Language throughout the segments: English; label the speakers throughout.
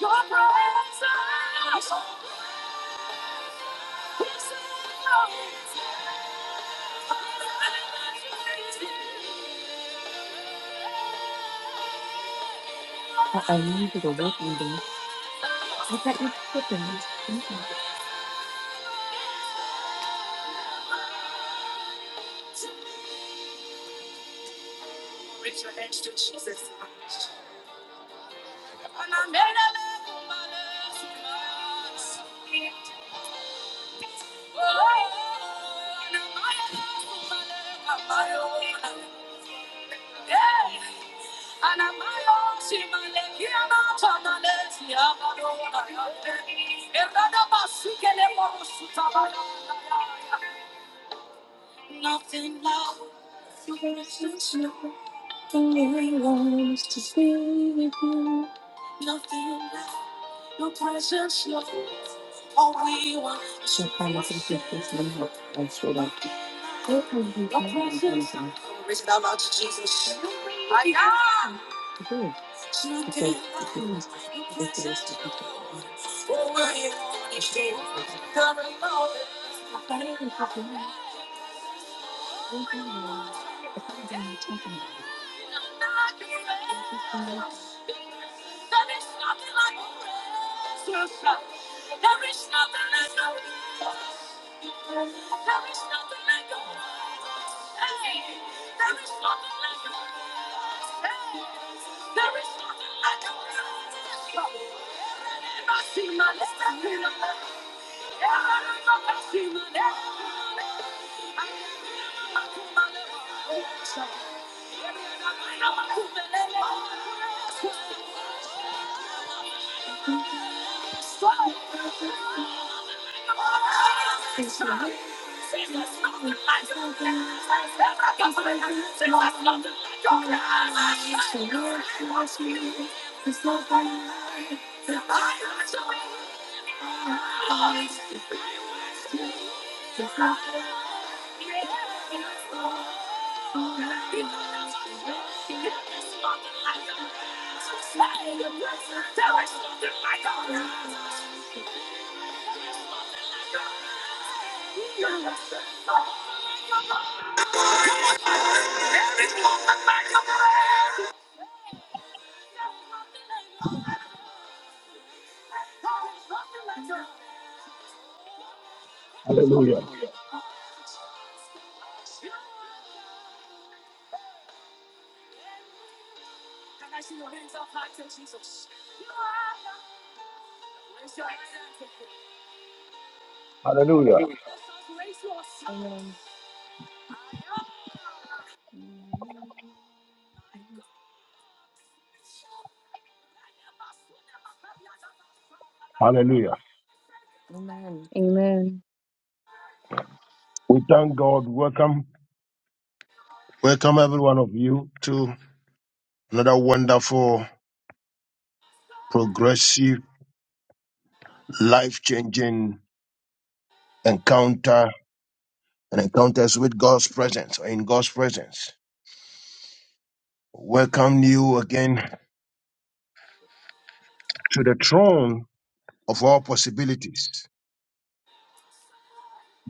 Speaker 1: Your presence. Uh oh, you need to go work on them. I thought you cooking. Mhm. Nothing left versus you. The Lord wants to be with you. Nothing left, your presence, Lord. All we want is your presence. It's not about you, Jesus. I am. Today, Oh, where you are, you Come and know it. There is nothing like it. There is nothing like it. There is nothing like it. Hey, there is nothing like it. Hey, there is nothing like it. Thank you. There is nothing like a Hallelujah.
Speaker 2: Hallelujah.
Speaker 1: Can I see your hands up high to Jesus? You are. Raise your hands up.
Speaker 2: Hallelujah.
Speaker 1: Raise yours. Amen.
Speaker 2: Hallelujah.
Speaker 1: Amen.
Speaker 3: Amen.
Speaker 2: We thank God. Welcome. Welcome every one of you to another wonderful, progressive, life changing encounter and encounters with God's presence or in God's presence. Welcome you again to the throne of all possibilities.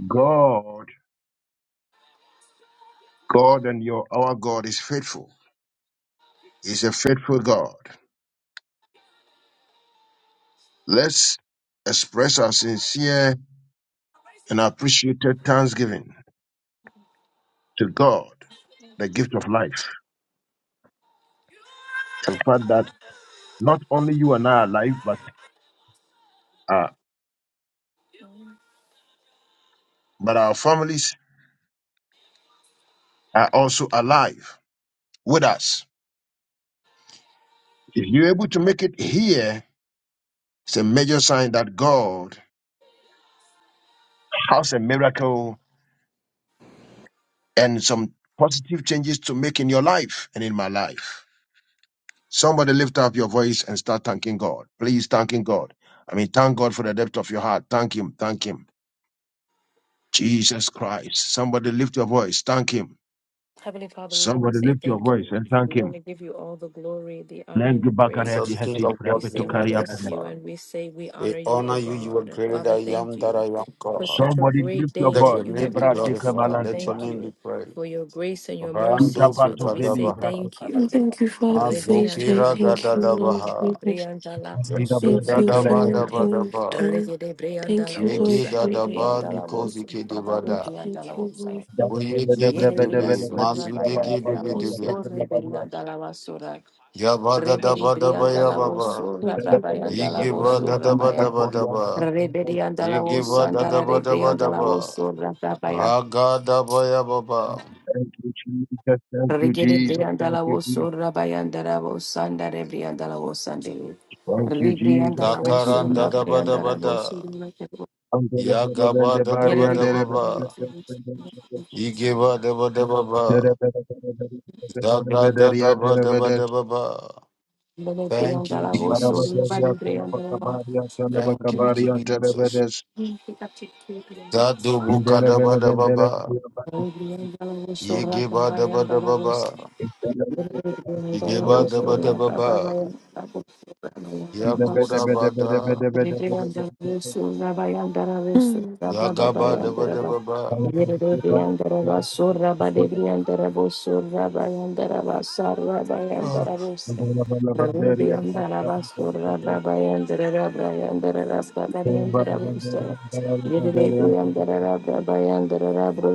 Speaker 2: God, God and your our God is faithful. He's a faithful God. Let's express our sincere and appreciated thanksgiving to God the gift of life. The fact that not only you and I are alive, but uh,
Speaker 1: Amen.
Speaker 2: but our families are also alive with us. If you're able to make it here, it's a major sign that God has a miracle and some positive changes to make in your life and in my life. Somebody lift up your voice and start thanking God. Please thanking God. I mean, thank God for the depth of your heart. Thank Him. Thank Him. Jesus Christ. Somebody lift your voice. Thank Him.
Speaker 1: Heavenly Father, we want to
Speaker 2: Somebody
Speaker 1: say
Speaker 2: lift your
Speaker 1: thank
Speaker 2: voice
Speaker 1: you.
Speaker 2: and
Speaker 1: We
Speaker 2: thank
Speaker 1: want
Speaker 2: Him.
Speaker 1: to give you all the glory, the honor, and
Speaker 2: Lengi
Speaker 1: the
Speaker 4: Jesus,
Speaker 2: bagariati
Speaker 1: praises.
Speaker 4: King
Speaker 2: heti
Speaker 4: of
Speaker 1: We
Speaker 4: God,
Speaker 2: repeto
Speaker 1: say
Speaker 4: we
Speaker 1: we bless
Speaker 2: kariapana.
Speaker 1: you
Speaker 4: magnify.
Speaker 1: and we say we
Speaker 4: We
Speaker 1: honor you,
Speaker 4: honor
Speaker 1: O
Speaker 4: you. You are
Speaker 1: God.
Speaker 4: greater than
Speaker 1: Father,
Speaker 4: I
Speaker 1: thank
Speaker 4: am that I
Speaker 1: you
Speaker 4: am
Speaker 1: for
Speaker 4: God.
Speaker 1: such a
Speaker 2: Somebody
Speaker 1: great
Speaker 2: lift your
Speaker 1: day
Speaker 4: Let
Speaker 1: that
Speaker 4: your
Speaker 2: voice.
Speaker 1: you
Speaker 4: name
Speaker 1: have
Speaker 4: be
Speaker 2: Debra
Speaker 1: given us,
Speaker 2: dika
Speaker 1: O
Speaker 4: glorified.
Speaker 1: God.
Speaker 2: malandi
Speaker 4: Let your
Speaker 1: Thank
Speaker 2: bahas.
Speaker 4: name be
Speaker 1: you
Speaker 4: praised.
Speaker 1: for your grace and your
Speaker 2: Tu
Speaker 4: Rando
Speaker 1: mercies. Father,
Speaker 2: dabato
Speaker 1: we
Speaker 2: veli
Speaker 1: say
Speaker 4: Vikadabaha.
Speaker 2: brato
Speaker 1: thank
Speaker 5: And
Speaker 1: you.
Speaker 2: kalakapa.
Speaker 5: Thank you, Father, for this day.
Speaker 1: Rebriandala
Speaker 4: Mazokira
Speaker 5: Thank you,
Speaker 1: vosurra
Speaker 5: Lord
Speaker 1: pati
Speaker 4: Gadadabaha.
Speaker 5: Jesus.
Speaker 1: briandala
Speaker 4: Sike
Speaker 2: Debra
Speaker 1: vosur
Speaker 5: Thank you
Speaker 2: dika
Speaker 5: for
Speaker 1: rebriandala
Speaker 2: lekadika.
Speaker 1: vo
Speaker 5: everything you've
Speaker 4: Gadabadabadaba.
Speaker 5: done.
Speaker 1: regede
Speaker 5: Thank
Speaker 1: briandala
Speaker 5: you, Lord
Speaker 4: Yege
Speaker 1: vosa
Speaker 4: Dadaba
Speaker 1: rebriandala
Speaker 5: Jesus.
Speaker 4: Nikozike
Speaker 1: vosurra pati
Speaker 4: Debada.
Speaker 1: briandala
Speaker 5: Thank you,
Speaker 1: vosa
Speaker 5: Lord
Speaker 2: Debra
Speaker 5: Jesus.
Speaker 4: Boyege
Speaker 5: Thank
Speaker 2: debra
Speaker 5: you,
Speaker 2: debra
Speaker 1: Yerebria
Speaker 2: debra debra
Speaker 4: Dedebe.
Speaker 2: debra
Speaker 1: sora
Speaker 2: debra bara
Speaker 4: Mazudege
Speaker 1: bayanda la
Speaker 2: bara
Speaker 5: thank
Speaker 2: kata
Speaker 4: Debedebe.
Speaker 1: vosso
Speaker 5: you,
Speaker 2: kala bara.
Speaker 1: reberianda la vasora. Reberi
Speaker 4: Yabadadabadaba
Speaker 1: brianda la
Speaker 4: Yababa.
Speaker 1: vosso
Speaker 5: thank
Speaker 2: Debra
Speaker 5: you,
Speaker 2: debra
Speaker 5: Lord
Speaker 1: rabayanda la
Speaker 2: debra
Speaker 4: Yege
Speaker 5: Jesus.
Speaker 1: vosso rabaya.
Speaker 2: debra
Speaker 4: Badadabadabadaba.
Speaker 2: debra debra
Speaker 1: Reberianda la
Speaker 2: debra
Speaker 4: Yege
Speaker 1: vosso andara rebrianda la
Speaker 4: Badadabadabadaba.
Speaker 1: vosso rabaya.
Speaker 4: Raga Ragadabaya
Speaker 2: Thank you, Jesus. Thank you,
Speaker 1: Regere
Speaker 2: Jesus.
Speaker 1: brianda
Speaker 2: Thank
Speaker 1: la
Speaker 2: you,
Speaker 1: vosso
Speaker 2: Jesus.
Speaker 1: rabayanda la vosso andare brianda la vosso andere.
Speaker 2: Thank you,
Speaker 1: Ribrianda
Speaker 2: Jesus.
Speaker 1: la
Speaker 2: Thank
Speaker 1: vosso
Speaker 4: Zakaran Dadaba
Speaker 1: rabayanda la vosso
Speaker 4: Dabada Yagaba
Speaker 1: Yere
Speaker 4: Dadaba Dababa
Speaker 2: you, Jesus.
Speaker 4: Igeba
Speaker 2: Thank
Speaker 4: Dabadababa Zagadadaba Dabadababa Thank
Speaker 1: brianda
Speaker 4: you,
Speaker 1: la vosso
Speaker 4: Jesus.
Speaker 1: rabari la
Speaker 4: Thank you,
Speaker 1: vosso.
Speaker 4: Jesus.
Speaker 1: Thank
Speaker 4: Zadubuka Dabadababa Yegeba Dabadababa Igeba Dabadababa
Speaker 1: you.
Speaker 4: Yaguda Bada
Speaker 1: Rebriandara Sura Bayandara
Speaker 5: Mm.
Speaker 1: Sura Baba
Speaker 4: Yagaba
Speaker 1: Bayandara Ba
Speaker 4: Dabadababa
Speaker 1: Yere Briandara Ba Sura Bade Briandara Bo Sura Bayandara Ba Sara Bayandara Bosa Rubriandara Ba Sura Baba Yandara Bayandara Rasta Bayandara Bosa Yere de brianda da da da bayanda da da da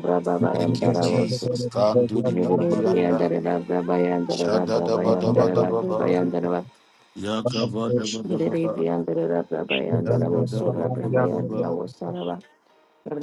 Speaker 1: bayanda
Speaker 4: Thank you,
Speaker 1: da
Speaker 4: Jesus. Kanduli Bibianda Shada da ba da ba da
Speaker 1: da
Speaker 4: ba
Speaker 1: da
Speaker 4: ba.
Speaker 1: bayanda da
Speaker 4: Yaga ba da
Speaker 2: you.
Speaker 4: ba da
Speaker 1: Yere
Speaker 4: ba
Speaker 1: de bir
Speaker 4: ba.
Speaker 1: yandere Rabba
Speaker 2: Thank
Speaker 1: bayan dara
Speaker 4: Yanda da
Speaker 1: bosora
Speaker 4: ba da
Speaker 1: Rabba
Speaker 4: ba da
Speaker 1: bayan dara
Speaker 4: ba.
Speaker 1: bosora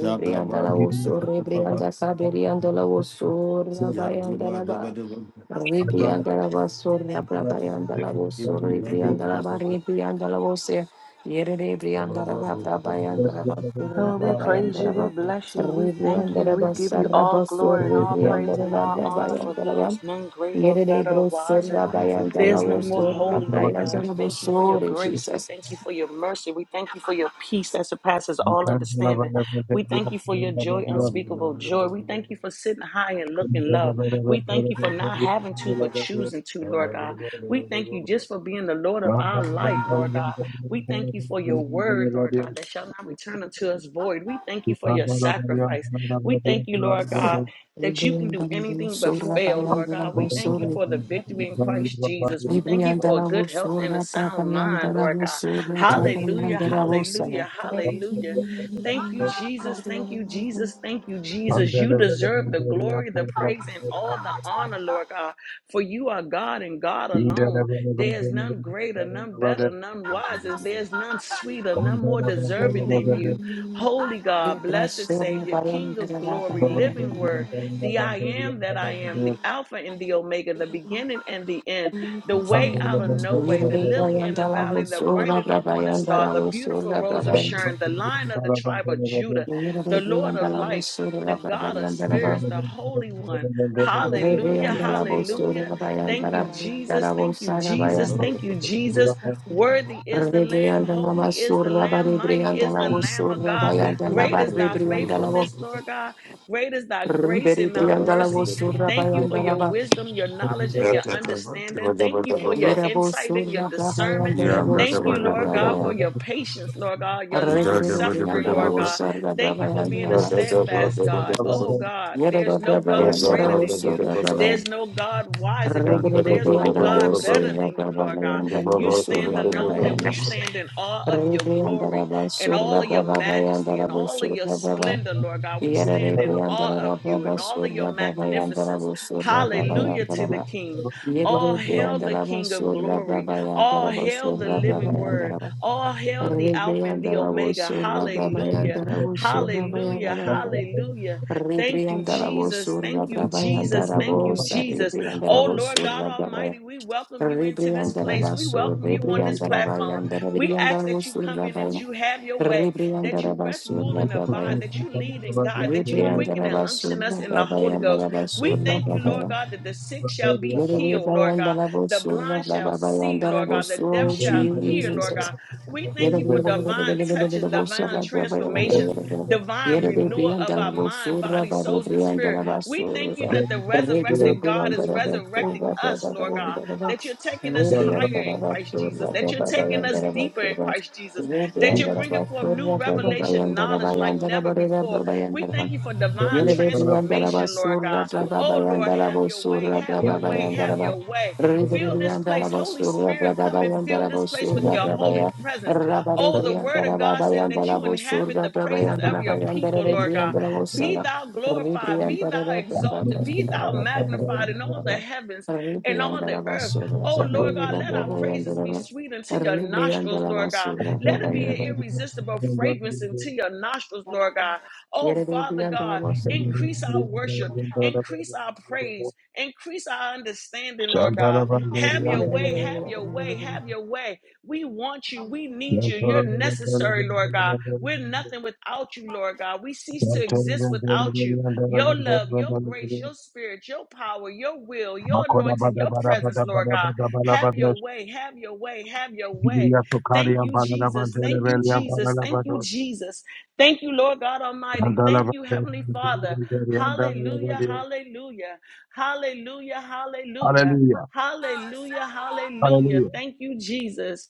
Speaker 4: Yaga ba
Speaker 1: la
Speaker 4: da ba da
Speaker 1: osso,
Speaker 4: ba da ba ba.
Speaker 1: rebrianda saberianda la osso,
Speaker 4: Yago
Speaker 1: rabayanda
Speaker 4: ba
Speaker 1: la
Speaker 4: da
Speaker 1: ba.
Speaker 4: ba da ba ba.
Speaker 1: Rebrianda la basso, rabayanda la osso,
Speaker 4: Ibti ba da
Speaker 1: rebrianda
Speaker 4: ba
Speaker 2: you.
Speaker 4: da
Speaker 1: la ba,
Speaker 4: ba ba.
Speaker 1: rebrianda la osse. Yere
Speaker 4: Shaba
Speaker 1: rebrianda la
Speaker 4: ba da
Speaker 1: ba,
Speaker 4: ba da ba ba.
Speaker 1: rabayanda la basso,
Speaker 6: Lord, we praise
Speaker 1: rabayanda
Speaker 6: you,
Speaker 1: la
Speaker 6: we
Speaker 1: ba.
Speaker 6: bless you, we
Speaker 4: Da
Speaker 6: thank
Speaker 4: ba
Speaker 1: Rebrianda
Speaker 6: you,
Speaker 4: da
Speaker 1: la
Speaker 4: ba
Speaker 6: we
Speaker 4: ba.
Speaker 6: give
Speaker 1: bassa,
Speaker 6: you all
Speaker 1: rabasso,
Speaker 6: glory and all praise
Speaker 1: rebrianda la
Speaker 6: and
Speaker 1: ba,
Speaker 6: all honor, for
Speaker 1: rabayanda la
Speaker 6: there
Speaker 1: ba.
Speaker 6: is none greater,
Speaker 1: Yere
Speaker 6: better,
Speaker 1: rebrosso,
Speaker 6: wiser.
Speaker 4: Manzu
Speaker 1: rabayanda
Speaker 4: koi
Speaker 6: There's
Speaker 1: la
Speaker 4: ye
Speaker 6: none more
Speaker 1: osso,
Speaker 4: di.
Speaker 6: holy, Lord God.
Speaker 1: rabayanda
Speaker 6: We
Speaker 1: la
Speaker 6: thank you for your
Speaker 1: basso,
Speaker 6: grace. We
Speaker 1: Jesus.
Speaker 6: thank you for your mercy. We thank you for your peace that surpasses all understanding. We thank you for your joy,
Speaker 4: Abu da
Speaker 6: unspeakable
Speaker 4: ba da ba
Speaker 6: joy. We
Speaker 4: da ba
Speaker 6: thank
Speaker 4: ba.
Speaker 6: you for sitting high and looking low. We thank you for not having to, but choosing to,
Speaker 4: Shada
Speaker 6: Lord
Speaker 4: da
Speaker 6: God.
Speaker 4: ba da ba
Speaker 6: We
Speaker 4: da
Speaker 6: thank
Speaker 4: ba
Speaker 6: you
Speaker 4: ba. Yaga ba da ba da ba ba.
Speaker 6: just for being the Lord of our life, Lord God. We thank you for your word, Lord God, that shall not return unto us void. We thank you for your sacrifice. We thank you, Lord God. That you can do
Speaker 1: Rebrianda la
Speaker 6: anything but
Speaker 1: osso,
Speaker 6: fail, Lord
Speaker 1: rabayanda la
Speaker 6: God. We thank you
Speaker 1: basso,
Speaker 6: for the victory in Christ Jesus. We thank you for a
Speaker 1: Ribriandala
Speaker 6: good health and a
Speaker 1: vosura,
Speaker 6: sound mind,
Speaker 1: papariandala
Speaker 6: Lord God.
Speaker 1: vosura,
Speaker 2: Thank
Speaker 6: Hallelujah,
Speaker 1: papariandala vosaya.
Speaker 6: hallelujah, hallelujah. Thank you, Jesus. Thank you, Jesus. Thank you, Jesus. You deserve the glory, the praise, and all the honor, Lord God, for you are God and God alone. There is none greater, none better, none wiser. There's none sweeter, none more deserving than you. Holy God, blessed
Speaker 1: Yedrasura,
Speaker 6: Savior, King of
Speaker 1: parandala,
Speaker 6: glory, living
Speaker 1: papariandala.
Speaker 6: word, the I am that I am, the Alpha and the Omega, the beginning and the end, the way out of no way, the
Speaker 1: Yerde
Speaker 6: lily in the
Speaker 1: briandala
Speaker 6: valley, the bright
Speaker 1: vosura,
Speaker 6: and the morning star,
Speaker 1: papariandala
Speaker 6: the beautiful
Speaker 1: vosura,
Speaker 6: rose of Sharon,
Speaker 1: papariandala.
Speaker 6: the lion of the tribe of Judah, the
Speaker 1: Yerde
Speaker 6: Lord of
Speaker 1: briandala
Speaker 6: lights, the
Speaker 1: vosura,
Speaker 6: God of
Speaker 1: papariandala.
Speaker 6: spirits, the Holy One. Hallelujah,
Speaker 1: Rebriandala vosura,
Speaker 6: hallelujah. Thank
Speaker 1: papariandala,
Speaker 6: you, Jesus.
Speaker 1: papariandala
Speaker 6: Thank you,
Speaker 1: vosara,
Speaker 6: Jesus.
Speaker 1: papariandala.
Speaker 6: Thank you, Jesus. Worthy is the Lamb.
Speaker 1: Rebriandala
Speaker 6: Holy is the
Speaker 1: vosura,
Speaker 6: Lamb. Mighty is
Speaker 1: papariandala
Speaker 6: the Lamb of
Speaker 1: vosura,
Speaker 6: God.
Speaker 4: Yanda da
Speaker 1: papariandala,
Speaker 6: Great
Speaker 4: ba
Speaker 6: is
Speaker 4: da
Speaker 6: thy
Speaker 1: papariandala.
Speaker 6: faithfulness, Lord God. Great is thy grace
Speaker 1: Riberi
Speaker 6: and thy
Speaker 1: Briandala was
Speaker 6: mercy.
Speaker 4: ba da ba ba.
Speaker 1: Surra
Speaker 6: Thank you for your
Speaker 1: Bayandalaba,
Speaker 6: wisdom, your knowledge, and your understanding. Thank you for your
Speaker 1: Yerabo
Speaker 6: insight and your
Speaker 1: Surra
Speaker 6: discernment.
Speaker 1: Bayandala was
Speaker 6: Thank you,
Speaker 1: Surra
Speaker 6: Lord God, for
Speaker 1: Babaya,
Speaker 6: your patience, Lord God, your long
Speaker 1: Riberi
Speaker 6: suffering,
Speaker 1: Briandala
Speaker 6: Lord
Speaker 1: was
Speaker 6: God.
Speaker 1: Surra
Speaker 6: Thank you for being a
Speaker 1: Babayandalaba,
Speaker 6: steadfast God. Oh,
Speaker 4: Yeah,
Speaker 6: God, there's
Speaker 1: Yerabo
Speaker 6: no God
Speaker 1: Babayandala
Speaker 6: greater
Speaker 1: was
Speaker 6: than you.
Speaker 1: Surra Babaya,
Speaker 6: There's no God wiser than you.
Speaker 1: Riberi
Speaker 6: There's no
Speaker 1: Briandala
Speaker 6: God
Speaker 1: was
Speaker 6: better
Speaker 1: Surra
Speaker 6: than you, Lord God.
Speaker 1: Babayandala
Speaker 6: You
Speaker 1: was Surra
Speaker 6: stand alone and we
Speaker 1: Babayandala.
Speaker 6: stand in awe of your glory
Speaker 1: Rebriandaraba
Speaker 6: and all
Speaker 1: Surda
Speaker 6: of your
Speaker 1: Baba
Speaker 6: majesty and
Speaker 1: Bayandaraba
Speaker 6: all of your
Speaker 1: Surda Baba
Speaker 6: splendor, Lord God. We
Speaker 1: Yere
Speaker 6: stand
Speaker 2: you.
Speaker 6: in awe of
Speaker 1: Rebriandaraba
Speaker 6: you
Speaker 1: Baba
Speaker 6: and all of your
Speaker 1: Surda Baba
Speaker 6: magnificence.
Speaker 1: Yandaraba Surda Baba
Speaker 2: Thank you.
Speaker 6: Hallelujah to the
Speaker 1: Yandaraba
Speaker 6: King.
Speaker 1: Yere
Speaker 6: All hail the
Speaker 1: Rebriandaraba
Speaker 6: King of
Speaker 1: Surda
Speaker 6: glory.
Speaker 1: Baba
Speaker 6: All
Speaker 1: Yandaraba
Speaker 6: hail the
Speaker 1: Surda Baba
Speaker 6: living word.
Speaker 1: Yandaraba
Speaker 6: All hail the Alpha and the Omega. Hallelujah. Hallelujah.
Speaker 1: Rebriandarabosurabrabayandarabosurabayarabayaraba.
Speaker 6: Hallelujah. Thank you, Jesus. Thank you, Jesus. Thank you,
Speaker 1: Rebriandarabosurabrabayandarabosa.
Speaker 6: Jesus. Oh, Lord God
Speaker 1: Rebriandarabosurabrabaya-
Speaker 6: Almighty, we welcome you into this place. We
Speaker 1: Rebriandarabaso.
Speaker 6: welcome you on this platform. We ask that you come in and
Speaker 1: Rebriandarabayandarabriandarabosurabaya.
Speaker 6: you have your way, that you rest, rule, and
Speaker 1: Rebriandarabasurababaya.
Speaker 6: abide, that you lead in God, that you quicken and unction us in the
Speaker 1: Rebriandarabasurababaya.
Speaker 6: Holy Ghost. We thank you, Lord
Speaker 1: Rebriandarabasurababaya.
Speaker 6: God, that the sick shall
Speaker 1: Oh,
Speaker 6: be
Speaker 1: Jesus.
Speaker 6: healed, Lord God. The blind shall see, Lord God. The deaf shall hear, Lord God. We thank you for divine touches, divine transformations divine renewal of our mind, body, souls, and spirit. We thank you that the resurrected God is resurrecting us, Lord God, that you're taking us higher in Christ Jesus, that you're taking us deeper in Christ Jesus, that you're bringing forth new revelation knowledge like never before. We
Speaker 1: Yere
Speaker 6: thank you for divine
Speaker 1: Rebrianda
Speaker 6: transformation, Lord God. Oh, Lord, have your way, have your way, have your way. Fill this place. Holy Spirit, come and fill this place with your holy presence. Oh, the word of God says that you inhabit the praises of your people, Lord God. Be thou glorified, be thou exalted, be thou magnified in all the heavens and all the
Speaker 1: la
Speaker 6: earth.
Speaker 1: basura,
Speaker 6: Oh, Lord God, let our praises be sweet unto your nostrils, Lord God. Let it be an irresistible fragrance into your nostrils, Lord God. Oh, Father God, increase our worship, increase our praise, increase our understanding, Lord
Speaker 2: Hallelujah.
Speaker 6: God. Have your way, have your way, have your way. We want you. We need you. You're necessary, Lord God. We're nothing without you, Lord God. We cease to exist without you. Your love, your grace, your spirit, your power, your will, your anointing, your presence, Lord God. Have your way. Have your way. Have your way. Thank you, Jesus. Thank you, Jesus. Thank you, Jesus. Thank you, Lord God Almighty. Thank you, Heavenly Father. Hallelujah. Hallelujah. Hallelujah. Hallelujah. Hallelujah. Hallelujah.
Speaker 2: Hallelujah.
Speaker 6: Thank you, Jesus.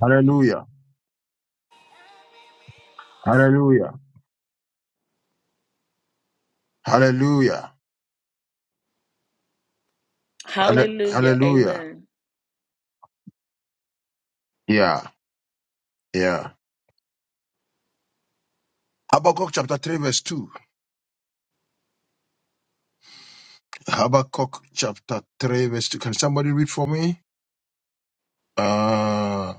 Speaker 2: Hallelujah. Hallelujah. Hallelujah. Halle-
Speaker 6: Hallelujah.
Speaker 2: Hallelujah.
Speaker 6: Amen.
Speaker 2: Yeah. Yeah. Habakkuk chapter 3 verse 2. Habakkuk chapter 3, verse 2. Can somebody read for me? Uh,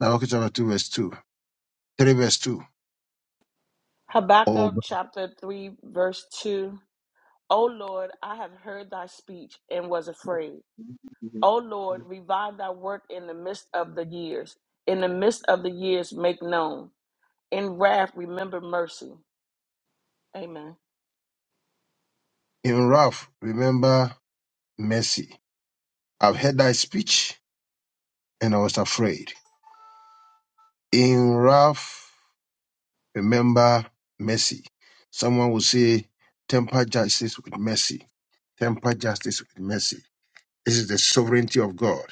Speaker 2: Habakkuk chapter 2, verse 2. 3, verse 2. Oh,
Speaker 6: Habakkuk
Speaker 2: but
Speaker 6: chapter 3, verse 2. O Lord, I have heard thy speech and was afraid. O Lord, revive thy work in the midst of the years. In the midst of the years, make known. In wrath, remember mercy. Amen.
Speaker 2: in wrath, remember mercy. I've heard thy speech and I was afraid. In wrath, remember mercy. Someone will say, temper justice with mercy. Temper justice with mercy. This is the sovereignty of God.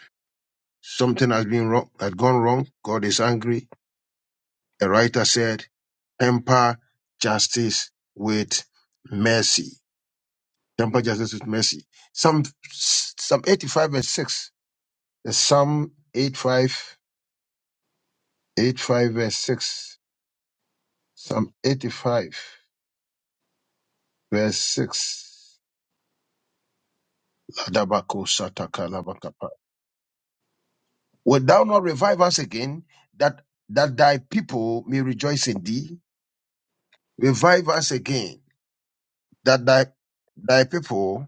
Speaker 2: Something has been wrong, has gone wrong. God is angry. A writer said, temper justice with mercy. Temper justice with mercy. Psalm, Psalm 85 verse 6. The Psalm 85, 85 verse 6. Psalm 85 verse 6. Ladabako sataka labakapa. Wilt thou not revive us again that, that thy people may rejoice in thee? Revive us again that thy, thy people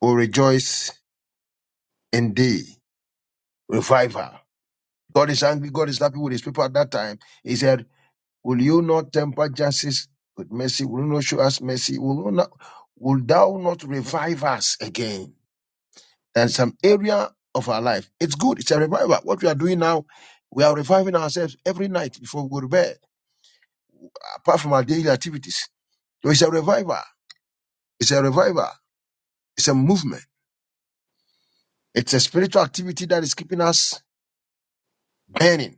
Speaker 2: will rejoice in thee. Revival. God is angry. God is happy with his people at that time. He said, Will you not temper justice with mercy? Will you not show us mercy? Will, you not, will thou not revive us again? And some area of our life. It's good. It's a revival. What we are doing now, we are reviving ourselves every night before we go to bed, apart from our daily activities. So it's a revival. It's a revival. It's a movement. It's a spiritual activity that is keeping us burning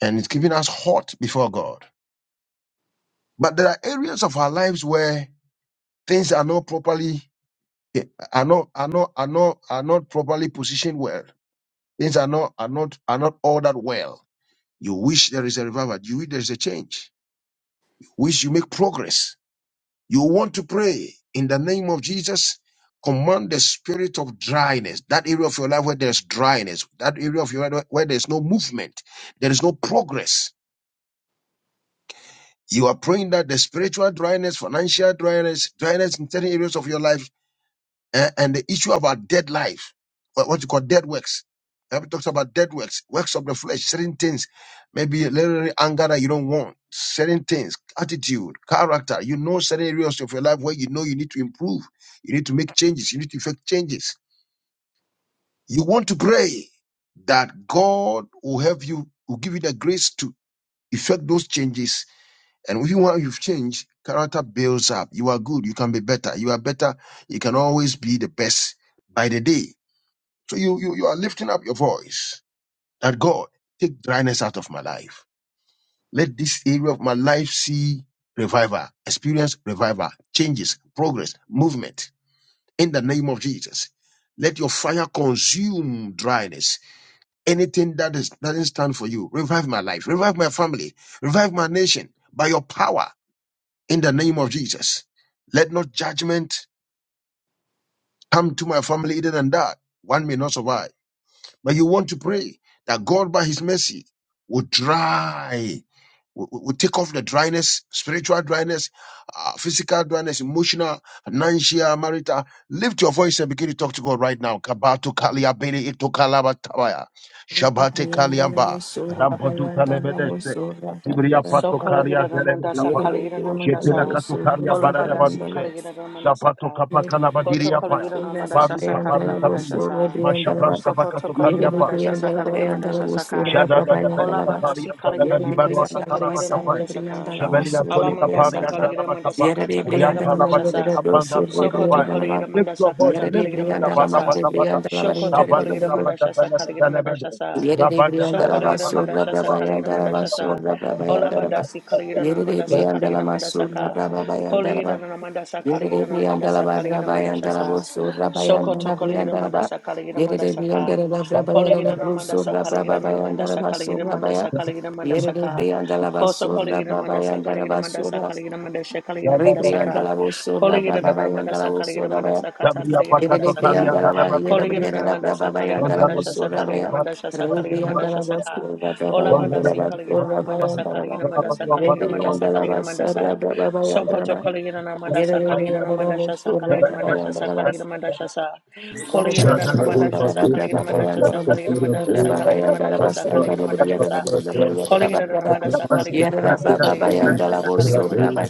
Speaker 2: and it's keeping us hot before God. But there are areas of our lives where Things are not properly eh, are not are not are not are not properly positioned well. Things are not are not are not all that well. You wish there is a revival. You wish there is a change. You wish you make progress. You want to pray in the name of Jesus. Command the spirit of dryness, that area of your life where there's dryness, that area of your life where there's no movement, there is no progress. You are praying that the spiritual dryness, financial dryness, dryness in certain areas of your life and, and the issue about dead life, what, what you call dead works. The Bible talks about dead works, works of the flesh, certain things, maybe literally anger that you don't want, certain things, attitude, character. You know certain areas of your life where you know you need to improve, you need to make changes, you need to effect changes. You want to pray that God will help you, will give you the grace to effect those changes. And if you want, you've changed, character builds up. You are good, you can be better. You are better, you can always be the best by the day. So you, you, you are lifting up your voice that God, take dryness out of my life. Let this area of my life see revival, experience revival, changes, progress, movement in the name of Jesus. Let your fire consume dryness. Anything that is, doesn't stand for you, revive my life, revive my family, revive my nation by your power in the name of Jesus. Let not judgment come to my family, either than that. One may not survive. But you want to pray that God, by His mercy, will dry, will, will take off the dryness, spiritual dryness, uh, physical dryness, emotional, financial, marital. Lift your voice and begin to talk to God right now. Kabato kalia bele ito kalaba tabaya.
Speaker 1: Yere
Speaker 2: Shabate kaliamba. Rampaduta lebedeste. Ibria
Speaker 6: So
Speaker 2: pato kalia
Speaker 6: kalagida
Speaker 2: zeleme
Speaker 6: ramandasa
Speaker 2: kapaya.
Speaker 6: kalagida
Speaker 2: Jetela
Speaker 6: ramandasa
Speaker 2: kato kalia
Speaker 6: ola
Speaker 2: barada
Speaker 6: badasi
Speaker 2: baduse.
Speaker 6: kalagida ramandasa
Speaker 2: Zapato
Speaker 6: ka
Speaker 2: kapakala
Speaker 6: koto
Speaker 2: badiria paya.
Speaker 6: kalagida ramandasa sa
Speaker 2: Baruta,
Speaker 6: kalagida
Speaker 2: baruta,
Speaker 6: ramandasa sa
Speaker 2: Mashabraska
Speaker 6: sokoto
Speaker 2: Bakato
Speaker 6: kalagida
Speaker 2: Kaliapa,
Speaker 6: ramandasa sa kalagida ramandasa
Speaker 2: Jada da Belika Pari
Speaker 6: Olabadasi
Speaker 2: and
Speaker 6: Kaligira
Speaker 2: Dalaba Dibarua
Speaker 6: Namandasa
Speaker 2: Katalaba
Speaker 6: Kaligira
Speaker 2: Kapai,
Speaker 6: Namandasaka.
Speaker 2: Shebelia Tolika Pari
Speaker 6: Alamandasa
Speaker 2: and
Speaker 6: Kaligira
Speaker 2: Dalaba Kapa,
Speaker 1: de
Speaker 6: Mandasakata Kaligira
Speaker 2: Rianta Labadini
Speaker 6: Mandashasa.
Speaker 2: Kapan Dalaba
Speaker 6: Sokoto
Speaker 2: Kapai.
Speaker 6: Kaligira
Speaker 2: Lift your voice,
Speaker 6: Mandasakata
Speaker 2: lift it,
Speaker 6: Kaligira
Speaker 1: brianda la
Speaker 2: Bata
Speaker 1: mar de brianda la mar de
Speaker 6: Mandashasa.
Speaker 2: Bata Bata,
Speaker 1: brianda la mar de
Speaker 6: Shokoto
Speaker 1: brianda
Speaker 2: Rabata
Speaker 6: Kaligira
Speaker 1: la mar
Speaker 2: Rabata
Speaker 6: Mandashasa
Speaker 2: Belebe
Speaker 6: Kaligira
Speaker 2: Belebe,
Speaker 6: Mandashasa.
Speaker 1: Yerere
Speaker 2: Rabata
Speaker 1: Briandala
Speaker 2: Belia
Speaker 6: Shokoligira
Speaker 2: Panama.
Speaker 1: Basura
Speaker 6: Mandashasa Kaligira
Speaker 1: Brabayandala
Speaker 6: Mandashasa.
Speaker 1: Basura Brabayandala
Speaker 6: Olabadasi Kaligira
Speaker 1: Yerere
Speaker 6: Namandasa
Speaker 1: Briandala
Speaker 6: Kaligira
Speaker 1: Masura
Speaker 6: Mandasaka. Koligira
Speaker 1: Brabayandala
Speaker 6: Namandasa Kaligira
Speaker 1: Yerere Briandala
Speaker 6: Namandasa Kaligira
Speaker 1: Brabayandala
Speaker 6: Mandashasa.
Speaker 1: Basura
Speaker 6: Sokoto
Speaker 1: Bayandala
Speaker 6: Kaligira
Speaker 1: Briandala
Speaker 6: Mandasa Kaligira
Speaker 1: Yerere
Speaker 6: Mandasaka.
Speaker 1: Briandala
Speaker 6: Calling Calling
Speaker 1: Brabayandala
Speaker 6: a Ramandasa,
Speaker 1: Brusura
Speaker 6: calling it a
Speaker 1: Brabayandala
Speaker 6: Ramandasa,
Speaker 1: Basura Baya
Speaker 6: Calling Mandasa a Mandasa Calling Mandasa a
Speaker 1: Yerere
Speaker 6: Mandasaka
Speaker 1: Briandala
Speaker 6: Koso
Speaker 1: Basura Brabayandala Basura
Speaker 6: Kolegira
Speaker 1: brava
Speaker 6: Mandasa
Speaker 1: yanda la
Speaker 6: calling it a Mandasa
Speaker 1: basura.
Speaker 6: Kaligida
Speaker 1: Ribrianda
Speaker 6: Mandasha
Speaker 1: la vosso da
Speaker 6: calling it a Mandasaka Kolegira
Speaker 1: brava bayanda la
Speaker 6: Mandasa
Speaker 1: vosso
Speaker 6: Kaligida
Speaker 1: da baya.
Speaker 6: Mandasa Kata
Speaker 2: Sabria
Speaker 6: Kaligida
Speaker 1: Yere de
Speaker 2: Pakato
Speaker 6: Mandasaka
Speaker 1: brianda
Speaker 2: Kalian
Speaker 1: la baya
Speaker 2: Dalaba
Speaker 1: yere
Speaker 6: Kolegira
Speaker 1: brianda la brava
Speaker 6: Mandasa Kaligida
Speaker 1: bayanda la
Speaker 2: Dalaba,
Speaker 1: vosso da baya.
Speaker 2: Dalaba
Speaker 6: Mandasha Sakaligida Mandasha calling it a
Speaker 1: Ribrianda
Speaker 6: Mandasha
Speaker 1: la
Speaker 2: Dalaba,
Speaker 1: vosso
Speaker 6: Saka
Speaker 1: da brava
Speaker 6: Ola
Speaker 2: Thank
Speaker 1: bayanda la
Speaker 6: Badasi Calling it
Speaker 1: vosso
Speaker 6: a
Speaker 1: da
Speaker 6: Ramandasa,
Speaker 1: bayanda la
Speaker 6: Calling it
Speaker 1: baya.
Speaker 6: a Kaligida Mandasa
Speaker 1: Ribrianda la
Speaker 6: Kaligida
Speaker 1: vosso da
Speaker 6: Mandasa Kaligida
Speaker 1: brava
Speaker 6: Mandasa
Speaker 1: bayanda la
Speaker 6: Kaligida Mandasa Sokoto
Speaker 1: baya.
Speaker 6: Calling
Speaker 1: Yere
Speaker 6: Mandasa a
Speaker 1: de brianda la
Speaker 6: Ramandasa,
Speaker 1: vosso
Speaker 6: calling
Speaker 1: da
Speaker 6: it a
Speaker 1: brava
Speaker 6: Mandasha Sakaligida
Speaker 1: bayanda
Speaker 6: Mandasha
Speaker 1: la
Speaker 6: calling
Speaker 1: baya.
Speaker 6: it a Mandasha
Speaker 1: Yere
Speaker 6: Kolegira mandasha sa kolegira mandasha sa kolegira mandasha sa kolegira mandasha sa kolegira mandasha sa Calling it a mandasa, calling it a mandasa, calling it a mandasa, calling it a mandasa,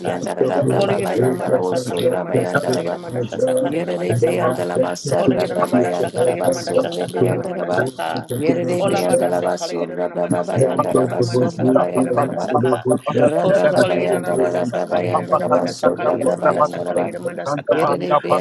Speaker 6: calling it a mandasa, calling it a mandasa, calling it a
Speaker 1: de
Speaker 6: mandasa,
Speaker 1: brianda la
Speaker 6: calling
Speaker 1: masarra
Speaker 6: it a
Speaker 1: braba
Speaker 6: mandasa,
Speaker 1: yanda la
Speaker 6: calling it a mandasa, calling it a
Speaker 1: basurra
Speaker 6: mandasa, calling it a
Speaker 1: brianda la ba.
Speaker 6: mandasa,
Speaker 1: Yere de
Speaker 6: Ola
Speaker 1: brianda la
Speaker 6: badase, calling it a
Speaker 1: basurra
Speaker 6: mandasa,
Speaker 1: braba
Speaker 6: calling
Speaker 1: yanda
Speaker 6: it a
Speaker 1: la
Speaker 6: mandasa,
Speaker 1: basurra
Speaker 6: calling it a
Speaker 1: bayanda la ba.
Speaker 6: mandasa, Koso calling it a mandasa, calling it a mandasa, calling it a mandasa,
Speaker 1: Rabba-ba-ba-yanda-ra-rabba-ba-yanda-ra-ba-so-rabba-ba-yanda-ra-ba.
Speaker 6: calling it a mandasa,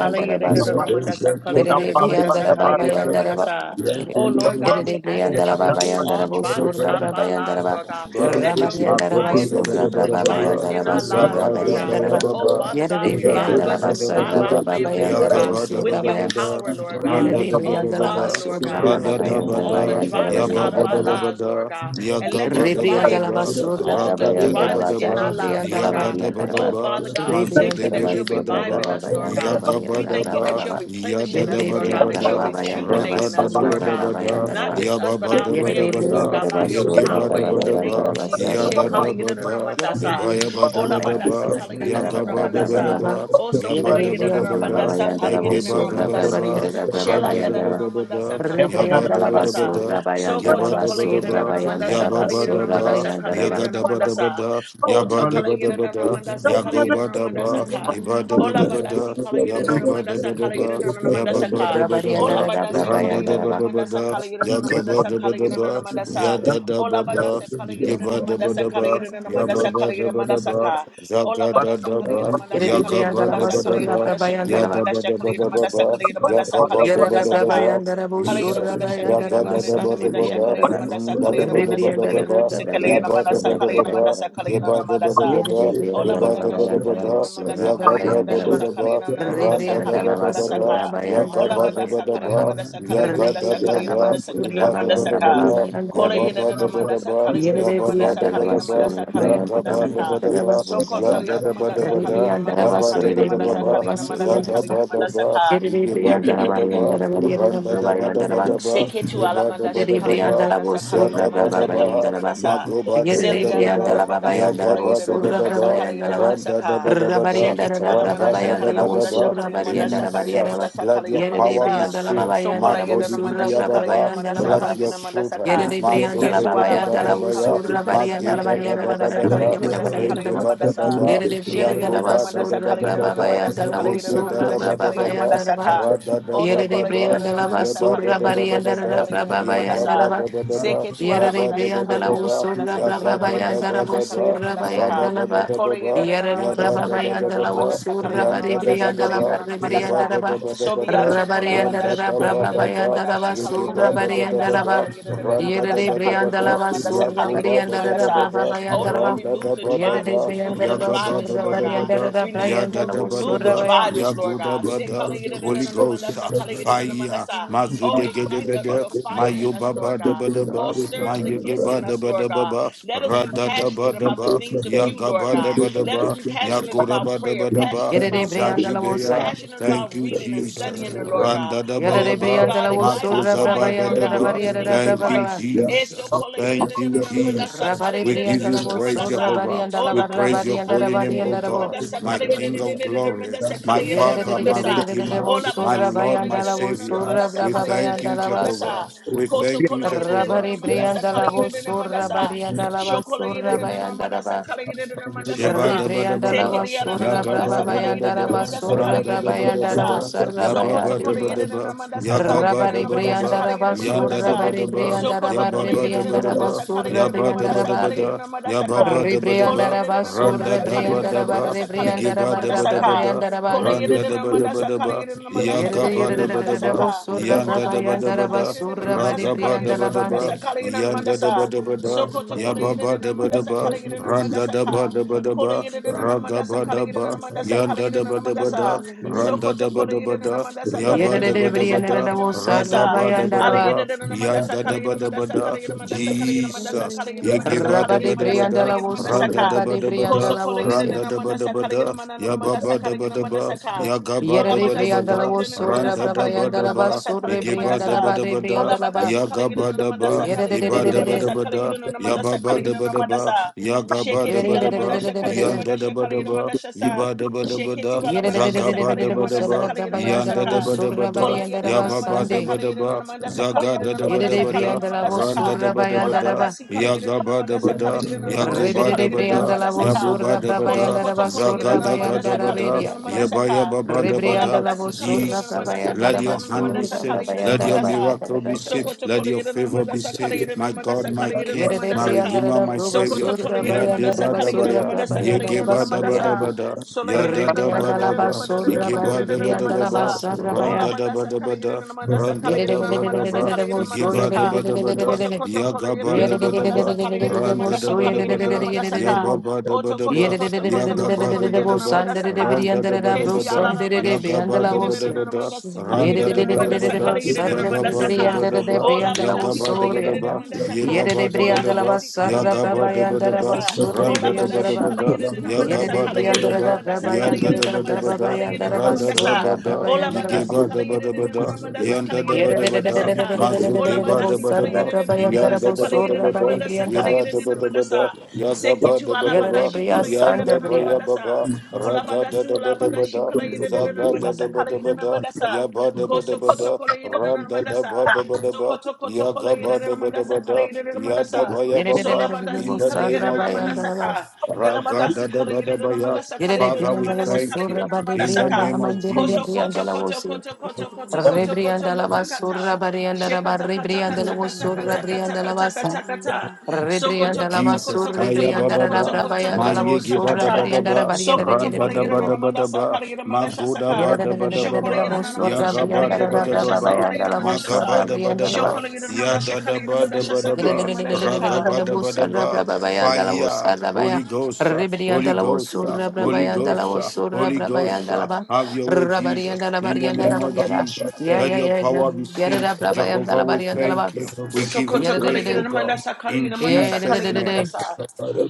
Speaker 6: Alayed a mandasa, calling
Speaker 1: Yere
Speaker 6: it a
Speaker 1: de brianda
Speaker 6: mandasa,
Speaker 1: la
Speaker 6: calling it a
Speaker 1: basura,
Speaker 6: mandasa, Oh, Lord God, we ask that you remove all dryness out of
Speaker 1: brava
Speaker 6: our
Speaker 1: bayanda
Speaker 6: lives, Lord God.
Speaker 4: Ba,
Speaker 6: Let your
Speaker 4: ma go ba
Speaker 6: fire
Speaker 4: da ba da
Speaker 6: consume
Speaker 4: ba
Speaker 6: the
Speaker 4: da ba
Speaker 6: dryness
Speaker 4: ba,
Speaker 6: in our
Speaker 4: za
Speaker 6: lives,
Speaker 4: ga
Speaker 6: Lord
Speaker 4: da
Speaker 6: God.
Speaker 4: ba ya ba
Speaker 6: Oh,
Speaker 4: ba,
Speaker 6: Father God,
Speaker 4: ya da
Speaker 6: revive
Speaker 4: da
Speaker 6: us
Speaker 4: ba
Speaker 6: and
Speaker 4: da ba
Speaker 6: revive our
Speaker 4: da,
Speaker 6: family,
Speaker 4: ya
Speaker 6: Lord
Speaker 4: ga
Speaker 6: God,
Speaker 4: ba da
Speaker 6: with
Speaker 4: ba da
Speaker 6: your
Speaker 4: ba da,
Speaker 6: power, Lord
Speaker 4: ra
Speaker 6: God.
Speaker 4: da da ba
Speaker 6: Oh,
Speaker 4: da ba
Speaker 6: Father,
Speaker 4: da,
Speaker 6: Lord God,
Speaker 4: ra da da
Speaker 6: remove
Speaker 4: ba
Speaker 1: la
Speaker 6: all the
Speaker 4: da,
Speaker 1: bayanda la
Speaker 4: ya
Speaker 6: dryness
Speaker 4: ba
Speaker 6: out of
Speaker 4: da
Speaker 1: variera
Speaker 6: our
Speaker 4: ba da
Speaker 1: brava.
Speaker 4: ba
Speaker 6: lives, Lord
Speaker 4: da,
Speaker 6: God,
Speaker 4: ya
Speaker 6: and
Speaker 4: ga
Speaker 6: let
Speaker 4: ba
Speaker 6: your
Speaker 4: da ba da
Speaker 1: Rebrianda
Speaker 6: fire
Speaker 1: la
Speaker 4: ba,
Speaker 6: consume
Speaker 1: basura,
Speaker 4: ra
Speaker 6: all the
Speaker 4: ga da
Speaker 1: brabayanda
Speaker 4: da
Speaker 1: la
Speaker 4: ba
Speaker 6: dryness
Speaker 4: da
Speaker 6: in
Speaker 1: basa,
Speaker 6: our
Speaker 4: ba,
Speaker 6: lives,
Speaker 1: rebrianda la
Speaker 6: Lord
Speaker 4: ya da
Speaker 6: God.
Speaker 4: da ba
Speaker 1: varianda la
Speaker 4: da
Speaker 6: Oh,
Speaker 1: ba,
Speaker 4: ba,
Speaker 6: Father God,
Speaker 4: ma
Speaker 6: we
Speaker 4: zo
Speaker 6: thank
Speaker 4: de
Speaker 6: you
Speaker 1: rebrianda la
Speaker 4: be
Speaker 6: that
Speaker 4: de
Speaker 6: you're
Speaker 4: ba da
Speaker 1: basura,
Speaker 6: reviving
Speaker 4: ba,
Speaker 6: us, Lord God.
Speaker 1: brabayanda
Speaker 4: ya
Speaker 1: la
Speaker 4: ga
Speaker 1: varianda
Speaker 4: ba
Speaker 6: We
Speaker 1: la
Speaker 4: da
Speaker 6: thank
Speaker 1: ba
Speaker 6: you
Speaker 1: ba
Speaker 4: ba,
Speaker 6: that
Speaker 1: ba
Speaker 6: you're
Speaker 1: ba,
Speaker 4: ya da
Speaker 6: replenishing
Speaker 4: da
Speaker 6: us,
Speaker 4: ba
Speaker 6: Lord
Speaker 4: da
Speaker 6: God,
Speaker 4: ba
Speaker 1: rebrianda
Speaker 6: that
Speaker 1: la
Speaker 6: you're
Speaker 4: da,
Speaker 1: brabayanda
Speaker 4: ra
Speaker 1: la
Speaker 4: ga
Speaker 6: rejuvenating
Speaker 4: da
Speaker 6: us,
Speaker 4: da
Speaker 1: basura,
Speaker 4: ba
Speaker 6: Lord
Speaker 4: da
Speaker 6: God.
Speaker 4: ba da,
Speaker 1: brabayanda la
Speaker 6: Not
Speaker 1: ba,
Speaker 6: just
Speaker 4: ya
Speaker 6: us,
Speaker 4: ba
Speaker 6: but
Speaker 4: ba
Speaker 6: our
Speaker 4: da ba da ba
Speaker 6: families,
Speaker 4: da
Speaker 6: Lord
Speaker 1: rebrianda
Speaker 6: God,
Speaker 1: la
Speaker 4: ba ba ba, ba ba ba ba, ba
Speaker 6: by your
Speaker 1: basura,
Speaker 6: power in
Speaker 4: ba
Speaker 6: the name
Speaker 1: brabayanda la
Speaker 4: ba.
Speaker 6: of
Speaker 1: basa,
Speaker 6: Jesus.
Speaker 4: ba
Speaker 1: ba
Speaker 4: ba ba
Speaker 6: Shekala
Speaker 1: ba.
Speaker 4: ba ba. ba
Speaker 6: yidadada
Speaker 4: ba ba ba
Speaker 1: Yere
Speaker 6: mandasa.
Speaker 4: ba ba ba, ba ba ba.
Speaker 6: Ola badasi kala
Speaker 4: ba
Speaker 6: yidadada
Speaker 4: ba ba ba
Speaker 6: mandasa. Oso
Speaker 4: ba
Speaker 6: kola
Speaker 1: de
Speaker 6: yidadada
Speaker 1: brianda la
Speaker 6: mandasa, kala yidadada mandasi. Shela
Speaker 4: da da da da
Speaker 6: yidadada
Speaker 4: da.
Speaker 6: mandasa, kala
Speaker 4: da da da
Speaker 6: yidadada
Speaker 4: da da da da, da da da da ba
Speaker 6: mandasa.
Speaker 1: basura
Speaker 4: da
Speaker 1: la
Speaker 6: Soko
Speaker 4: Igeba
Speaker 6: to
Speaker 4: da,
Speaker 6: kola
Speaker 4: ba da
Speaker 6: yidadada
Speaker 4: ba,
Speaker 6: mandasa,
Speaker 4: Yaba
Speaker 6: kala
Speaker 4: ba da
Speaker 6: yidadada
Speaker 4: ba,
Speaker 6: mandasa, kala
Speaker 4: Yaga da.
Speaker 6: yidadada
Speaker 4: ba da ba
Speaker 6: mandasa.
Speaker 4: da Yaba
Speaker 6: Oto
Speaker 4: da
Speaker 6: kala
Speaker 4: ba da ba
Speaker 6: yidadada
Speaker 4: da
Speaker 6: mandasa, kala
Speaker 4: Yago ba
Speaker 6: yidadada
Speaker 4: da, ba,
Speaker 6: mandasa. ka.
Speaker 4: Iba da ba
Speaker 6: Ola
Speaker 4: da ba da.
Speaker 6: badasi kala na
Speaker 4: Yaba ba
Speaker 6: namanda
Speaker 4: da
Speaker 6: sa
Speaker 4: ba da
Speaker 6: kala
Speaker 4: ba,
Speaker 6: na namanda
Speaker 4: Yaba
Speaker 6: sa
Speaker 4: ba
Speaker 6: ka.
Speaker 4: da ba da.
Speaker 6: Ola
Speaker 4: Ibaya iba
Speaker 6: badase kala na namanda sa
Speaker 4: Yagibadabadaba, Yadadabada, Ibayabadabadaba, Yagabadabadaba, Yabadabadabada, da Randadabadabada, Yabadabadabada, da ba da,
Speaker 6: kala
Speaker 4: Yabadabadabada, Yagobadaba,
Speaker 6: yira na namanda
Speaker 4: Ibadabadabada,
Speaker 6: sa
Speaker 4: da ba da
Speaker 6: na
Speaker 4: ba.
Speaker 6: namanda
Speaker 4: Ya
Speaker 6: sa.
Speaker 4: da da ba
Speaker 6: Ola
Speaker 4: da,
Speaker 6: badase kala
Speaker 4: ge
Speaker 6: na
Speaker 4: ba da
Speaker 6: namanda
Speaker 4: ba
Speaker 6: sa
Speaker 4: da
Speaker 6: kala
Speaker 4: ba,
Speaker 6: na
Speaker 4: ya
Speaker 6: namanda
Speaker 4: ba
Speaker 6: sa
Speaker 4: ba
Speaker 6: kala
Speaker 4: da ba da ba,
Speaker 6: ka. Ola
Speaker 4: Zaga da
Speaker 6: badasa
Speaker 4: da
Speaker 6: kala
Speaker 4: ba,
Speaker 6: yira namanda sa
Speaker 4: ya
Speaker 6: kala
Speaker 4: Yaga
Speaker 6: yira
Speaker 4: ba
Speaker 6: namanda
Speaker 4: da
Speaker 6: sa
Speaker 4: ba
Speaker 6: kala
Speaker 4: da
Speaker 6: yira
Speaker 4: ba,
Speaker 6: namanda
Speaker 1: brabayanda la ba.
Speaker 4: Yada ba
Speaker 6: sa
Speaker 4: da
Speaker 6: kala
Speaker 4: ba
Speaker 6: yira
Speaker 4: da ba
Speaker 6: namanda sa
Speaker 4: ba,
Speaker 6: namanda sa
Speaker 4: Yaga
Speaker 6: kala
Speaker 4: ba
Speaker 6: yira
Speaker 4: da ba
Speaker 6: namanda sa kala yira namanda
Speaker 1: Yerada
Speaker 4: da
Speaker 6: sa
Speaker 4: ba
Speaker 6: ka.
Speaker 4: ba,
Speaker 1: Brabayandara
Speaker 6: Kala yira
Speaker 4: Jesus,
Speaker 1: Busura
Speaker 6: namanda sa kala yira
Speaker 1: Bayandara
Speaker 4: Yaga
Speaker 6: namanda
Speaker 4: da da
Speaker 6: sa
Speaker 1: Basa,
Speaker 4: ba da
Speaker 6: namanda
Speaker 4: ba
Speaker 6: sa
Speaker 4: da,
Speaker 6: kala
Speaker 1: Ribriandara
Speaker 6: yira namanda
Speaker 1: Bas,
Speaker 6: sa
Speaker 4: mm, ba
Speaker 6: kala
Speaker 4: da
Speaker 6: yira
Speaker 4: ba da
Speaker 6: namanda
Speaker 4: ba
Speaker 6: sa
Speaker 4: da
Speaker 6: kala
Speaker 4: ba
Speaker 6: yira
Speaker 1: Ribriandara
Speaker 4: ba,
Speaker 6: namanda sa kala yira
Speaker 1: Brabayas,
Speaker 4: Yaba
Speaker 6: namanda
Speaker 4: da
Speaker 6: sa
Speaker 4: ba da
Speaker 6: kala
Speaker 4: ba
Speaker 6: yira
Speaker 4: ba, Yaba da
Speaker 6: namanda
Speaker 4: ba da
Speaker 6: sa.
Speaker 4: ba da, ya
Speaker 6: Ola
Speaker 1: Yerribriandara
Speaker 4: ba da
Speaker 6: badaka
Speaker 4: ba
Speaker 6: shi
Speaker 4: da ba
Speaker 1: Brabayandara
Speaker 4: da,
Speaker 6: kaligina mandasa
Speaker 1: Busura
Speaker 4: Yaga
Speaker 6: kaligina
Speaker 4: ba da
Speaker 1: Brabayandara
Speaker 4: ba
Speaker 6: mandasha sa
Speaker 4: da
Speaker 1: Bas,
Speaker 6: kaligina
Speaker 4: ba, ran
Speaker 6: mandasa
Speaker 4: da da ba
Speaker 1: Ribriandara
Speaker 6: kaligina
Speaker 4: da ba
Speaker 6: mandasa
Speaker 4: da,
Speaker 6: ka.
Speaker 1: Basura
Speaker 4: Yaga
Speaker 1: Bayandara
Speaker 6: Ola
Speaker 4: ba da ba
Speaker 6: badasa
Speaker 4: da
Speaker 1: Brabayandara
Speaker 6: kaligina
Speaker 1: Bas,
Speaker 4: ba,
Speaker 6: mandasa
Speaker 4: ya
Speaker 6: kaligina
Speaker 4: Yaga da
Speaker 6: mandasa
Speaker 4: da
Speaker 6: kaligina
Speaker 1: Ribriandara
Speaker 4: ba,
Speaker 6: mandasa
Speaker 1: Basura
Speaker 6: kaligina
Speaker 4: Iba da ba
Speaker 6: mandasa
Speaker 4: da ba
Speaker 1: Bayandara
Speaker 6: ka.
Speaker 4: da, Ya
Speaker 1: Brabayandara
Speaker 6: Kola
Speaker 4: ba
Speaker 6: yida
Speaker 4: ba da
Speaker 6: na
Speaker 4: ba
Speaker 1: Briandara,
Speaker 4: da
Speaker 6: mandasa
Speaker 4: ba,
Speaker 6: kaligina
Speaker 4: ya
Speaker 6: na
Speaker 4: ba ba
Speaker 6: mandasa
Speaker 4: da
Speaker 1: Yerribriandara
Speaker 4: ba da
Speaker 6: kaligina
Speaker 4: ba,
Speaker 6: mandasa
Speaker 1: Basura
Speaker 4: ya
Speaker 6: kaligina
Speaker 4: ga
Speaker 1: Bayandara
Speaker 4: ba
Speaker 6: mandasa
Speaker 4: da ba
Speaker 6: ka.
Speaker 4: da
Speaker 1: Bayandara
Speaker 4: ba,
Speaker 6: So called
Speaker 1: Basura
Speaker 4: ya
Speaker 6: so
Speaker 4: da
Speaker 1: Bas,
Speaker 6: yada
Speaker 4: da ba da
Speaker 6: mandasa
Speaker 4: ba da,
Speaker 6: kaligina
Speaker 1: Ribriandara
Speaker 4: ya
Speaker 6: mandasa
Speaker 4: ba da
Speaker 1: Basura
Speaker 6: kaligina
Speaker 4: ba da ba
Speaker 6: mandasa
Speaker 1: Ribriandara
Speaker 4: ba,
Speaker 6: kaligina
Speaker 1: Basura
Speaker 4: za
Speaker 6: mandasa
Speaker 4: da
Speaker 6: kaligina
Speaker 4: ba
Speaker 1: Yandara
Speaker 4: da
Speaker 6: mandasa
Speaker 4: ba,
Speaker 1: Yere de
Speaker 4: ye ba da
Speaker 1: brianda la
Speaker 4: ba
Speaker 1: baba
Speaker 4: da
Speaker 6: ka.
Speaker 4: ba,
Speaker 1: yanda la
Speaker 4: ran da
Speaker 1: usura
Speaker 4: da
Speaker 1: bari
Speaker 4: ba da
Speaker 1: yanda la
Speaker 4: ba da ba, ye
Speaker 6: Seketu
Speaker 4: ba da
Speaker 6: alamanda
Speaker 4: ba
Speaker 6: shi
Speaker 4: da ba
Speaker 1: bari
Speaker 6: kalagina
Speaker 1: yanda
Speaker 4: ba,
Speaker 6: manda sa
Speaker 1: la
Speaker 4: ja
Speaker 6: kalagina
Speaker 4: da ba
Speaker 6: manda
Speaker 4: da
Speaker 6: sa
Speaker 1: bari yanda
Speaker 6: kalagina
Speaker 4: ba,
Speaker 6: manda
Speaker 1: la
Speaker 4: ma
Speaker 6: sa
Speaker 4: go ba da ba da
Speaker 6: selia
Speaker 4: ba
Speaker 6: da da
Speaker 4: da,
Speaker 6: da manda
Speaker 4: ya
Speaker 6: so
Speaker 4: ga ba
Speaker 6: kalagina
Speaker 4: da
Speaker 6: da da
Speaker 4: ba da
Speaker 6: manda sa
Speaker 4: ba,
Speaker 6: kalagina manda
Speaker 4: ran
Speaker 6: sa
Speaker 4: da da
Speaker 6: ka
Speaker 4: ba da ba
Speaker 1: bari
Speaker 4: da,
Speaker 6: sheketu
Speaker 4: ra
Speaker 6: alamanda
Speaker 4: ga
Speaker 6: sa
Speaker 4: da da
Speaker 1: yanda
Speaker 4: ba
Speaker 6: kalagina
Speaker 4: da
Speaker 6: manda sa
Speaker 4: ba,
Speaker 6: kalagina manda sa kalagina manda
Speaker 4: Jesus,
Speaker 6: sa
Speaker 4: let your
Speaker 6: kalagina manda
Speaker 4: power be
Speaker 6: sa
Speaker 4: seen.
Speaker 6: so
Speaker 4: Mago
Speaker 6: kalagina
Speaker 4: di
Speaker 6: da
Speaker 4: bi
Speaker 6: manda
Speaker 4: di ya
Speaker 6: shi
Speaker 4: ba
Speaker 6: kalagina
Speaker 4: ba
Speaker 6: manda sa
Speaker 4: Bless your
Speaker 6: kalagina manda sa
Speaker 4: children.
Speaker 6: ka
Speaker 4: Mazuke
Speaker 6: kesu
Speaker 4: de de
Speaker 6: alabada shi
Speaker 4: badabaya,
Speaker 6: kalagina da
Speaker 1: la
Speaker 6: manda
Speaker 1: bari
Speaker 6: sa
Speaker 4: Magita
Speaker 6: kalagina
Speaker 4: da
Speaker 6: da manda sa
Speaker 4: badabada,
Speaker 6: kalagina
Speaker 1: yanda la
Speaker 6: manda sa
Speaker 4: Rede
Speaker 6: kalagina
Speaker 1: bari.
Speaker 6: manda sa
Speaker 4: badadaba,
Speaker 1: Yere de
Speaker 6: shelia
Speaker 1: briandala
Speaker 4: Yago
Speaker 6: da da manda sa
Speaker 1: basura
Speaker 6: kalagina
Speaker 1: braba
Speaker 6: da
Speaker 4: badadabadabada,
Speaker 6: manda sa
Speaker 1: bayandala
Speaker 6: kalagina
Speaker 4: Yege
Speaker 6: da
Speaker 1: usura
Speaker 6: manda sa
Speaker 1: braba
Speaker 6: kalagina manda
Speaker 4: dadabadabada,
Speaker 1: bayandala
Speaker 6: sa
Speaker 1: ba.
Speaker 6: ka
Speaker 4: Rada
Speaker 6: Oto
Speaker 1: Yere de
Speaker 6: kola yera
Speaker 4: dabadaba,
Speaker 6: na
Speaker 1: briandala
Speaker 6: namanda sa kala
Speaker 4: Yabada
Speaker 1: basura
Speaker 6: yera na namanda sa
Speaker 1: bariandala
Speaker 4: dabadabada,
Speaker 6: kala yera
Speaker 1: braba
Speaker 6: na namanda sa
Speaker 1: bayandala
Speaker 4: Yagaba
Speaker 1: ba.
Speaker 4: dabadaba,
Speaker 6: seke tu ala
Speaker 1: Yerere
Speaker 4: Yaba
Speaker 6: bada si kala
Speaker 1: beyandala
Speaker 6: yera na
Speaker 4: dabadababa,
Speaker 6: namanda
Speaker 1: usurra
Speaker 6: sa kala
Speaker 1: braba
Speaker 6: yera na
Speaker 4: Yagada
Speaker 6: namanda sa
Speaker 1: bayandala
Speaker 6: kata kala yera
Speaker 4: dabadaba,
Speaker 6: na
Speaker 1: usurra
Speaker 6: namanda sa ka
Speaker 4: Raba
Speaker 1: bayandala ba.
Speaker 6: kola yera
Speaker 4: dabadababa,
Speaker 6: na
Speaker 1: Yerere
Speaker 6: namanda
Speaker 4: Yaba
Speaker 6: sa
Speaker 1: braba
Speaker 6: kala yera na
Speaker 1: bayandala
Speaker 6: namanda
Speaker 4: dabadabada,
Speaker 6: sa kala
Speaker 1: usurra
Speaker 6: yera na
Speaker 1: bari
Speaker 4: Yanda
Speaker 6: namanda sa kala
Speaker 1: briyandala
Speaker 6: yera
Speaker 4: dabadaba,
Speaker 6: na
Speaker 1: barre
Speaker 6: namanda sa
Speaker 1: briyandala
Speaker 4: Yabada
Speaker 1: ba.
Speaker 6: sobiya
Speaker 4: dabadabada,
Speaker 6: to
Speaker 1: Rabari
Speaker 6: kola bada
Speaker 1: yandala
Speaker 4: Randa
Speaker 6: shi
Speaker 1: ra
Speaker 6: kola
Speaker 1: braba
Speaker 6: yera na
Speaker 4: dabadaba,
Speaker 6: bada
Speaker 1: bayandala ba
Speaker 6: shi kala
Speaker 4: Yege
Speaker 6: yera
Speaker 1: surra
Speaker 4: ba
Speaker 6: na
Speaker 4: da
Speaker 1: bari
Speaker 4: ba da
Speaker 6: namanda
Speaker 4: ba
Speaker 6: sa
Speaker 4: ba,
Speaker 1: ba.
Speaker 6: kala yera na
Speaker 4: ran da
Speaker 6: namanda
Speaker 4: da
Speaker 1: Yerere
Speaker 6: sa
Speaker 4: ba da
Speaker 6: kala
Speaker 4: ba
Speaker 6: yera na
Speaker 1: briyandala
Speaker 4: da,
Speaker 1: ba
Speaker 6: namanda sa
Speaker 1: surra
Speaker 6: kala
Speaker 4: yago
Speaker 1: bari
Speaker 6: yera
Speaker 4: ba
Speaker 6: na
Speaker 4: da
Speaker 1: yandala
Speaker 4: ba
Speaker 6: namanda
Speaker 1: ra
Speaker 4: da
Speaker 6: sa
Speaker 4: ba
Speaker 1: braba
Speaker 4: da,
Speaker 6: Oh
Speaker 1: bayandala
Speaker 6: Lord,
Speaker 1: ba.
Speaker 4: ran da da
Speaker 6: remove the
Speaker 4: ba da
Speaker 1: Yerere
Speaker 6: dryness,
Speaker 4: ba,
Speaker 6: remove the
Speaker 1: briyandala ba
Speaker 4: yaga ba da
Speaker 6: dryness,
Speaker 1: surra
Speaker 4: ba
Speaker 6: Lord
Speaker 1: bari
Speaker 4: da ba
Speaker 6: God.
Speaker 1: yandala
Speaker 4: da,
Speaker 1: ra
Speaker 6: Renew,
Speaker 4: ya
Speaker 6: the-
Speaker 4: da
Speaker 6: mo-
Speaker 1: briyandala
Speaker 4: da ba da
Speaker 6: remove the
Speaker 1: usurra
Speaker 4: ba,
Speaker 1: baya.
Speaker 6: dryness, Lord
Speaker 4: yago da
Speaker 6: God.
Speaker 4: ba
Speaker 6: Say,
Speaker 4: da,
Speaker 6: "Kala yada da da
Speaker 4: Holy
Speaker 6: da na manda
Speaker 4: Ghost,
Speaker 6: sa,
Speaker 4: uh,
Speaker 6: kala yada da na manda
Speaker 4: fire,
Speaker 6: sa."
Speaker 4: mazu
Speaker 6: Oh,
Speaker 4: de ge de
Speaker 6: ignite
Speaker 4: be
Speaker 6: the-
Speaker 4: de,
Speaker 6: your fire
Speaker 4: mayo
Speaker 6: in
Speaker 4: ba
Speaker 6: us, Lord
Speaker 4: ba da
Speaker 6: God.
Speaker 4: ba da
Speaker 6: Oh,
Speaker 4: ba,
Speaker 6: stir up the
Speaker 4: mayo ge
Speaker 6: gifts
Speaker 4: ba
Speaker 6: in
Speaker 4: da
Speaker 6: us,
Speaker 4: ba da
Speaker 6: Lord
Speaker 4: ba
Speaker 6: God.
Speaker 4: ba,
Speaker 6: Let us
Speaker 4: ra
Speaker 6: be
Speaker 4: da da ba
Speaker 6: passionate
Speaker 4: da
Speaker 6: about the
Speaker 4: ba,
Speaker 6: things of you,
Speaker 4: yaga
Speaker 6: Lord
Speaker 4: ba da
Speaker 6: God.
Speaker 4: ba da
Speaker 6: Let us
Speaker 4: ba,
Speaker 6: be passionate
Speaker 4: yago da
Speaker 6: about
Speaker 4: ba da
Speaker 6: prayer,
Speaker 4: ba da ba,
Speaker 6: passionate
Speaker 1: Yerere
Speaker 6: about
Speaker 4: zati
Speaker 6: worship,
Speaker 1: briyandala
Speaker 4: be ya,
Speaker 1: usaya.
Speaker 6: passionate
Speaker 4: thank
Speaker 6: about
Speaker 4: you
Speaker 6: reading and
Speaker 4: Jesus,
Speaker 6: studying the Lord
Speaker 4: ran
Speaker 6: God.
Speaker 4: da da ba
Speaker 6: Oh
Speaker 4: ya
Speaker 1: Yerere
Speaker 4: ba,
Speaker 6: Lord God,
Speaker 1: briyandala
Speaker 6: ignite our
Speaker 1: usurra braba
Speaker 6: fire, Lord
Speaker 1: yandala
Speaker 6: God, for
Speaker 4: Makozabadadaba.
Speaker 1: bari
Speaker 6: the
Speaker 1: yerere
Speaker 6: things of
Speaker 4: Thank
Speaker 1: braba
Speaker 4: you,
Speaker 6: Christ.
Speaker 1: ba.
Speaker 4: Jesus. Thank you, Jesus.
Speaker 1: Rabari
Speaker 4: We give you
Speaker 1: Briandalabo,
Speaker 4: praise,
Speaker 1: so Rabari
Speaker 4: Jehovah.
Speaker 1: and
Speaker 4: We
Speaker 1: Alaba,
Speaker 4: praise your
Speaker 1: Rabari and
Speaker 4: holy name,
Speaker 1: Rabari and
Speaker 4: O
Speaker 1: Arabo.
Speaker 4: God, my King of glory, my Father, my Redeemer,
Speaker 1: Yedebo, so
Speaker 4: my
Speaker 1: Rabai
Speaker 4: Lord,
Speaker 1: and
Speaker 4: my
Speaker 1: Alabo, so
Speaker 4: Savior. We
Speaker 1: Rabai
Speaker 4: thank
Speaker 1: and
Speaker 4: you,
Speaker 1: Alabas.
Speaker 4: Jehovah. We
Speaker 6: Koso
Speaker 4: thank you,
Speaker 6: kola yede de de
Speaker 4: Jehovah.
Speaker 6: de
Speaker 1: Rabari
Speaker 6: mandasa kala
Speaker 1: Briandalabo,
Speaker 6: yede de de
Speaker 1: so
Speaker 6: mandasa.
Speaker 1: Rabari
Speaker 4: Mm.
Speaker 1: and Alaba,
Speaker 6: Shokola
Speaker 1: so
Speaker 6: yede de de
Speaker 1: Rabai
Speaker 6: na
Speaker 1: and
Speaker 6: mandasa
Speaker 1: Araba.
Speaker 6: kala yede de de mandasa
Speaker 4: Sheba da
Speaker 6: ka.
Speaker 4: ba da ba
Speaker 1: Rebriandala
Speaker 6: Teke
Speaker 4: ba,
Speaker 6: de yada de
Speaker 4: ya
Speaker 6: de
Speaker 1: basura
Speaker 4: ga ba
Speaker 1: brava
Speaker 6: mandasa
Speaker 4: da
Speaker 6: kala
Speaker 4: ba da
Speaker 6: yede de
Speaker 1: bayandara
Speaker 6: de
Speaker 4: ba,
Speaker 6: mandasa kala
Speaker 1: basura
Speaker 4: ram da
Speaker 6: yede
Speaker 1: brava
Speaker 4: da
Speaker 6: de de
Speaker 4: ba da ba
Speaker 1: yandara
Speaker 6: mandasa.
Speaker 4: da,
Speaker 1: wasara
Speaker 4: ya ba ba
Speaker 6: Sokoto
Speaker 4: da
Speaker 6: kola
Speaker 4: ba
Speaker 1: bayandara
Speaker 4: da
Speaker 6: yede de de
Speaker 4: ba,
Speaker 6: mandasa
Speaker 4: ya ga
Speaker 6: kala yede de
Speaker 4: ba
Speaker 6: de
Speaker 4: da
Speaker 1: Rabari
Speaker 4: ba da
Speaker 6: mandasa
Speaker 4: ba,
Speaker 6: kala
Speaker 1: briandara
Speaker 6: yede de de
Speaker 4: yan da
Speaker 1: basura
Speaker 4: da
Speaker 6: mandasa.
Speaker 4: ba da
Speaker 1: bari
Speaker 4: ba,
Speaker 1: briandara
Speaker 4: ya
Speaker 6: Sokoto
Speaker 4: ba
Speaker 1: bari
Speaker 6: kola
Speaker 4: ba
Speaker 6: yede
Speaker 4: da
Speaker 6: de
Speaker 4: ba
Speaker 6: de
Speaker 4: da
Speaker 1: briandara
Speaker 4: ba,
Speaker 6: mandasa kala
Speaker 1: basura
Speaker 4: ya
Speaker 6: yede de de
Speaker 4: ba da ba
Speaker 1: briandara
Speaker 6: mandasa
Speaker 4: da ba
Speaker 6: kala yede de
Speaker 1: bari
Speaker 6: de
Speaker 4: da, ya
Speaker 6: mandasa
Speaker 4: ba
Speaker 6: ka.
Speaker 4: ba da ba da
Speaker 6: Kola
Speaker 4: ba,
Speaker 1: Rebriandara
Speaker 6: yede de de na
Speaker 4: ran
Speaker 6: mandasa
Speaker 4: da
Speaker 1: basura
Speaker 4: da
Speaker 6: kala
Speaker 4: ba
Speaker 6: yede de
Speaker 4: da
Speaker 1: briandara
Speaker 6: de
Speaker 4: ba,
Speaker 1: bari
Speaker 6: mandasa kala yede
Speaker 4: ige
Speaker 6: de de
Speaker 1: briandara
Speaker 4: ba da
Speaker 1: barra
Speaker 4: ba
Speaker 6: mandasa
Speaker 4: da
Speaker 1: brava
Speaker 4: ba
Speaker 6: ka.
Speaker 4: da,
Speaker 1: yandara
Speaker 6: Kola
Speaker 1: bandi
Speaker 4: ran
Speaker 6: yede
Speaker 4: da
Speaker 6: de
Speaker 4: da
Speaker 6: de
Speaker 4: ba da ba
Speaker 6: mandasa
Speaker 4: da
Speaker 6: kala
Speaker 4: ba,
Speaker 6: yede de de
Speaker 4: ya
Speaker 6: mandasa
Speaker 4: ga
Speaker 1: Yerde
Speaker 6: kala
Speaker 4: ba
Speaker 6: yede de
Speaker 4: da
Speaker 6: de
Speaker 4: ba da
Speaker 6: mandasa
Speaker 1: yerde
Speaker 4: ba,
Speaker 6: ka.
Speaker 1: basura
Speaker 4: yan da
Speaker 6: Ola
Speaker 1: brava
Speaker 4: da ba da
Speaker 6: badasi
Speaker 4: ba
Speaker 1: yandara
Speaker 6: kala
Speaker 4: da,
Speaker 6: yere de na
Speaker 1: basura
Speaker 4: ra
Speaker 1: bari
Speaker 6: mandasa
Speaker 4: ga
Speaker 6: kala
Speaker 4: ba
Speaker 6: yere
Speaker 4: da
Speaker 6: de
Speaker 4: ba
Speaker 1: briandala
Speaker 6: na
Speaker 4: da
Speaker 6: mandasa
Speaker 4: ba,
Speaker 1: bandi
Speaker 6: kala yere de na
Speaker 4: yan da da ba
Speaker 6: mandasa.
Speaker 4: da ba da,
Speaker 6: Soko to
Speaker 4: ya
Speaker 6: kola
Speaker 4: ba
Speaker 6: yere
Speaker 4: ba
Speaker 6: de
Speaker 4: da
Speaker 6: na
Speaker 4: ba da
Speaker 6: mandasa
Speaker 4: ba.
Speaker 6: kala yere de na
Speaker 4: Randa
Speaker 6: mandasa
Speaker 4: da
Speaker 6: ka.
Speaker 4: ba da ba da
Speaker 6: Kola
Speaker 4: ba,
Speaker 6: yere de na
Speaker 4: raga
Speaker 6: mandasa
Speaker 4: ba
Speaker 6: kala
Speaker 4: da
Speaker 6: yere de na
Speaker 4: ba,
Speaker 6: mandasa kala
Speaker 4: yanda
Speaker 6: yere de
Speaker 4: da ba
Speaker 6: na
Speaker 4: da ba da,
Speaker 6: mandasa.
Speaker 4: randa
Speaker 6: Soko
Speaker 4: da
Speaker 6: to
Speaker 4: ba
Speaker 6: kola
Speaker 4: da ba
Speaker 6: yere de na
Speaker 4: da,
Speaker 6: mandasa kala
Speaker 4: yaba
Speaker 6: yere de
Speaker 4: da
Speaker 6: na
Speaker 4: ba
Speaker 1: Yerde
Speaker 4: da ba
Speaker 6: mandasa
Speaker 1: briandara
Speaker 6: kala
Speaker 4: da,
Speaker 6: yere de na mandasa.
Speaker 4: raga
Speaker 1: basura
Speaker 4: ba da ba da
Speaker 6: Ala
Speaker 1: bayandara
Speaker 4: ba,
Speaker 6: yere de na mandasa
Speaker 4: yanda
Speaker 6: kala
Speaker 4: da
Speaker 6: yere
Speaker 4: ba
Speaker 6: de
Speaker 4: da ba
Speaker 6: mandasa
Speaker 4: da,
Speaker 6: kala yere de mandasa kala yere de mandasa kala
Speaker 4: Jesus, yege ba da
Speaker 6: yere de
Speaker 4: ba
Speaker 1: Rabade
Speaker 4: da ba
Speaker 6: mandasa kala
Speaker 4: da,
Speaker 6: yere
Speaker 1: Briandala
Speaker 6: de mandasa kala yere de
Speaker 1: was so
Speaker 6: mandasa
Speaker 4: randa
Speaker 6: ka.
Speaker 4: da ba
Speaker 1: Rabade
Speaker 4: da ba da,
Speaker 6: Koso
Speaker 1: Briandala
Speaker 6: kola
Speaker 1: was
Speaker 6: yere de
Speaker 4: randa
Speaker 6: na
Speaker 4: da ba da
Speaker 6: mandasa
Speaker 4: ba
Speaker 6: kala yere de
Speaker 4: da,
Speaker 6: na
Speaker 4: yaba
Speaker 6: mandasa
Speaker 4: ba da
Speaker 6: kala
Speaker 4: ba
Speaker 6: yere de
Speaker 4: da ba,
Speaker 6: mandasa ka.
Speaker 4: yaga ba
Speaker 1: Yere
Speaker 6: Ola
Speaker 4: da ba da ba
Speaker 6: badasi
Speaker 1: Briandala
Speaker 4: da,
Speaker 6: kalagida
Speaker 1: was
Speaker 6: na
Speaker 1: so
Speaker 4: randa
Speaker 6: madasa
Speaker 4: da
Speaker 6: kalagida
Speaker 4: ba da
Speaker 6: na
Speaker 1: Rabayandaraba,
Speaker 4: ba,
Speaker 6: madasa
Speaker 1: so
Speaker 6: kalagida
Speaker 4: ige ba
Speaker 6: madasa.
Speaker 4: da ba
Speaker 1: Rebriandaraba,
Speaker 4: da ba da,
Speaker 6: Ola
Speaker 1: Rebriandalaba.
Speaker 6: badasi
Speaker 4: yaga
Speaker 6: kalagida
Speaker 4: ba
Speaker 6: na
Speaker 4: da
Speaker 6: madasa
Speaker 4: ba,
Speaker 1: Yere de de
Speaker 6: kalagida
Speaker 1: de
Speaker 4: iba
Speaker 6: na
Speaker 1: de
Speaker 4: da
Speaker 1: de
Speaker 4: ba
Speaker 1: de.
Speaker 4: da
Speaker 6: madasa
Speaker 4: ba da,
Speaker 6: kalagida na
Speaker 4: yaba
Speaker 6: madasa
Speaker 4: ba da
Speaker 6: kalagida
Speaker 4: ba
Speaker 6: na
Speaker 4: da ba,
Speaker 6: madasa.
Speaker 4: Yagaba
Speaker 1: Yere
Speaker 6: Sheketi
Speaker 4: daba
Speaker 1: de de
Speaker 6: yala
Speaker 1: de
Speaker 4: daba,
Speaker 1: de de
Speaker 6: madasha
Speaker 1: de de
Speaker 6: kalagida
Speaker 1: de.
Speaker 4: yanda
Speaker 6: madasha
Speaker 4: daba
Speaker 6: kalagida
Speaker 4: daba,
Speaker 6: madasha sa.
Speaker 4: iba daba
Speaker 6: Shake
Speaker 4: daba
Speaker 6: Sheketi
Speaker 4: da,
Speaker 6: wala
Speaker 1: Yere de de de
Speaker 6: madasha sa
Speaker 1: de de
Speaker 4: zagaba
Speaker 1: de de
Speaker 6: kalagida
Speaker 4: daba
Speaker 1: was
Speaker 6: madasa
Speaker 4: daba,
Speaker 6: kalagida madasa
Speaker 4: yanda
Speaker 1: Rabayandala was
Speaker 6: ka.
Speaker 4: daba
Speaker 1: so
Speaker 4: daba da,
Speaker 6: Kola yada
Speaker 1: Rabariandaraba
Speaker 6: na
Speaker 4: yababa
Speaker 6: madasa
Speaker 1: Sunday.
Speaker 4: daba
Speaker 6: kalagida
Speaker 4: daba,
Speaker 6: na madasa
Speaker 4: zaga
Speaker 6: kalagida na
Speaker 4: daba
Speaker 1: Yere de
Speaker 6: madasa
Speaker 4: daba da,
Speaker 6: kalagida
Speaker 1: Briandala
Speaker 6: madasa
Speaker 1: was so
Speaker 4: randa
Speaker 6: ka.
Speaker 4: daba daba
Speaker 6: Ola
Speaker 4: da,
Speaker 1: Rabayandaraba.
Speaker 6: badasi kalagida na
Speaker 4: yagaba daba
Speaker 6: madasa
Speaker 4: da,
Speaker 6: kalagida na madasha
Speaker 4: yagoba
Speaker 1: Rebede
Speaker 4: daba
Speaker 6: kalagida na
Speaker 4: da,
Speaker 1: Briandala
Speaker 6: madasa
Speaker 1: was
Speaker 6: ka.
Speaker 4: yabuba
Speaker 1: Sura
Speaker 4: daba
Speaker 6: Koso
Speaker 4: da,
Speaker 1: Brabayandara
Speaker 6: koto
Speaker 1: was
Speaker 6: kolegira
Speaker 4: zaga
Speaker 1: Sura
Speaker 6: na
Speaker 4: daga
Speaker 6: namanda sa
Speaker 4: daba
Speaker 1: Bayandara
Speaker 6: kolegira
Speaker 4: da,
Speaker 6: na
Speaker 1: Vedia.
Speaker 6: namanda
Speaker 4: yaba
Speaker 6: ka.
Speaker 4: yababa daba
Speaker 6: Ola
Speaker 4: da.
Speaker 1: Rebriandala
Speaker 6: badasi
Speaker 1: was
Speaker 6: kala yere
Speaker 1: Sura
Speaker 6: na
Speaker 4: Jesus,
Speaker 6: mandasa
Speaker 4: let
Speaker 6: kala
Speaker 1: Brabayandara
Speaker 6: yere
Speaker 1: was
Speaker 4: your
Speaker 6: na
Speaker 4: hand be
Speaker 1: Sura
Speaker 6: mandasa
Speaker 4: seen,
Speaker 6: kala yere na
Speaker 4: let your
Speaker 1: Brabayandara
Speaker 6: mandasa.
Speaker 4: miracle be seen,
Speaker 1: Bayandara.
Speaker 6: Soko to
Speaker 4: let
Speaker 6: kala
Speaker 4: your
Speaker 6: na
Speaker 4: favor be
Speaker 6: mandasa
Speaker 4: seen.
Speaker 6: kala yere na
Speaker 4: My God,
Speaker 6: mandasa
Speaker 4: my
Speaker 6: kala yere na
Speaker 4: King,
Speaker 1: Yere de
Speaker 4: my
Speaker 6: mandasa ka.
Speaker 4: Redeemer,
Speaker 1: Briandara
Speaker 4: my
Speaker 1: Ruba
Speaker 6: Soko
Speaker 4: Savior
Speaker 6: to kala
Speaker 1: Sura
Speaker 6: na
Speaker 4: ya de
Speaker 6: mandasa
Speaker 1: Bayandara
Speaker 4: ba
Speaker 1: was
Speaker 6: kala
Speaker 4: da ba
Speaker 6: yere na
Speaker 1: Sura
Speaker 4: ya,
Speaker 6: mandasa
Speaker 4: ye
Speaker 6: kala
Speaker 4: ge
Speaker 6: yere
Speaker 1: Brabayandara
Speaker 4: ba
Speaker 6: na
Speaker 1: was
Speaker 4: da ba da
Speaker 6: mandasa.
Speaker 4: ba
Speaker 1: Suriandi.
Speaker 4: da,
Speaker 6: Sola
Speaker 4: ya
Speaker 6: yere
Speaker 4: da
Speaker 6: na
Speaker 4: da ba
Speaker 6: badada
Speaker 4: da
Speaker 1: Rebriandala
Speaker 6: na
Speaker 1: was
Speaker 4: ba,
Speaker 6: badada na
Speaker 1: Sura
Speaker 4: ige ba
Speaker 1: Badi
Speaker 4: da
Speaker 6: badada
Speaker 4: ba
Speaker 6: na
Speaker 4: da ba
Speaker 1: Briandala
Speaker 6: mandasa.
Speaker 1: was
Speaker 4: ba,
Speaker 1: Sura
Speaker 4: ran
Speaker 6: Ola
Speaker 1: Bayan.
Speaker 4: da da ba
Speaker 6: badasa
Speaker 4: da
Speaker 6: kala
Speaker 4: ba
Speaker 6: yere
Speaker 4: da,
Speaker 6: na mandasa
Speaker 4: ran da
Speaker 6: kala
Speaker 1: Yere
Speaker 6: yere
Speaker 4: da
Speaker 6: na
Speaker 4: ba da
Speaker 6: mandasa
Speaker 4: ba,
Speaker 6: kala yere na
Speaker 4: ige
Speaker 6: mandasa
Speaker 4: ba da ba
Speaker 6: ka.
Speaker 4: da ba da,
Speaker 6: Koso koto
Speaker 4: ya
Speaker 6: koto
Speaker 4: ga ba
Speaker 6: na
Speaker 4: da
Speaker 6: na
Speaker 4: ba da ba,
Speaker 6: mandasa kala na
Speaker 4: ran da da
Speaker 6: mandasa
Speaker 4: ba
Speaker 6: kala
Speaker 4: da ba
Speaker 6: yere na
Speaker 4: da,
Speaker 6: mandasa
Speaker 4: ya
Speaker 6: ka.
Speaker 4: ba ba da ba
Speaker 6: Oto
Speaker 4: da
Speaker 6: koto
Speaker 4: ba,
Speaker 1: Yere
Speaker 6: koto
Speaker 4: ya
Speaker 6: koto
Speaker 4: ga
Speaker 6: koto
Speaker 4: ba da
Speaker 6: koto
Speaker 4: ba
Speaker 6: yere
Speaker 4: da
Speaker 6: na
Speaker 4: ba,
Speaker 6: mandasa ka.
Speaker 4: ran da da ba da ba
Speaker 6: Kesi
Speaker 4: da,
Speaker 6: ala
Speaker 5: And
Speaker 6: da ba da
Speaker 4: ya
Speaker 5: Thank
Speaker 4: ga
Speaker 5: you,
Speaker 6: shi
Speaker 4: ba
Speaker 6: kala
Speaker 4: da
Speaker 6: yede
Speaker 4: ba
Speaker 5: Father,
Speaker 6: da
Speaker 4: da
Speaker 6: da da
Speaker 4: ba
Speaker 6: da ma
Speaker 4: da,
Speaker 6: da
Speaker 5: for
Speaker 6: si kala
Speaker 4: ran
Speaker 6: yede
Speaker 4: da
Speaker 6: da
Speaker 4: da
Speaker 5: meeting
Speaker 6: da
Speaker 5: us,
Speaker 4: ba
Speaker 6: ma
Speaker 4: da
Speaker 6: da
Speaker 4: ba
Speaker 6: sa
Speaker 4: da,
Speaker 6: kala
Speaker 5: recognizing
Speaker 6: yede da
Speaker 4: ya
Speaker 6: da ma
Speaker 5: you
Speaker 4: ba
Speaker 6: da sa
Speaker 4: ba
Speaker 5: this
Speaker 4: da
Speaker 5: year.
Speaker 6: ka.
Speaker 4: ba da ba,
Speaker 6: Ola ba
Speaker 4: ya
Speaker 6: da
Speaker 4: ga
Speaker 6: si
Speaker 4: ba
Speaker 6: kala
Speaker 5: What
Speaker 4: da ba
Speaker 6: yede
Speaker 4: da
Speaker 6: da da
Speaker 4: ba,
Speaker 6: ma da
Speaker 5: me?
Speaker 6: sa
Speaker 4: ye
Speaker 5: What do
Speaker 4: ba
Speaker 6: ka.
Speaker 5: you
Speaker 4: ba da
Speaker 6: Ola
Speaker 4: ba da
Speaker 6: ba da
Speaker 4: ba,
Speaker 6: si kala
Speaker 5: think?
Speaker 6: yede
Speaker 5: Is
Speaker 6: da da
Speaker 5: that
Speaker 4: Yagaba
Speaker 6: da da da
Speaker 4: daba
Speaker 6: ma da
Speaker 4: daba,
Speaker 6: sa.
Speaker 5: that's
Speaker 6: Ola
Speaker 4: randa
Speaker 6: ba
Speaker 5: dangerous?
Speaker 6: da
Speaker 4: daba
Speaker 5: You
Speaker 6: si
Speaker 4: daba
Speaker 6: kala
Speaker 5: shouldn't
Speaker 4: da,
Speaker 5: be
Speaker 6: yede da da
Speaker 5: now
Speaker 6: ma
Speaker 5: is
Speaker 6: da sa
Speaker 1: de
Speaker 4: yagaba
Speaker 6: kala
Speaker 5: making
Speaker 4: daba
Speaker 6: yede da
Speaker 1: briyandara
Speaker 6: da
Speaker 1: da
Speaker 4: daba,
Speaker 6: ma da sa
Speaker 1: braba
Speaker 6: kala
Speaker 4: yanda
Speaker 6: yede
Speaker 1: yandara
Speaker 6: da da
Speaker 1: da
Speaker 4: daba
Speaker 6: ma da
Speaker 4: daba
Speaker 6: sa
Speaker 1: braba
Speaker 4: da,
Speaker 6: kala yede da
Speaker 1: bayandara
Speaker 6: da
Speaker 1: ba
Speaker 6: ma
Speaker 4: rada
Speaker 6: da sa.
Speaker 5: a
Speaker 1: surra
Speaker 4: daba da,
Speaker 1: braba
Speaker 6: Ola ba
Speaker 1: yandara
Speaker 6: da
Speaker 1: ba.
Speaker 6: si
Speaker 4: igeba
Speaker 6: kala
Speaker 5: problem.
Speaker 4: daba
Speaker 6: yede da
Speaker 4: daba
Speaker 6: da da
Speaker 4: da,
Speaker 6: da ma da sa
Speaker 5: What do you
Speaker 4: yanda
Speaker 6: kala
Speaker 5: want
Speaker 6: yede
Speaker 5: me
Speaker 4: daba
Speaker 6: da
Speaker 1: Yere
Speaker 5: to
Speaker 6: da ma
Speaker 4: daba
Speaker 6: da
Speaker 1: Rebrianda
Speaker 6: sa
Speaker 4: da,
Speaker 5: do?
Speaker 1: la
Speaker 6: ka.
Speaker 5: I
Speaker 6: Ola ba
Speaker 4: mazugeba
Speaker 6: da
Speaker 5: think you
Speaker 6: si
Speaker 4: daba
Speaker 1: basura,
Speaker 6: kala
Speaker 4: daba,
Speaker 6: yede da da da
Speaker 5: human
Speaker 6: ma
Speaker 1: barianda
Speaker 6: da
Speaker 5: being.
Speaker 6: sa
Speaker 4: yanda
Speaker 6: kala
Speaker 4: daba
Speaker 6: yede da
Speaker 4: daba
Speaker 6: da ma
Speaker 4: da,
Speaker 6: da sa
Speaker 5: Yes.
Speaker 6: kala
Speaker 4: yeba
Speaker 6: yede da da
Speaker 4: daba
Speaker 6: ma da
Speaker 4: daba
Speaker 6: sa.
Speaker 4: da,
Speaker 6: Seke
Speaker 4: yagaba
Speaker 6: tu
Speaker 4: daba
Speaker 6: ala ba da
Speaker 4: daba,
Speaker 6: shi kala yede da da da
Speaker 4: yanda
Speaker 6: da
Speaker 5: Mm,
Speaker 6: ma
Speaker 4: baya
Speaker 6: da sa.
Speaker 4: baba,
Speaker 5: How does it work
Speaker 4: raga
Speaker 5: with
Speaker 4: da
Speaker 6: Olabadasi
Speaker 4: daba daba
Speaker 6: ulabadashi
Speaker 5: one
Speaker 4: da,
Speaker 6: kala
Speaker 5: human
Speaker 6: yidana
Speaker 4: zaga
Speaker 5: being in
Speaker 4: da
Speaker 6: madasa
Speaker 5: my
Speaker 4: daba
Speaker 6: kala
Speaker 5: life
Speaker 4: daba
Speaker 5: when
Speaker 6: yidana
Speaker 4: da,
Speaker 6: madasa.
Speaker 4: yaba
Speaker 5: we
Speaker 4: daba
Speaker 5: do
Speaker 6: Koso
Speaker 4: daba
Speaker 5: that?
Speaker 6: koto
Speaker 4: da,
Speaker 6: kala yidana
Speaker 5: I
Speaker 4: randa
Speaker 5: was
Speaker 6: madasa.
Speaker 4: daba daba
Speaker 6: soko
Speaker 4: daba,
Speaker 6: Sokoto koto kala
Speaker 4: yagaba
Speaker 6: yidana
Speaker 4: daba
Speaker 6: madasa
Speaker 4: daba
Speaker 6: kala
Speaker 4: da,
Speaker 6: yidana madasa.
Speaker 4: Yadabaya Baba, in
Speaker 6: Solabadasi
Speaker 4: the
Speaker 6: kala
Speaker 4: name of
Speaker 6: yidana madasa
Speaker 4: Jesus.
Speaker 6: ka. Elabadasi kala yidana
Speaker 4: Ragadadabadabaya.
Speaker 6: madasa kala yidana
Speaker 4: Father, we
Speaker 6: madasa kala
Speaker 4: thank you
Speaker 6: yidana
Speaker 4: in
Speaker 6: madasa
Speaker 4: the
Speaker 6: ka.
Speaker 4: name of
Speaker 6: Koso koto
Speaker 4: Jesus.
Speaker 6: koto koto
Speaker 5: because
Speaker 6: koto
Speaker 5: the one
Speaker 6: koto koto
Speaker 5: storm type,
Speaker 6: koto
Speaker 5: you
Speaker 6: koto
Speaker 5: want
Speaker 6: kata.
Speaker 5: to shoot me. left,
Speaker 1: la
Speaker 6: Shekata kata
Speaker 5: I'm
Speaker 1: barribrianda la
Speaker 6: kata
Speaker 5: going to the
Speaker 6: kata
Speaker 5: man.
Speaker 1: basura,
Speaker 6: kata kata
Speaker 1: brianda la
Speaker 6: kata
Speaker 1: basa.
Speaker 6: kata kata.
Speaker 5: I
Speaker 6: soko
Speaker 1: Rebrianda la
Speaker 6: Sokoto koto
Speaker 4: Jesus
Speaker 6: koto
Speaker 1: masur,
Speaker 6: koto
Speaker 4: Kaya
Speaker 1: rebrianda
Speaker 6: koto
Speaker 4: Baba
Speaker 1: la
Speaker 4: Ba
Speaker 5: really want
Speaker 6: koto
Speaker 5: something
Speaker 1: brabayanda
Speaker 5: to
Speaker 1: la
Speaker 6: koto koto
Speaker 4: Maye
Speaker 5: happen
Speaker 6: koto
Speaker 5: to
Speaker 1: vosur,
Speaker 5: me.
Speaker 4: Giba da
Speaker 6: kata.
Speaker 4: Bada
Speaker 5: But
Speaker 1: rabarianda la
Speaker 4: Ba
Speaker 5: there's
Speaker 1: barianda
Speaker 5: not.
Speaker 1: la
Speaker 6: Sokoto
Speaker 4: Randa da
Speaker 6: kolegera na
Speaker 1: yede
Speaker 4: Bada
Speaker 6: namanda
Speaker 4: Bada
Speaker 6: sa
Speaker 4: Ba
Speaker 6: kolegera manda
Speaker 4: Magoda
Speaker 1: Yeah,
Speaker 6: shasaka.
Speaker 1: yeah, yeah,
Speaker 5: I'm
Speaker 4: Bada
Speaker 5: not gonna.
Speaker 4: Bada
Speaker 1: yeah.
Speaker 4: Baba
Speaker 6: Shokolegera na
Speaker 5: That is
Speaker 6: namanda
Speaker 5: not gonna
Speaker 6: sha
Speaker 5: make me
Speaker 4: Yagaba da
Speaker 6: kolegera na
Speaker 5: change
Speaker 4: Bada
Speaker 6: manda
Speaker 5: religions.
Speaker 6: shasa
Speaker 4: Baba
Speaker 6: kolegera manda shasa.
Speaker 4: Magaba da Bada
Speaker 5: Mm,
Speaker 4: Ba
Speaker 6: Shokolegera na manda sha
Speaker 4: Yada da
Speaker 6: kolegera manda
Speaker 4: Bada
Speaker 6: shasa
Speaker 4: Bada Ba
Speaker 6: kolegera manda shaka.
Speaker 4: Ragaba da Bada Ba Fire Holy Ghost Holy Ghost
Speaker 5: I am
Speaker 4: Holy
Speaker 5: you're
Speaker 4: Ghost
Speaker 5: really shit.
Speaker 4: Holy
Speaker 5: It's like,
Speaker 4: Ghost
Speaker 5: oh god,
Speaker 4: have your way Jesus in the name of
Speaker 5: oh my
Speaker 4: Jesus
Speaker 5: gosh.
Speaker 4: let your power be
Speaker 1: Yarada
Speaker 5: But
Speaker 4: seen Jehovah
Speaker 1: brabayandala
Speaker 4: we thank
Speaker 1: bariandala.
Speaker 4: you we give you
Speaker 6: Sokoto
Speaker 1: Yarada.
Speaker 4: praise
Speaker 6: kolegera
Speaker 4: oh
Speaker 6: na
Speaker 4: God
Speaker 6: manda sa
Speaker 4: in
Speaker 6: kolegera manda sa
Speaker 1: Yeah,
Speaker 4: Jesus'
Speaker 6: kolegera
Speaker 1: yeah,
Speaker 4: name.
Speaker 6: manda sa.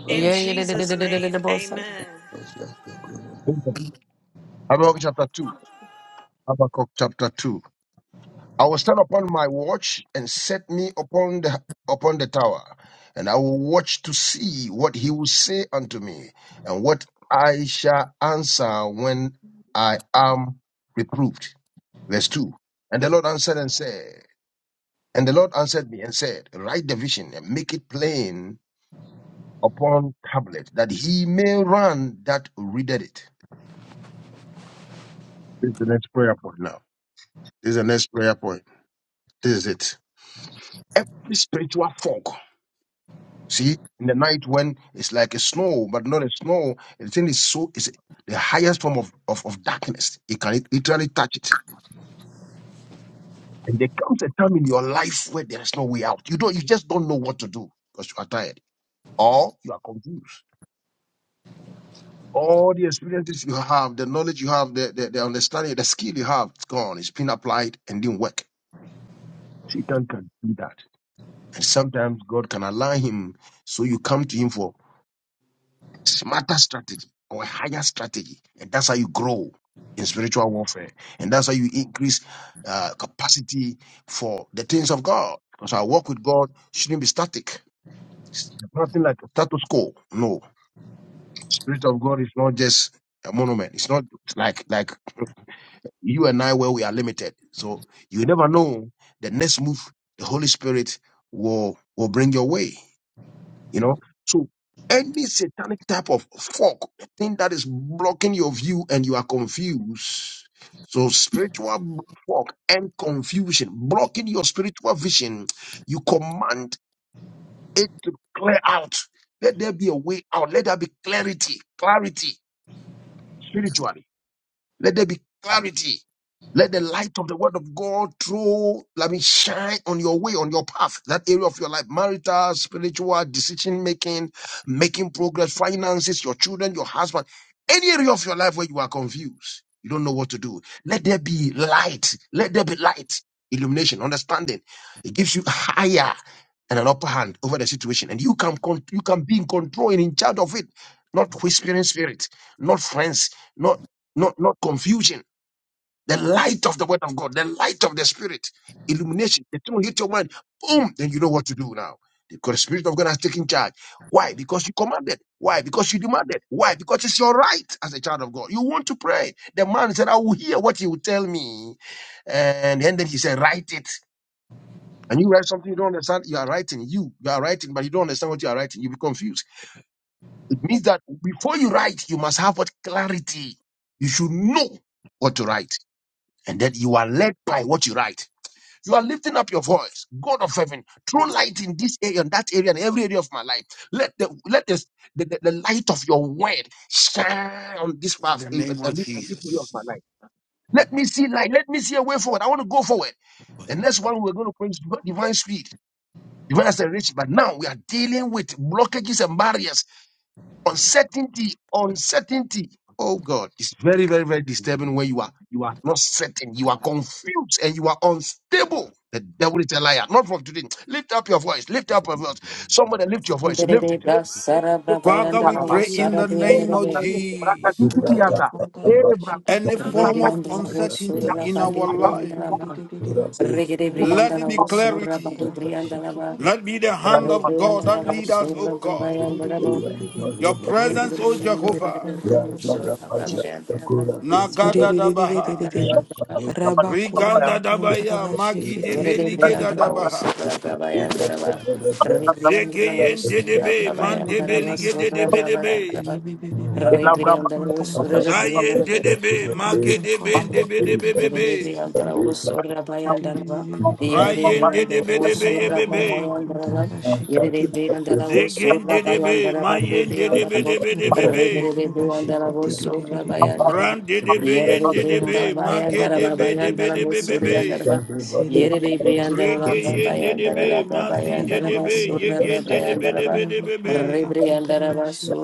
Speaker 1: yeah,
Speaker 6: In
Speaker 1: yeah, yeah,
Speaker 6: Jesus' name,
Speaker 1: yeah,
Speaker 6: amen.
Speaker 2: you. Habakkuk chapter 2. Habakkuk chapter 2. I will stand upon my watch and set me upon the upon the tower, and I will watch to see what he will say unto me, and what I shall answer when I am reproved. Verse 2. And the Lord answered and said, and the Lord answered me and said, Write the vision and make it plain upon tablet, that he may run that readeth it. This is the next prayer point now. This is the next prayer point. This is it. every spiritual fog. See, in the night when it's like a snow, but not a snow, the thing is so is the highest form of, of, of darkness. You can literally touch it. And there comes a time in your life where there is no way out. You don't you just don't know what to do because you are tired or you are confused. All the experiences you have, the knowledge you have, the, the, the understanding, the skill you have, it's gone. It's been applied and didn't work. Satan can do that. And sometimes God can allow him so you come to him for smarter strategy or a higher strategy. And that's how you grow in spiritual warfare. And that's how you increase uh, capacity for the things of God. Because our walk with God shouldn't be static. It's nothing like a status quo. No. Spirit of God is not just a monument. It's not like like you and I where we are limited. So you never know the next move the Holy Spirit will will bring your way you know so any satanic type of fog thing that is blocking your view and you are confused so spiritual fog and confusion blocking your spiritual vision you command it to clear out let there be a way out let there be clarity clarity spiritually let there be clarity. Let the light of the word of God through, let me shine on your way, on your path, that area of your life, marital, spiritual, decision making, making progress, finances, your children, your husband, any area of your life where you are confused, you don't know what to do. Let there be light. Let there be light, illumination, understanding. It gives you higher and an upper hand over the situation, and you can con- you can be in control and in charge of it, not whispering spirit, not friends, not not not confusion. The light of the word of God, the light of the spirit, illumination. It will hit your mind, boom, then you know what to do now. Because the spirit of God has taken charge. Why? Because you commanded. Why? Because you demanded. Why? Because it's your right as a child of God. You want to pray. The man said, I will hear what you will tell me. And, and then he said, Write it and you write something you don't understand, you are writing. You you are writing, but you don't understand what you are writing. You be confused. It means that before you write, you must have what clarity. You should know what to write, and that you are led by what you write. You are lifting up your voice, God of heaven, throw light in this area, and that area, and every area of my life. Let the let this, the, the, the light of your word shine on this
Speaker 4: In
Speaker 2: path
Speaker 4: the
Speaker 2: eh, eh,
Speaker 4: name of
Speaker 2: and this, and this area
Speaker 4: Jesus.
Speaker 2: of my life. Let me see light. Let me see a way forward. I want to go forward. And next one, we're going to pray is divine speed. Even as a rich, but now we are dealing with blockages and barriers, uncertainty, uncertainty. Oh God, it's very, very, very disturbing. Where you are, you are not certain, you are confused, and you are unstable. The devil is a liar, not from today. Lift up your voice. Lift up your voice. Somebody lift your voice.
Speaker 1: Ndere
Speaker 2: Lift it.
Speaker 1: brasara
Speaker 2: Lift
Speaker 4: Father, we
Speaker 1: brabayandala
Speaker 4: pray in
Speaker 1: wosara
Speaker 4: the name of
Speaker 1: briandere.
Speaker 5: Aritikiribiribiribiri,
Speaker 4: Jesus.
Speaker 5: Koraba Pantaraba
Speaker 4: Any form of
Speaker 1: Rebrianda la
Speaker 5: Shikitiribiribiribiri,
Speaker 1: voz
Speaker 4: uncertainty
Speaker 1: surra
Speaker 4: in our
Speaker 1: bade brianda
Speaker 4: life,
Speaker 1: la ba.
Speaker 5: Sikitiribiribiribiri,
Speaker 1: Regede
Speaker 4: let
Speaker 1: brianda
Speaker 5: Raita
Speaker 4: it
Speaker 1: la
Speaker 4: be
Speaker 1: voz
Speaker 5: Koraba
Speaker 1: surra
Speaker 4: clarity.
Speaker 1: bade
Speaker 5: Pantaraba
Speaker 1: brianda la ba.
Speaker 5: Shikiti,
Speaker 4: Let be the hand of God
Speaker 1: Rebrianda la
Speaker 4: that
Speaker 1: voz
Speaker 4: lead us,
Speaker 5: Sikitikiti,
Speaker 4: O
Speaker 1: surra
Speaker 4: God.
Speaker 1: brianda la ba.
Speaker 5: Siribiribiribiri,
Speaker 4: Your
Speaker 1: Yende de
Speaker 4: presence, O
Speaker 1: bini bini de
Speaker 5: Koraba
Speaker 1: bini
Speaker 4: Jehovah.
Speaker 1: bini de
Speaker 5: Pantaraba
Speaker 1: voz surra
Speaker 5: Shikiti,
Speaker 1: brianda la ba.
Speaker 4: Nagada dabaha.
Speaker 1: Rebrianda
Speaker 5: Siribiribiribiri,
Speaker 1: la ba.
Speaker 5: Raba
Speaker 4: Riganda
Speaker 5: Koraba
Speaker 4: dabaya.
Speaker 5: Pantaraba
Speaker 4: Magi de
Speaker 1: Yende de brianda la
Speaker 5: Shikitiribiribiri,
Speaker 1: voz
Speaker 4: belige
Speaker 1: surra
Speaker 5: Sikitiribiribiribiri,
Speaker 1: brianda la ba. Rebrianda la voz
Speaker 4: Zekeyen
Speaker 1: surra
Speaker 4: dedebe, man
Speaker 1: brianda la ba.
Speaker 4: debelige
Speaker 1: Surra
Speaker 4: dedebe debe.
Speaker 1: brianda la ba.
Speaker 5: Yibibibiri, Koraba
Speaker 1: Rebrianda la voz
Speaker 5: Pantaraba
Speaker 4: Zayen
Speaker 5: Shikiti,
Speaker 4: dedebe,
Speaker 5: Arata
Speaker 4: mage debe
Speaker 1: ba.
Speaker 5: korava
Speaker 4: debe debe
Speaker 5: kuntarava
Speaker 4: bebe.
Speaker 5: shikite.
Speaker 1: Rebriandaraba, Surra Bayandaraba,
Speaker 5: Ririririririririri.
Speaker 4: Rayen dedebe debe ye
Speaker 5: Rava
Speaker 4: bebe.
Speaker 5: korava kuntarava shikite.
Speaker 4: Zegen dedebe, mayen dedebe debe debe
Speaker 5: Rava
Speaker 4: be.
Speaker 5: kuntarava shikite. Riririririri.
Speaker 4: Ran dedebe yen dedebe,
Speaker 5: Rava korava
Speaker 4: mage debe
Speaker 5: kuntarava
Speaker 4: debe debe
Speaker 5: shikite.
Speaker 4: bebe.
Speaker 1: Surra
Speaker 4: Rege
Speaker 5: Siriririririririririri.
Speaker 4: dedebe, mazi dedebe,
Speaker 5: Siririririririri.
Speaker 4: yegen dedebe debe
Speaker 5: Rava
Speaker 4: debe be.
Speaker 5: korava kuntarava shi.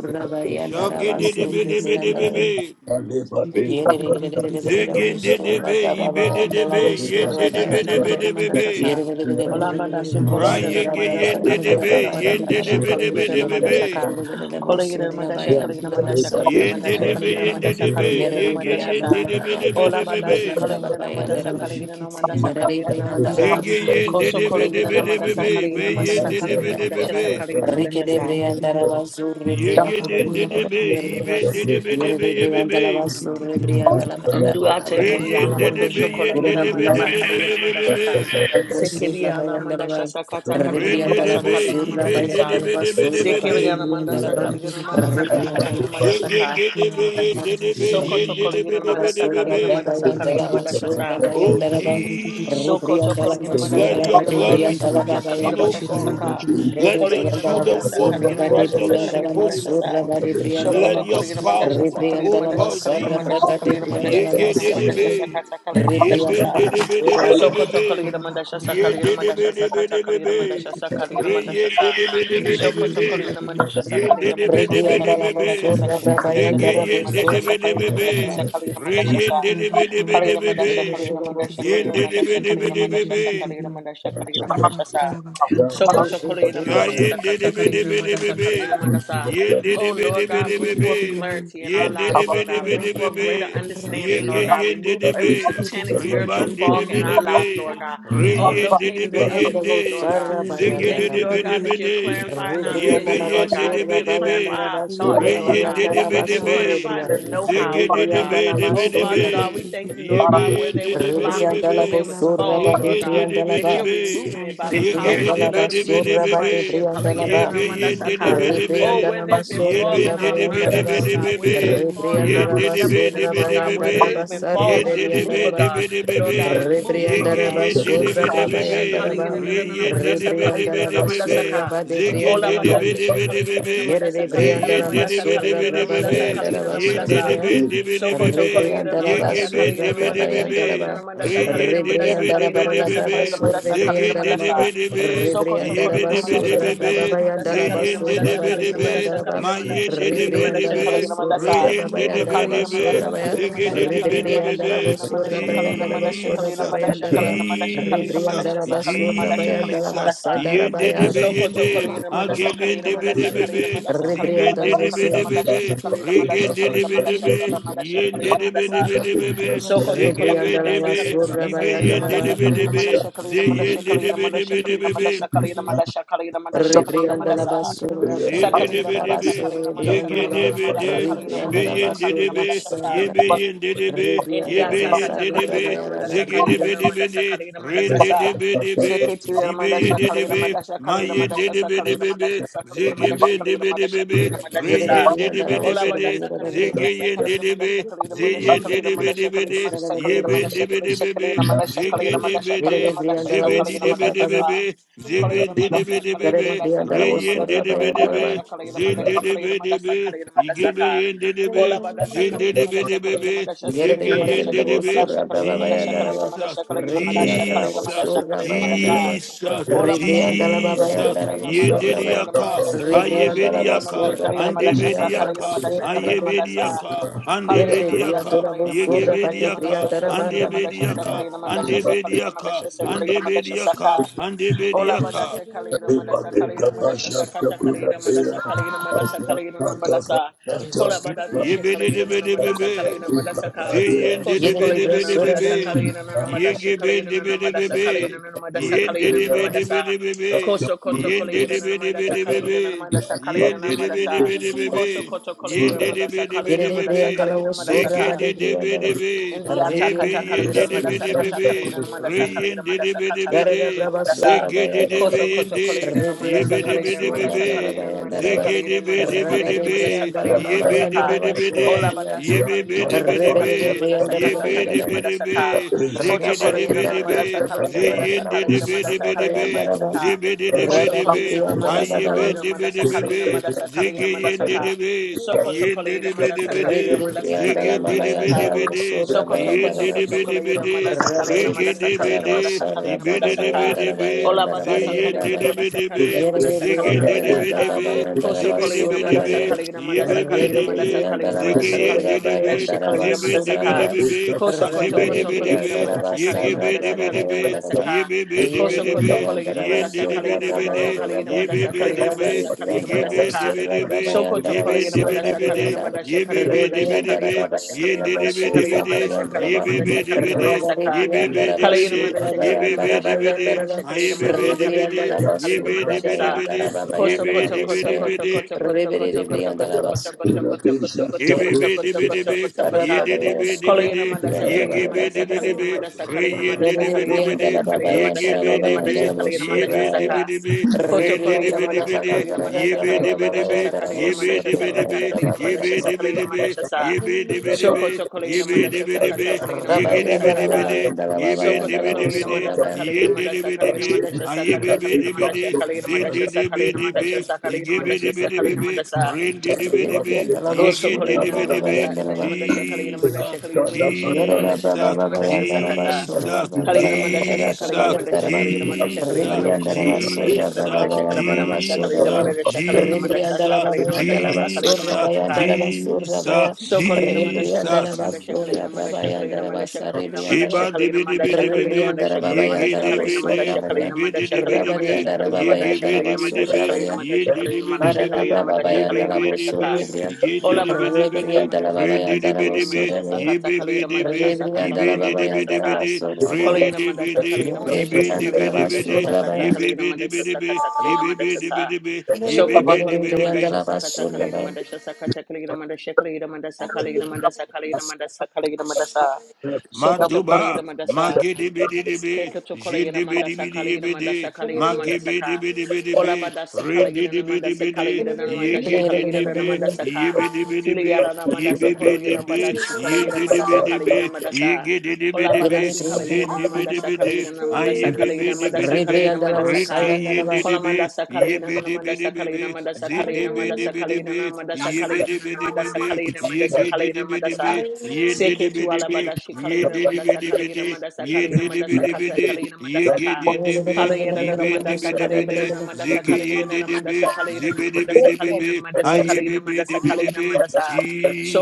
Speaker 4: Shage dedebe debe debe
Speaker 1: Bayandaraba,
Speaker 5: Siririririririri.
Speaker 4: be.
Speaker 1: Yere
Speaker 5: Sikite. Ririririririririri.
Speaker 4: Zegendedebe,
Speaker 5: Rava
Speaker 4: ibededebe,
Speaker 5: kuntarava
Speaker 6: Tasha
Speaker 5: shikite.
Speaker 6: Sakata
Speaker 4: yendedebedebedebebe.
Speaker 6: Kalinamandasha Sa Olabada Su
Speaker 5: Riririririri.
Speaker 6: Kolegira
Speaker 4: Rayege
Speaker 6: Mandasa
Speaker 5: Raba
Speaker 6: Kaligida
Speaker 4: yendedebe,
Speaker 5: kuraba
Speaker 6: Madadi Shi Kaligida
Speaker 5: kundarabashi.
Speaker 4: yendedebedebedebebe.
Speaker 6: Mandasaka
Speaker 5: Sekete
Speaker 6: Kolegida
Speaker 5: kete
Speaker 6: Mandasha
Speaker 5: kete
Speaker 6: Kaligida
Speaker 5: kete.
Speaker 6: Mandasha Kaligida Mandasha
Speaker 4: Yendedebe,
Speaker 6: Kaligida Mandasa
Speaker 4: yendedebe,
Speaker 5: Seriririririririr.
Speaker 6: Kaligida
Speaker 4: yege
Speaker 6: Mandasha Sa Olabada
Speaker 5: Raba
Speaker 4: yendedebedebedebebe.
Speaker 6: Si
Speaker 5: kuraba
Speaker 6: Kaligida Mandasa
Speaker 5: kundarabashi
Speaker 6: Kaligida
Speaker 5: kete.
Speaker 6: Mandasa Kaligida Mandasa
Speaker 4: Zege
Speaker 6: Koso
Speaker 5: Seriririririririr.
Speaker 6: Kolegida Mandasa
Speaker 4: yendedebedebedebebe, be
Speaker 6: Kaligida
Speaker 1: Rebriandala
Speaker 6: Mandasa Kaligida
Speaker 5: Seriririririririr.
Speaker 6: Mandasha
Speaker 4: yendedebedebebe.
Speaker 6: Sa Kaligida Mandasha
Speaker 5: Seriririririririr.
Speaker 4: Yege
Speaker 5: Raba kuraba
Speaker 4: dendedebe,
Speaker 5: kundarabashi kete.
Speaker 4: ibendedebedebeyebebe.
Speaker 5: Sekete kete kete.
Speaker 6: Nduate
Speaker 4: Re
Speaker 6: kiniana mando
Speaker 4: yendedebe,
Speaker 5: Sarararararara
Speaker 6: shokola yera
Speaker 5: kuraba
Speaker 6: manda sakara yera
Speaker 5: kundarabashi.
Speaker 6: manda saka
Speaker 4: yendedebedebedebebebe.
Speaker 6: sekiri
Speaker 1: Surra
Speaker 6: ala
Speaker 5: Seribibibibi.
Speaker 6: manda shasa kata kari yera
Speaker 4: Yen yen
Speaker 6: manda
Speaker 4: de be,
Speaker 6: sakara yera manda
Speaker 4: iben de de
Speaker 6: shasa
Speaker 4: be de be de be be.
Speaker 6: sekiri ala manda sakara yera manda saka kari yera manda
Speaker 4: Zegen
Speaker 6: saka
Speaker 4: de de be, yen de de be,
Speaker 6: soko
Speaker 4: yen de de
Speaker 6: chokoli
Speaker 4: be,
Speaker 6: yera
Speaker 4: be
Speaker 6: manda
Speaker 4: be be be, be, be be de
Speaker 5: Rabakura
Speaker 4: be de
Speaker 6: sakara yera
Speaker 4: be be.
Speaker 6: manda sakara yera manda shasa
Speaker 4: Oh
Speaker 6: Sokoto
Speaker 4: Jesus,
Speaker 6: Koligina
Speaker 4: let
Speaker 6: Mandasha
Speaker 4: your
Speaker 6: Kaligina Mandasha
Speaker 1: Bayan
Speaker 4: glory be
Speaker 6: Sakata
Speaker 5: bakontra
Speaker 4: seen,
Speaker 6: Kaligina
Speaker 1: Dalaba,
Speaker 4: O
Speaker 6: Mandasha
Speaker 4: God.
Speaker 6: Saka
Speaker 4: Let your
Speaker 6: Koligina
Speaker 1: Rebriandala
Speaker 4: children
Speaker 6: Mandasa
Speaker 4: walk
Speaker 1: basura
Speaker 6: Kaligina
Speaker 4: in
Speaker 1: da de
Speaker 6: Mandasha
Speaker 4: righteousness and
Speaker 6: Sakaligina
Speaker 1: briandala
Speaker 6: Mandasha
Speaker 4: holiness, O
Speaker 1: masura
Speaker 6: Sa
Speaker 4: God.
Speaker 1: da de
Speaker 4: Let
Speaker 6: Shokoto
Speaker 1: briandala
Speaker 4: your
Speaker 6: Koligina
Speaker 4: power,
Speaker 6: Mandasha Sakaligina
Speaker 4: O
Speaker 1: rebriandala
Speaker 6: Mandasha
Speaker 4: God
Speaker 6: Kaligina
Speaker 1: masara
Speaker 6: Mandasha
Speaker 4: Jesus.
Speaker 1: braga de
Speaker 6: Kaligina Mandasha
Speaker 1: briandala
Speaker 6: Sakana
Speaker 1: masa de
Speaker 6: Mandasha
Speaker 4: Yegededebe,
Speaker 6: Sakata Kaligina Mandasha Sa
Speaker 1: rebriandala basura
Speaker 6: Sokoto
Speaker 4: yebendedebedebedebe,
Speaker 6: Kodigina Mandashasa Kaligina
Speaker 5: bashikite.
Speaker 6: Mandashasa Kata Kaligina
Speaker 4: yendedebedebedebe,
Speaker 6: Mandashasa Kaligina Mandashasa Sokoto
Speaker 4: reyendedebedebedebe,
Speaker 6: Kodigina Mandashasa Kaligina Mandashasa Kaligina
Speaker 1: rebriandala
Speaker 4: yendedebedebedebe,
Speaker 6: Mandashasa
Speaker 1: basura
Speaker 6: Kaligina
Speaker 1: da
Speaker 6: Mandashasa
Speaker 1: bayandara basura
Speaker 6: Kaligina
Speaker 4: zegeyendedebedebebe,
Speaker 6: Mandashasa Kaligina Mandashasa Kaligina Mandashasa
Speaker 4: reyendedebedebedebe.
Speaker 6: Kaligina Mandasha
Speaker 4: Yen
Speaker 6: Kaligina
Speaker 4: de de be
Speaker 6: Mandasha Kaligina Mandasha
Speaker 4: de be
Speaker 6: Kaligina
Speaker 4: de be
Speaker 6: Mandashasa
Speaker 4: be.
Speaker 6: Kaligina Mandasha Kaligina Mandashasa
Speaker 5: Arabakura bakundara
Speaker 6: Sokoto
Speaker 5: bashi.
Speaker 6: Kodigina Mandashasa Kata Kaligina Mandasa
Speaker 5: Diririririri.
Speaker 4: Chayendedebedebedebebe.
Speaker 6: Kaligina Mandasa Oh, Lord God, bring
Speaker 4: Yendedebedebedebebe.
Speaker 6: forth
Speaker 5: Yiriririri.
Speaker 6: clarity in our lives, Lord God. Bring forth
Speaker 5: Arabakura
Speaker 4: Yendedebedebedebebe.
Speaker 6: greater
Speaker 5: bakundara
Speaker 6: understanding,
Speaker 4: Yege
Speaker 5: bashi.
Speaker 6: Lord God. Remove
Speaker 4: yendedebe.
Speaker 6: every satanic spiritual fog
Speaker 5: Yiriririri.
Speaker 6: in our
Speaker 4: Ribandedebedebe.
Speaker 6: life, Lord God. Oh,
Speaker 5: Teke teke
Speaker 6: located
Speaker 4: Reyendedebe
Speaker 6: and
Speaker 5: teke te.
Speaker 4: yende.
Speaker 6: uprooted, Lord God. We thank you,
Speaker 1: bayandara ba
Speaker 6: Lord God, that
Speaker 5: Yedendiriririri.
Speaker 6: you're
Speaker 4: Zegedebedebede.
Speaker 6: clarifying our
Speaker 4: Yebe
Speaker 6: vision,
Speaker 1: rebriandala
Speaker 6: Lord
Speaker 5: Yebebebebebe.
Speaker 6: God, that
Speaker 1: basura da rebriandala basura rebriandala basura bayandara rebriandala basura
Speaker 6: you're
Speaker 4: yendedebedebe.
Speaker 6: clarifying
Speaker 1: bayandara
Speaker 6: our thoughts,
Speaker 1: basura
Speaker 6: Lord
Speaker 5: Yubukuru
Speaker 6: God,
Speaker 1: bayandala
Speaker 6: that you're
Speaker 5: bukundara
Speaker 4: Reyendedebedebe.
Speaker 5: bashi
Speaker 6: clarifying
Speaker 1: basura
Speaker 6: the
Speaker 5: kite.
Speaker 6: know how, Lord God.
Speaker 1: rebriandala
Speaker 6: Oh,
Speaker 5: Teke
Speaker 4: Zegedebedebedebe.
Speaker 6: Father
Speaker 5: teke
Speaker 1: masura
Speaker 6: God, we
Speaker 5: teke
Speaker 6: thank you,
Speaker 5: teke.
Speaker 6: Lord
Speaker 4: Yebe
Speaker 6: God, where there was blockage,
Speaker 4: yendedebedebebe.
Speaker 1: Ribriandala
Speaker 6: where there
Speaker 5: Arabakura
Speaker 6: was
Speaker 1: Bosurra
Speaker 6: fog,
Speaker 5: bakura
Speaker 1: Bade
Speaker 6: Lord God,
Speaker 1: Briandala
Speaker 6: that you're
Speaker 1: Ba
Speaker 4: Yegendedebedebe.
Speaker 6: removing it by
Speaker 5: bakundara
Speaker 6: the
Speaker 4: Ye ge
Speaker 6: power
Speaker 5: bashi
Speaker 6: of
Speaker 4: de
Speaker 6: the
Speaker 4: de
Speaker 1: Rebriandala
Speaker 4: be
Speaker 6: blood
Speaker 5: kite
Speaker 6: of
Speaker 4: de be
Speaker 5: kite
Speaker 4: de
Speaker 6: Jesus
Speaker 1: Basurra
Speaker 4: be
Speaker 5: kite.
Speaker 1: Bade
Speaker 6: Christ.
Speaker 4: be.
Speaker 1: Briandala
Speaker 4: Ye
Speaker 1: Ba
Speaker 4: be ye de de be de
Speaker 5: Diririririri.
Speaker 6: Oh, where
Speaker 1: Rebriandala
Speaker 4: be.
Speaker 6: there's been
Speaker 4: Ye
Speaker 1: Masurra
Speaker 4: be
Speaker 6: fog in
Speaker 4: de
Speaker 6: our
Speaker 4: de be
Speaker 5: Arabakura
Speaker 1: Brabayandala
Speaker 4: de
Speaker 6: learning,
Speaker 4: be
Speaker 1: Ba
Speaker 6: Lord
Speaker 5: bashi
Speaker 4: de be
Speaker 6: God, where
Speaker 5: kite.
Speaker 6: there's been
Speaker 4: be.
Speaker 6: fog in
Speaker 4: Ye
Speaker 6: our
Speaker 1: Rebriandala
Speaker 4: de de be de
Speaker 6: receptiveness,
Speaker 1: Basurra
Speaker 4: be
Speaker 6: Lord
Speaker 4: de be
Speaker 6: God,
Speaker 5: Arabakura
Speaker 6: where
Speaker 1: Bayandara
Speaker 6: there's
Speaker 4: be.
Speaker 6: been
Speaker 1: Basar
Speaker 5: bakundara
Speaker 4: Ye
Speaker 6: fog in
Speaker 4: de
Speaker 5: bashi
Speaker 6: the
Speaker 4: de
Speaker 6: move
Speaker 1: Rebriandala
Speaker 5: kite.
Speaker 4: be
Speaker 6: of
Speaker 4: de
Speaker 1: Ba
Speaker 6: God,
Speaker 4: be de be
Speaker 6: Lord God,
Speaker 4: be.
Speaker 5: Tiki
Speaker 6: remove it,
Speaker 4: Ye
Speaker 5: tiki
Speaker 6: Lord
Speaker 4: ge
Speaker 1: Rebriandala
Speaker 6: God,
Speaker 4: ye
Speaker 5: tiki
Speaker 4: de
Speaker 5: tiki.
Speaker 6: remove
Speaker 4: de
Speaker 6: it,
Speaker 4: be
Speaker 1: Basurra
Speaker 4: de
Speaker 6: Father.
Speaker 4: be
Speaker 6: Shit,
Speaker 4: be.
Speaker 1: Brabayandala Ba
Speaker 4: Re ye de
Speaker 5: Yebebebebebe.
Speaker 4: de be de be
Speaker 1: Rebriandala
Speaker 4: de be be.
Speaker 1: Basurra
Speaker 4: Ze ge
Speaker 6: Ola
Speaker 4: de
Speaker 1: Briandala
Speaker 6: ba
Speaker 4: de
Speaker 6: da
Speaker 4: be
Speaker 6: di
Speaker 1: Mande
Speaker 4: de
Speaker 6: shi,
Speaker 4: be
Speaker 6: kala
Speaker 4: de be
Speaker 6: yada da na
Speaker 4: be.
Speaker 6: manda
Speaker 1: Yerere
Speaker 4: Ze ye
Speaker 1: briandala
Speaker 4: de de be de
Speaker 1: masura
Speaker 4: be de be
Speaker 1: brababa
Speaker 4: be.
Speaker 1: yandara
Speaker 4: Ye de
Speaker 1: basura
Speaker 4: de
Speaker 1: baya.
Speaker 4: be de be de be
Speaker 6: Sokoto
Speaker 4: be.
Speaker 6: Kaligina
Speaker 1: Rebriandala
Speaker 4: Ye ge
Speaker 6: Mandasa
Speaker 4: be de
Speaker 6: Kaligina
Speaker 1: basura
Speaker 4: be
Speaker 1: braba
Speaker 4: de be
Speaker 6: Mandasa
Speaker 1: yandara
Speaker 4: be.
Speaker 6: Kaligina
Speaker 1: ba.
Speaker 6: Mandasa
Speaker 4: Re ye
Speaker 6: Kaligina
Speaker 4: de de
Speaker 6: Mandasa
Speaker 4: be de
Speaker 1: Rebriandala
Speaker 6: Kaligina
Speaker 4: be de
Speaker 1: barra
Speaker 4: be
Speaker 6: Mandasa
Speaker 1: braba
Speaker 6: Kaligina
Speaker 4: be.
Speaker 1: sur
Speaker 6: Mandasa Kaligina
Speaker 4: Zegin de
Speaker 1: rebriandala
Speaker 4: de
Speaker 1: ma.
Speaker 6: Mandasa
Speaker 4: be de be,
Speaker 6: Sokoto
Speaker 4: ye
Speaker 1: Rebriandala
Speaker 4: be
Speaker 6: Kodigina
Speaker 4: de be de
Speaker 6: Mandasha
Speaker 5: Arata
Speaker 1: basura
Speaker 4: be
Speaker 6: Sakadigina
Speaker 4: be,
Speaker 1: brababa
Speaker 5: kuraba
Speaker 6: Mandasa
Speaker 1: yandala
Speaker 6: Kaligina
Speaker 5: kuntaraba
Speaker 4: zeyen de
Speaker 1: basura
Speaker 4: de
Speaker 6: Mandasa
Speaker 5: shiki
Speaker 1: ba
Speaker 4: be de
Speaker 6: Kaligina
Speaker 5: tiki
Speaker 4: be,
Speaker 6: Mandasha
Speaker 1: rebriandala
Speaker 5: tiki
Speaker 1: ba.
Speaker 5: tiki.
Speaker 6: Kaligina
Speaker 4: mayen de de be de
Speaker 6: Mandasha
Speaker 1: Rebriandala
Speaker 4: be,
Speaker 6: Kaligina
Speaker 5: Yebebebebe.
Speaker 6: Mandasha
Speaker 1: basura
Speaker 4: reyen
Speaker 1: brababa
Speaker 4: de de
Speaker 5: Yaba
Speaker 4: be
Speaker 1: yandara
Speaker 4: de
Speaker 6: Kaligina
Speaker 5: kuraba
Speaker 4: be,
Speaker 1: basura
Speaker 6: Mandasa
Speaker 1: baya.
Speaker 6: Kaligina
Speaker 5: kuntaraba
Speaker 4: zege de
Speaker 6: Mandasa
Speaker 5: shiki
Speaker 4: de be
Speaker 6: Kaligina
Speaker 5: tiki
Speaker 4: de be
Speaker 6: Mandasha
Speaker 1: Rebriandala
Speaker 4: be,
Speaker 6: Kaligina
Speaker 5: tiki
Speaker 1: basura
Speaker 6: Mandasha
Speaker 5: tiki
Speaker 6: Kaligina
Speaker 1: bayandara
Speaker 5: tiki
Speaker 6: Mandasha
Speaker 5: tiki.
Speaker 1: basura
Speaker 6: Kaligina
Speaker 4: Jesus,
Speaker 1: braba
Speaker 6: Mandasha
Speaker 1: yandara ba.
Speaker 6: Kaligina
Speaker 4: Jesus,
Speaker 5: Yebebebebebe.
Speaker 1: Rebriandala
Speaker 6: Mandasha Kaligina Mandasha Kaligina Mandasha Sakalina
Speaker 4: Jesus.
Speaker 1: basura
Speaker 6: Mandasha Kaligina
Speaker 1: bayandala
Speaker 4: Jesus.
Speaker 6: Mandasa
Speaker 1: basadara
Speaker 4: Yende de
Speaker 1: baya.
Speaker 4: be
Speaker 6: Sokoto
Speaker 4: yende.
Speaker 6: Kaligina Mandasa
Speaker 5: Bakuraba
Speaker 4: Ageben
Speaker 6: Kaligina
Speaker 4: de be
Speaker 5: kuntaraba
Speaker 4: de
Speaker 6: Mandasa
Speaker 4: be
Speaker 5: shiki
Speaker 6: Kaligina
Speaker 4: be.
Speaker 5: tiki
Speaker 6: Mandasa Kaligina
Speaker 4: Ziben de
Speaker 1: Rebriandala
Speaker 6: Mandasa
Speaker 4: de
Speaker 5: tiki
Speaker 4: be
Speaker 6: Kaligina
Speaker 4: de
Speaker 1: basura
Speaker 5: tiki
Speaker 4: be
Speaker 6: Mandasha
Speaker 5: tiki
Speaker 4: be.
Speaker 5: tiki.
Speaker 6: Sakalina Mandasha
Speaker 4: Regen de de
Speaker 6: Kaligina
Speaker 4: be de
Speaker 6: Mandasha
Speaker 4: be.
Speaker 5: Yebebebebe.
Speaker 6: Sada Mandasha
Speaker 4: Yende
Speaker 6: Kaligina
Speaker 4: de
Speaker 5: Yaba
Speaker 4: be de
Speaker 6: Mandasa
Speaker 4: be
Speaker 5: kuraba
Speaker 4: de be be.
Speaker 5: kuntaraba
Speaker 6: Sokoto
Speaker 5: shiki
Speaker 6: Kalina
Speaker 5: tiki.
Speaker 4: Zegebe
Speaker 1: Rebriandala
Speaker 4: de
Speaker 6: Madasa
Speaker 4: be.
Speaker 6: Kalina
Speaker 1: basura
Speaker 6: Madasa
Speaker 4: Ibe
Speaker 6: Kalina
Speaker 1: bayandala
Speaker 4: yende de
Speaker 1: ba.
Speaker 6: Madasa
Speaker 4: be de
Speaker 6: Kalina
Speaker 4: be.
Speaker 6: Madasa Kalina Madasa
Speaker 4: Zeyende de
Speaker 6: Kalina
Speaker 4: be de
Speaker 6: Madasa
Speaker 4: be de
Speaker 6: Kalina
Speaker 4: be be.
Speaker 6: Madasa
Speaker 5: Yebebebebebe.
Speaker 6: Kalina Madasa Kalina Madasa
Speaker 5: Yaba
Speaker 6: Kalina
Speaker 5: kuraba
Speaker 1: Rebriandala
Speaker 6: Madasa
Speaker 5: kuntaraba
Speaker 1: basura
Speaker 5: shiki tiki.
Speaker 6: Sakalina
Speaker 1: bayandala
Speaker 6: Madasa
Speaker 4: Dindidibidibid,
Speaker 1: basura
Speaker 6: Kalina Madasa
Speaker 1: rebriandala
Speaker 5: Kuraba
Speaker 6: Kalina
Speaker 1: ba.
Speaker 4: yigidibidi,
Speaker 6: Madasa Kalina
Speaker 5: kuntaraba
Speaker 1: Rebriandala
Speaker 6: Madasa Kalina
Speaker 1: basura
Speaker 4: yibiyindidibid,
Speaker 6: Madasa Sa
Speaker 1: bayandala ba.
Speaker 4: yibiyindidibid,
Speaker 6: India
Speaker 1: Rebriandala
Speaker 6: takata
Speaker 1: basura
Speaker 6: kaligina
Speaker 4: yibiyindidibid,
Speaker 6: namanda
Speaker 1: bayandala ba.
Speaker 6: sakaligina namanda
Speaker 4: zigidibidibidi,
Speaker 6: sakaligina namanda sasa.
Speaker 4: rindidibidibid,
Speaker 6: Seketi namanda sakaligina
Speaker 4: zibiyididibid,
Speaker 6: namanda sakaligina namanda sakaligina namanda
Speaker 4: mayindidibidibid,
Speaker 6: sakaligina namanda sakaligina namanda
Speaker 4: zigibidibidibid,
Speaker 6: sakaligina namanda
Speaker 1: Yere
Speaker 6: sasa.
Speaker 1: rebriandala
Speaker 6: Ola
Speaker 1: basura
Speaker 6: bada
Speaker 4: riyindidibidibid,
Speaker 1: bayandala
Speaker 6: sakaligina
Speaker 1: ba.
Speaker 6: namanda sakaligina namanda
Speaker 4: zigiyindidibid,
Speaker 6: sakaligina namanda sakaligina namanda
Speaker 4: ziyindidibidibid,
Speaker 6: sakaligina namanda
Speaker 4: yibindibidibid,
Speaker 6: sakaligina namanda sakaligina namanda sakaligina namanda
Speaker 1: Yere
Speaker 4: zigidibidi,
Speaker 6: sakaligina namanda
Speaker 1: rebriandala
Speaker 6: sakaligina namanda
Speaker 1: basura bayandala ba.
Speaker 6: sasa.
Speaker 4: zibidibidibid,
Speaker 6: Kalayana
Speaker 4: Zebin
Speaker 6: Madasa,
Speaker 4: dedebe
Speaker 1: Yere
Speaker 6: Kalayana
Speaker 4: debebe,
Speaker 6: Madasa,
Speaker 1: rebriandala
Speaker 6: Kalayana
Speaker 4: reyen
Speaker 6: Madasa,
Speaker 1: basura
Speaker 4: dedebe
Speaker 6: Kalayana
Speaker 1: bayandala ba.
Speaker 4: debe,
Speaker 6: Madasa, Kalayana
Speaker 4: zen
Speaker 6: Madasa, Kalayana
Speaker 4: dedebe
Speaker 6: Madasa,
Speaker 4: debe,
Speaker 6: Kalayana Madasa,
Speaker 4: igebe
Speaker 6: Ka.
Speaker 4: yen
Speaker 6: Ola
Speaker 4: dedebe,
Speaker 6: Madasa,
Speaker 4: zen
Speaker 6: Kalayana
Speaker 4: dedebe
Speaker 6: Madasa, Kalayana
Speaker 4: debebe,
Speaker 6: Madasa,
Speaker 1: Yere
Speaker 4: zege
Speaker 1: de
Speaker 6: Kalayana
Speaker 1: brianda
Speaker 4: yen
Speaker 6: Madasa,
Speaker 1: la
Speaker 6: Kalayana
Speaker 1: vos
Speaker 4: dedebe,
Speaker 6: Madasa,
Speaker 1: sorra ba
Speaker 6: Kalayana
Speaker 1: de
Speaker 6: Madasa,
Speaker 1: brianda
Speaker 6: Kalayana
Speaker 1: la.
Speaker 4: Jesus,
Speaker 6: Madasa, Kalayana
Speaker 1: Re
Speaker 6: Madasa,
Speaker 1: brianda la
Speaker 6: Kalayana
Speaker 1: vos
Speaker 4: Jesus,
Speaker 6: Madasa, Kalayana Madasa.
Speaker 4: Jesus,
Speaker 6: Ola Madasa, Kalayana Madasa,
Speaker 4: Jesus,
Speaker 6: Kalayana Madasa, Kalayana
Speaker 4: Yendediaka,
Speaker 6: Madasa, Kalayana
Speaker 4: Payebediaka,
Speaker 6: Madasa, Kalayana Madasa, Kalayana Madasa, Sa, Kalayana
Speaker 4: Andebediaka,
Speaker 6: Madasa, Kalayana Madasa.
Speaker 4: Ayebediaka,
Speaker 6: Kalayana
Speaker 4: Andebediaka,
Speaker 6: Madasa, Kalayana Madasa, Kalayana
Speaker 4: Yegebediaka,
Speaker 6: Madasa, Sa,
Speaker 4: Andebediaka,
Speaker 6: Kalayana Madasa, Sa, Kalayana
Speaker 4: Andebediaka,
Speaker 6: Madasa, Sa, Kalayana Madasa, Sa, Kalayana Madasa, Sa,
Speaker 4: Andebediaka,
Speaker 6: Ka. Ola
Speaker 4: Andebediaka.
Speaker 6: badasa kalira madasa kalira madasha sakata kalira madasa kalira madasa kalira na madasa kola badati she kalira na madasa
Speaker 4: Yebedebedebebe.
Speaker 6: kalira madasa ka koso kalira na
Speaker 4: Zeyendebedebedebebe.
Speaker 6: madasa kalira na madasa kalira na madasa
Speaker 4: Yegebendebedebebe.
Speaker 6: kalira na madasa kalira na madasa
Speaker 4: Yendebedebedebebe.
Speaker 6: koso koto kalira na madasa kalira na
Speaker 4: Yendebedebedebebe.
Speaker 6: madasa kalira na madasa koso
Speaker 4: Yendebedebedebebe.
Speaker 6: koto kalira madasa kalira
Speaker 4: Yendebedebedebebe.
Speaker 6: madasa kalira madasa
Speaker 1: sorra
Speaker 6: ka
Speaker 1: ba
Speaker 4: Zegedebedebe.
Speaker 6: Indiata
Speaker 4: Yebe
Speaker 6: kata kaligina madasa
Speaker 1: de
Speaker 6: kata
Speaker 4: yendebedebebe.
Speaker 6: kaligina madasa kaligina madasa kata
Speaker 4: Reyendebedebede.
Speaker 1: Garada
Speaker 6: kaligina
Speaker 1: brava
Speaker 6: madasa
Speaker 1: surra
Speaker 6: koso
Speaker 1: bayandaraba.
Speaker 6: koto
Speaker 4: Zegedebeyende.
Speaker 6: kaligina madasa
Speaker 1: Rebriandalaba
Speaker 6: kaligina
Speaker 1: surra
Speaker 6: madasa
Speaker 4: Yebedebedebebe,
Speaker 1: brava
Speaker 6: kaligina madasa
Speaker 1: bayandaraba.
Speaker 6: kaligina madasa kaligina
Speaker 1: Rabade
Speaker 4: zegedebedebedebe,
Speaker 6: madasa
Speaker 1: briandala
Speaker 6: kaligina
Speaker 1: mama
Speaker 6: madasa ka
Speaker 4: yebedebedebede,
Speaker 1: surra
Speaker 6: ola badasi
Speaker 1: brianda.
Speaker 6: kaligina madasa
Speaker 4: yebedebedebe,
Speaker 1: Rebede de
Speaker 6: kaligina madasa
Speaker 1: briandaraba
Speaker 6: kata kaligina
Speaker 1: yandaraba.
Speaker 6: madasa
Speaker 4: yebedebedebe,
Speaker 6: ka koto
Speaker 1: Rabade
Speaker 6: kaligina
Speaker 4: zegedebedebe,
Speaker 1: yandaraba
Speaker 6: madasa kaligina madasa kaligina madasa
Speaker 1: surra
Speaker 4: zeyendebedebedebe,
Speaker 6: kaligina madasa
Speaker 1: bayandaraba.
Speaker 6: ka koso
Speaker 1: Rabade
Speaker 4: zebedebedebe,
Speaker 6: kaligina
Speaker 1: briandala
Speaker 6: madasa
Speaker 1: babayan.
Speaker 6: kaligina madasa
Speaker 4: ayebendebedebebe,
Speaker 6: kaligina madasa kaligina madasa ka
Speaker 4: zegeyendebe,
Speaker 6: sokoto kaligina madasa kaligina
Speaker 4: yendebedebede,
Speaker 1: Rebede
Speaker 6: madasa
Speaker 1: briandala
Speaker 6: kaligina
Speaker 1: mama
Speaker 6: madasa ka
Speaker 4: Zigididibidibidi,
Speaker 1: surra
Speaker 6: Soko toko toko
Speaker 1: bayandaraba.
Speaker 6: toko la yina
Speaker 4: yindidibidibidi,
Speaker 6: madasa kala yina
Speaker 1: Rabari
Speaker 6: madasa kala yina
Speaker 4: rigidibidi,
Speaker 1: Briandaraba
Speaker 6: madasa kala
Speaker 1: Sarababa
Speaker 6: madasa ka.
Speaker 4: ibidibidibi,
Speaker 1: Bayandaraba
Speaker 6: Ola
Speaker 1: Yandaraba
Speaker 6: madasa kala yina
Speaker 1: Yandaraba
Speaker 6: madasa kala
Speaker 4: ziyindidibidibi,
Speaker 6: yina
Speaker 1: Yerede
Speaker 6: madasa kala madasa
Speaker 1: Briandaraba
Speaker 6: ka.
Speaker 4: zigididibidibi,
Speaker 1: Baba
Speaker 6: Koso
Speaker 1: Yandaraba
Speaker 6: kala yina
Speaker 4: zibidibidibi,
Speaker 6: madasa
Speaker 1: Surabaya
Speaker 6: kala yina madasa kala yina
Speaker 1: Rebede
Speaker 4: yibibidibi,
Speaker 6: madasa kala yina
Speaker 1: Briandaraba
Speaker 6: madasa kala yina
Speaker 4: zigiyindidibi,
Speaker 6: madasa kala
Speaker 1: Surabayandaraba
Speaker 6: madasa ka.
Speaker 1: Surabaya
Speaker 4: zibidibidibi,
Speaker 6: Koso koto
Speaker 1: Rabari
Speaker 6: koto kala
Speaker 4: azibidibidibi,
Speaker 6: yina
Speaker 1: Briandaraba
Speaker 6: madasa kala yina madasa
Speaker 1: Sarababa
Speaker 6: kala yina
Speaker 4: yigibidibidibi,
Speaker 6: madasa
Speaker 1: Bayandaraba
Speaker 4: ye
Speaker 6: ka.
Speaker 4: be be de be
Speaker 6: Koso
Speaker 4: de
Speaker 1: Yerede
Speaker 4: be,
Speaker 6: koto kala yina
Speaker 4: ye
Speaker 1: Briandaraba
Speaker 4: de
Speaker 6: madasa
Speaker 4: de
Speaker 6: kala
Speaker 4: be
Speaker 6: yina
Speaker 4: de be
Speaker 1: Surababa
Speaker 4: de,
Speaker 6: madasa kala yina
Speaker 4: ye
Speaker 1: Yandaraba
Speaker 4: be
Speaker 6: madasa
Speaker 4: be
Speaker 6: kala
Speaker 4: de
Speaker 6: yina
Speaker 4: be,
Speaker 6: madasa
Speaker 1: Rabari
Speaker 6: kala
Speaker 4: ye ge be
Speaker 1: Briandaraba
Speaker 6: madasa
Speaker 4: de
Speaker 6: ka.
Speaker 4: be de be,
Speaker 1: Surababa
Speaker 6: Soko to
Speaker 4: ye
Speaker 1: Yandaraba
Speaker 4: be
Speaker 6: Kolegina
Speaker 4: de be de
Speaker 6: Mandasa
Speaker 4: be de,
Speaker 1: Surabaya
Speaker 6: Kaligina Mandasha
Speaker 4: ye be
Speaker 6: Kaligina
Speaker 4: be de
Speaker 6: Mandasha
Speaker 4: be de
Speaker 6: Kaligina
Speaker 1: Rebriandaraba
Speaker 4: be, ye de
Speaker 1: Bayandaraba
Speaker 4: de
Speaker 6: Mandasha
Speaker 4: be de be
Speaker 6: Kaligina
Speaker 1: Surababa
Speaker 4: de,
Speaker 6: Mandasha
Speaker 4: ye
Speaker 6: Kaligina Mandasha
Speaker 1: Yandaraba
Speaker 4: be be de be
Speaker 6: Kaligina
Speaker 4: de,
Speaker 6: Mandasa
Speaker 4: ye be be de be
Speaker 6: Kaligina Mandasaka Kaligina
Speaker 4: de,
Speaker 6: Mandasha
Speaker 4: ye be be de be
Speaker 6: Kaligina
Speaker 4: de,
Speaker 6: Mandasha Kaligina
Speaker 4: aye be be
Speaker 6: Mandasha
Speaker 4: de be
Speaker 6: Kaligina
Speaker 4: de,
Speaker 6: Mandasa Kaligina Mandasa
Speaker 4: ye
Speaker 6: Kaligina
Speaker 4: be de
Speaker 6: Mandasha
Speaker 4: be de
Speaker 6: Sa
Speaker 4: be de, ye
Speaker 6: Koso
Speaker 4: be
Speaker 6: Koto
Speaker 4: de be
Speaker 6: Koto
Speaker 4: de be
Speaker 6: Koto Koto
Speaker 4: de
Speaker 6: Koto Koto Koto Koto Koto Koto Koto Koto Koto Koto
Speaker 4: ye
Speaker 6: Koto Koto Koto Koto Kaligina
Speaker 4: yididibidibidi,
Speaker 6: Mandasa Kaligina Mandasa Kaligina
Speaker 4: yigibidibidibi,
Speaker 6: Mandasa Kaligina Mandasa Kaligina
Speaker 4: reyindidibidibidi,
Speaker 1: Rebrianda la
Speaker 6: Mandasha
Speaker 1: baba
Speaker 6: Kaligina
Speaker 1: yanda
Speaker 6: Mandasha
Speaker 1: la baba
Speaker 6: Kaligina Mandasha
Speaker 4: yigibidibi,
Speaker 6: Kaligina Mandasha Saka
Speaker 4: yibidibidibi,
Speaker 6: Koto Kaligina
Speaker 1: Rebriandala
Speaker 6: Madasa
Speaker 4: rindidibidibidi,
Speaker 6: Kaligina Madasa Kaligina Madasha
Speaker 4: yibidibidibi,
Speaker 6: Sakaligina Madasha Sakata
Speaker 4: yibidibidibi,
Speaker 6: Kaligina Madasha Sakaligina
Speaker 4: yibidibidibi,
Speaker 6: Madasha Sa
Speaker 4: yibidibidibi,
Speaker 6: Sokoto Kaligina Madasha
Speaker 4: yibidibidibi,
Speaker 6: Sakata Kaligina Madasha
Speaker 1: Rabari and Dalababa
Speaker 4: Yigidibidibidi,
Speaker 6: Sakata
Speaker 1: and Dalababa and
Speaker 6: Sokoto
Speaker 1: Dalabo
Speaker 6: Kaligina
Speaker 4: yibidibidibidi,
Speaker 6: Madasa
Speaker 1: Sura
Speaker 6: Kaligina Madasa Kaligina
Speaker 4: yindidibidibi,
Speaker 6: Madasha Sakata Kaligina
Speaker 4: ayibibidibi,
Speaker 6: Madasha Kaligina Madasha Sakalina
Speaker 4: zindidibidibi,
Speaker 6: Madasha Sakalina Madasha Sakalina
Speaker 4: yigibidibidibi,
Speaker 6: Madasa
Speaker 1: rabba
Speaker 4: rindidibidibi,
Speaker 6: also calling in the
Speaker 4: yigindidibidibi.
Speaker 6: Madasa in the Madasha Kalina
Speaker 4: Jesus,
Speaker 6: Madasha Kalina Madasha Kalina Madasha
Speaker 4: Jesus,
Speaker 6: Kalina Madasha Sakata
Speaker 4: Jesus,
Speaker 6: Kalina Madasha Sakalina
Speaker 4: Jesus,
Speaker 6: Madasha Kalina Madasha Kalina
Speaker 4: Jesus,
Speaker 6: Madasha Kalina
Speaker 4: Jesus,
Speaker 6: Madasha Kalina Madasha Kalina
Speaker 4: Jesus,
Speaker 6: Madasha Kalina Madasha Kalina Madasha
Speaker 1: Rebriandala
Speaker 4: Jesus,
Speaker 6: Kalina Madasha Sakalina Madasha Ka
Speaker 4: Jesus,
Speaker 6: so calling amanda shaking
Speaker 4: Jesus,
Speaker 6: amanda
Speaker 4: Jesus.
Speaker 6: shaking amanda shaking amanda shaking amanda
Speaker 4: Shiba
Speaker 6: shaking
Speaker 4: dibi
Speaker 6: amanda
Speaker 4: dibi
Speaker 6: shaking
Speaker 4: dibi bi,
Speaker 6: amanda shaking
Speaker 1: Baba
Speaker 4: yigi
Speaker 6: amanda
Speaker 1: Yandala
Speaker 6: shaking
Speaker 4: dibi
Speaker 6: amanda
Speaker 1: Bosura
Speaker 4: di,
Speaker 6: shaking
Speaker 1: Maria,
Speaker 4: yibi
Speaker 6: amanda
Speaker 4: di dibi
Speaker 6: shaking
Speaker 4: dibi,
Speaker 6: amanda
Speaker 1: Rabariandara
Speaker 6: shaking
Speaker 1: Baba
Speaker 6: amanda
Speaker 4: yigi bi
Speaker 1: Yandala
Speaker 6: shaking
Speaker 4: dibi
Speaker 6: amanda
Speaker 4: dibi,
Speaker 1: Basura
Speaker 6: shaking
Speaker 1: Maria,
Speaker 6: amanda shaking
Speaker 4: yindi dibi
Speaker 6: amanda
Speaker 4: dibi bi,
Speaker 6: shaking
Speaker 1: Marababa
Speaker 6: amanda
Speaker 1: baba
Speaker 4: yibi
Speaker 6: shaking
Speaker 1: yandala
Speaker 4: bi bi
Speaker 6: amanda
Speaker 4: dibi,
Speaker 6: shaka.
Speaker 1: bosorebe.
Speaker 4: yigi di
Speaker 6: Ola
Speaker 4: dibi
Speaker 6: bada
Speaker 4: dibi
Speaker 1: Rebri
Speaker 6: shaking
Speaker 4: di,
Speaker 6: amanda
Speaker 1: yandala baba
Speaker 4: rindi
Speaker 6: shaka
Speaker 1: yandala
Speaker 4: dibi
Speaker 6: shaking
Speaker 4: dibi,
Speaker 6: amanda
Speaker 1: bosorebe.
Speaker 6: shaka
Speaker 4: yibi
Speaker 6: shaking
Speaker 4: bi bi
Speaker 6: amanda
Speaker 4: dibi,
Speaker 1: Rebri
Speaker 6: shaka
Speaker 1: yandala
Speaker 4: yibi di
Speaker 6: shaking
Speaker 1: baba
Speaker 6: amanda
Speaker 4: dibi
Speaker 1: yandala
Speaker 4: dibi
Speaker 6: shasa.
Speaker 4: di,
Speaker 1: bosorebe.
Speaker 4: rindi
Speaker 6: Calling amanda
Speaker 4: dibi di,
Speaker 6: shaking amanda
Speaker 4: yibi
Speaker 1: Rebri
Speaker 4: dibi
Speaker 6: shaking
Speaker 1: yandala
Speaker 4: dibi
Speaker 6: amanda
Speaker 4: di,
Speaker 6: shaka
Speaker 1: bosorebe.
Speaker 4: yibi
Speaker 6: shaking
Speaker 4: bi bi
Speaker 6: amanda
Speaker 4: dibi dibi,
Speaker 6: shaka shaking
Speaker 4: yibi
Speaker 6: amanda
Speaker 4: bi bi
Speaker 6: shasa.
Speaker 4: dibi dibi, yibi
Speaker 6: Sokoto
Speaker 4: bi bi dibi
Speaker 6: Kalina
Speaker 1: Rebri
Speaker 4: dibi.
Speaker 6: Mandasha
Speaker 1: yandala
Speaker 6: Sakata Kalina
Speaker 1: bosorebe.
Speaker 6: Mandasha Sakata Kalina Mandasha Kalina Mandasa Kalina Mandasa Kalina Mandasa Kalina Mandasa Sokoto Kalina
Speaker 4: Maduba,
Speaker 6: Mandasa
Speaker 4: Magedibidibidi,
Speaker 6: Keke to kola yena manda sa kala yena manda sa
Speaker 4: Jindibidibidibidi,
Speaker 6: kala yena manda sa ka. Ola
Speaker 4: Magibidibidibidi,
Speaker 6: bada si kala yena na manda sa kala
Speaker 4: Rindidibidibidi,
Speaker 6: yena na manda sa kala yena na
Speaker 4: Yigididibi,
Speaker 6: manda sa ka. Fili
Speaker 4: Yibidibidibi,
Speaker 6: yara na manda sa kolo yena bada
Speaker 4: Yibibidibi,
Speaker 6: shi kala yena manda sa kala
Speaker 4: Yindidibidibi,
Speaker 6: yena manda sa. Ola
Speaker 4: Yigididibidibi,
Speaker 6: bada si kala yena na manda sa kala
Speaker 4: Zindibidibidi,
Speaker 6: yena na manda sa kala yena manda sa kala
Speaker 1: Rebri
Speaker 4: Ayebebedebedebe,
Speaker 6: yena
Speaker 1: yandala
Speaker 6: manda sa ka.
Speaker 1: bosayandala
Speaker 6: Kola manda
Speaker 4: rekeyendedebe,
Speaker 6: sa kala yena na manda sa kala
Speaker 4: yebedebedebebe,
Speaker 6: yena manda sa kala yena manda sa kala yena
Speaker 4: zendebedebedebe,
Speaker 6: na manda sa kala na manda sa
Speaker 4: yebedebedebebe,
Speaker 6: kala manda sa kala manda
Speaker 4: yegedebedebe,
Speaker 6: sa. Seke tu
Speaker 4: yendedebedebe,
Speaker 6: alabada shi kaligina mandasa kaligina
Speaker 4: yendedebedebede,
Speaker 6: mandasa kaligina mandasa kata
Speaker 4: yendedebedebede,
Speaker 6: kaligina mandasa ka.
Speaker 4: yegedebe,
Speaker 6: Palayeda and Amanda
Speaker 4: ibendebedebede,
Speaker 6: Sakalayeda and
Speaker 1: ba.
Speaker 6: Amanda Sakalayeda and Amanda
Speaker 4: zegeyendedebe,
Speaker 6: Sakalayeda and Amanda
Speaker 2: it.
Speaker 6: Sakalayeda
Speaker 4: zebedebedebebe,
Speaker 6: and Amanda Sakalayeda and Amanda Sakalayeda and
Speaker 4: ayebebedebedebe,
Speaker 6: Amanda Sa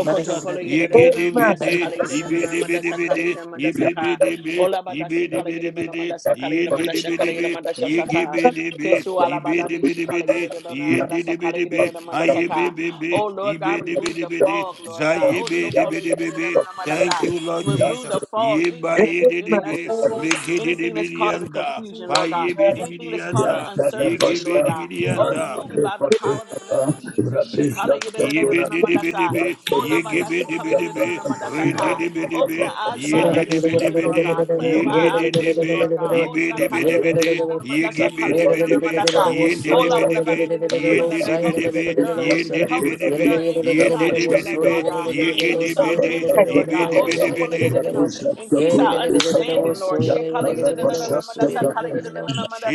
Speaker 1: Yeah,
Speaker 4: ye
Speaker 6: Kolayeda and
Speaker 4: ye ye
Speaker 6: Amanda
Speaker 2: Amen.
Speaker 4: ye
Speaker 6: Sakalayeda
Speaker 4: ye
Speaker 6: and
Speaker 4: be the
Speaker 6: Amanda
Speaker 4: biddy
Speaker 6: Sakalayeda and
Speaker 4: biddy,
Speaker 6: Amanda
Speaker 4: ye be be
Speaker 6: Saka
Speaker 4: be ye
Speaker 6: Olabada
Speaker 4: be the
Speaker 6: Sikalayeda
Speaker 4: biddy
Speaker 6: and Amanda
Speaker 4: biddy,
Speaker 6: Sakalayeda and
Speaker 4: ye
Speaker 6: Amanda
Speaker 4: did the biddy
Speaker 6: Sakalayeda and
Speaker 4: be
Speaker 6: Amanda
Speaker 4: ye give
Speaker 6: Shasaka
Speaker 4: me the be
Speaker 6: Kesu
Speaker 4: ye be,
Speaker 6: Alabada
Speaker 4: the biddy biddy,
Speaker 6: Shikalayeda and
Speaker 4: ye
Speaker 6: Amanda
Speaker 4: did the biddy
Speaker 6: Sakalayeda
Speaker 4: be
Speaker 6: and
Speaker 4: I
Speaker 6: Amanda
Speaker 4: ye be
Speaker 6: Saka.
Speaker 4: be
Speaker 6: Oh
Speaker 4: yigidibidi,
Speaker 6: Lord God, remove the
Speaker 4: be yibibidibi, yibidibidibidi, yindidibidibi, yigibidibi, yibidibidibidi, be ayibibibi, yibidibidibidi,
Speaker 6: fog, Lord God. Oh so Kolayeda and
Speaker 4: zayibidibidibibi.
Speaker 6: Amanda
Speaker 4: Thank
Speaker 6: Sa.
Speaker 4: you, Lord
Speaker 6: Remove
Speaker 4: Jesus.
Speaker 6: the fog,
Speaker 4: ye ye
Speaker 6: anything that's
Speaker 4: ye ye be,
Speaker 2: Amen.
Speaker 6: preventing us
Speaker 4: be
Speaker 6: to see,
Speaker 4: make it the
Speaker 6: anything that's
Speaker 4: biddy
Speaker 6: causing
Speaker 4: and da,
Speaker 6: confusion,
Speaker 4: by
Speaker 6: Lord God,
Speaker 4: ye be the Yibayididibi,
Speaker 6: anything that's
Speaker 4: mikididibidianda,
Speaker 6: causing
Speaker 4: payibidibidianda,
Speaker 6: uncertainty, Lord God. Oh,
Speaker 4: yigibidibidianda.
Speaker 6: remove it by the power of the blood of Jesus. Shekala-yada-da-da-da-da-da-ma-dasa.
Speaker 4: Yibidibidibi, yigibidibidibi,
Speaker 6: Ola-ba-dasi-kala-yada-da-da-da-ma-dasa-ka. Open
Speaker 4: rindidibidibi,
Speaker 6: the eyes of our understanding,
Speaker 4: yindidibidibidi,
Speaker 6: Lord God. Clarify our my vision,
Speaker 4: yigididibi,
Speaker 6: Lord God. Oh, Sakala,
Speaker 4: yibidibidibidi, yigibidibidibi,
Speaker 6: Sakala, Oh,
Speaker 4: yindidibidibi,
Speaker 6: Lord, help us to
Speaker 4: yindidibidibi,
Speaker 6: learn. Help us to
Speaker 4: yindidibidibi,
Speaker 6: learn. Increase our intellect,
Speaker 4: yindidibidibi,
Speaker 6: Lord God. Increase our
Speaker 4: yigidibidi,
Speaker 6: memory, Lord God. Oh, Sokola,
Speaker 4: yibidibidibidi,
Speaker 6: increase our understanding, Lord. Shekala, Kala,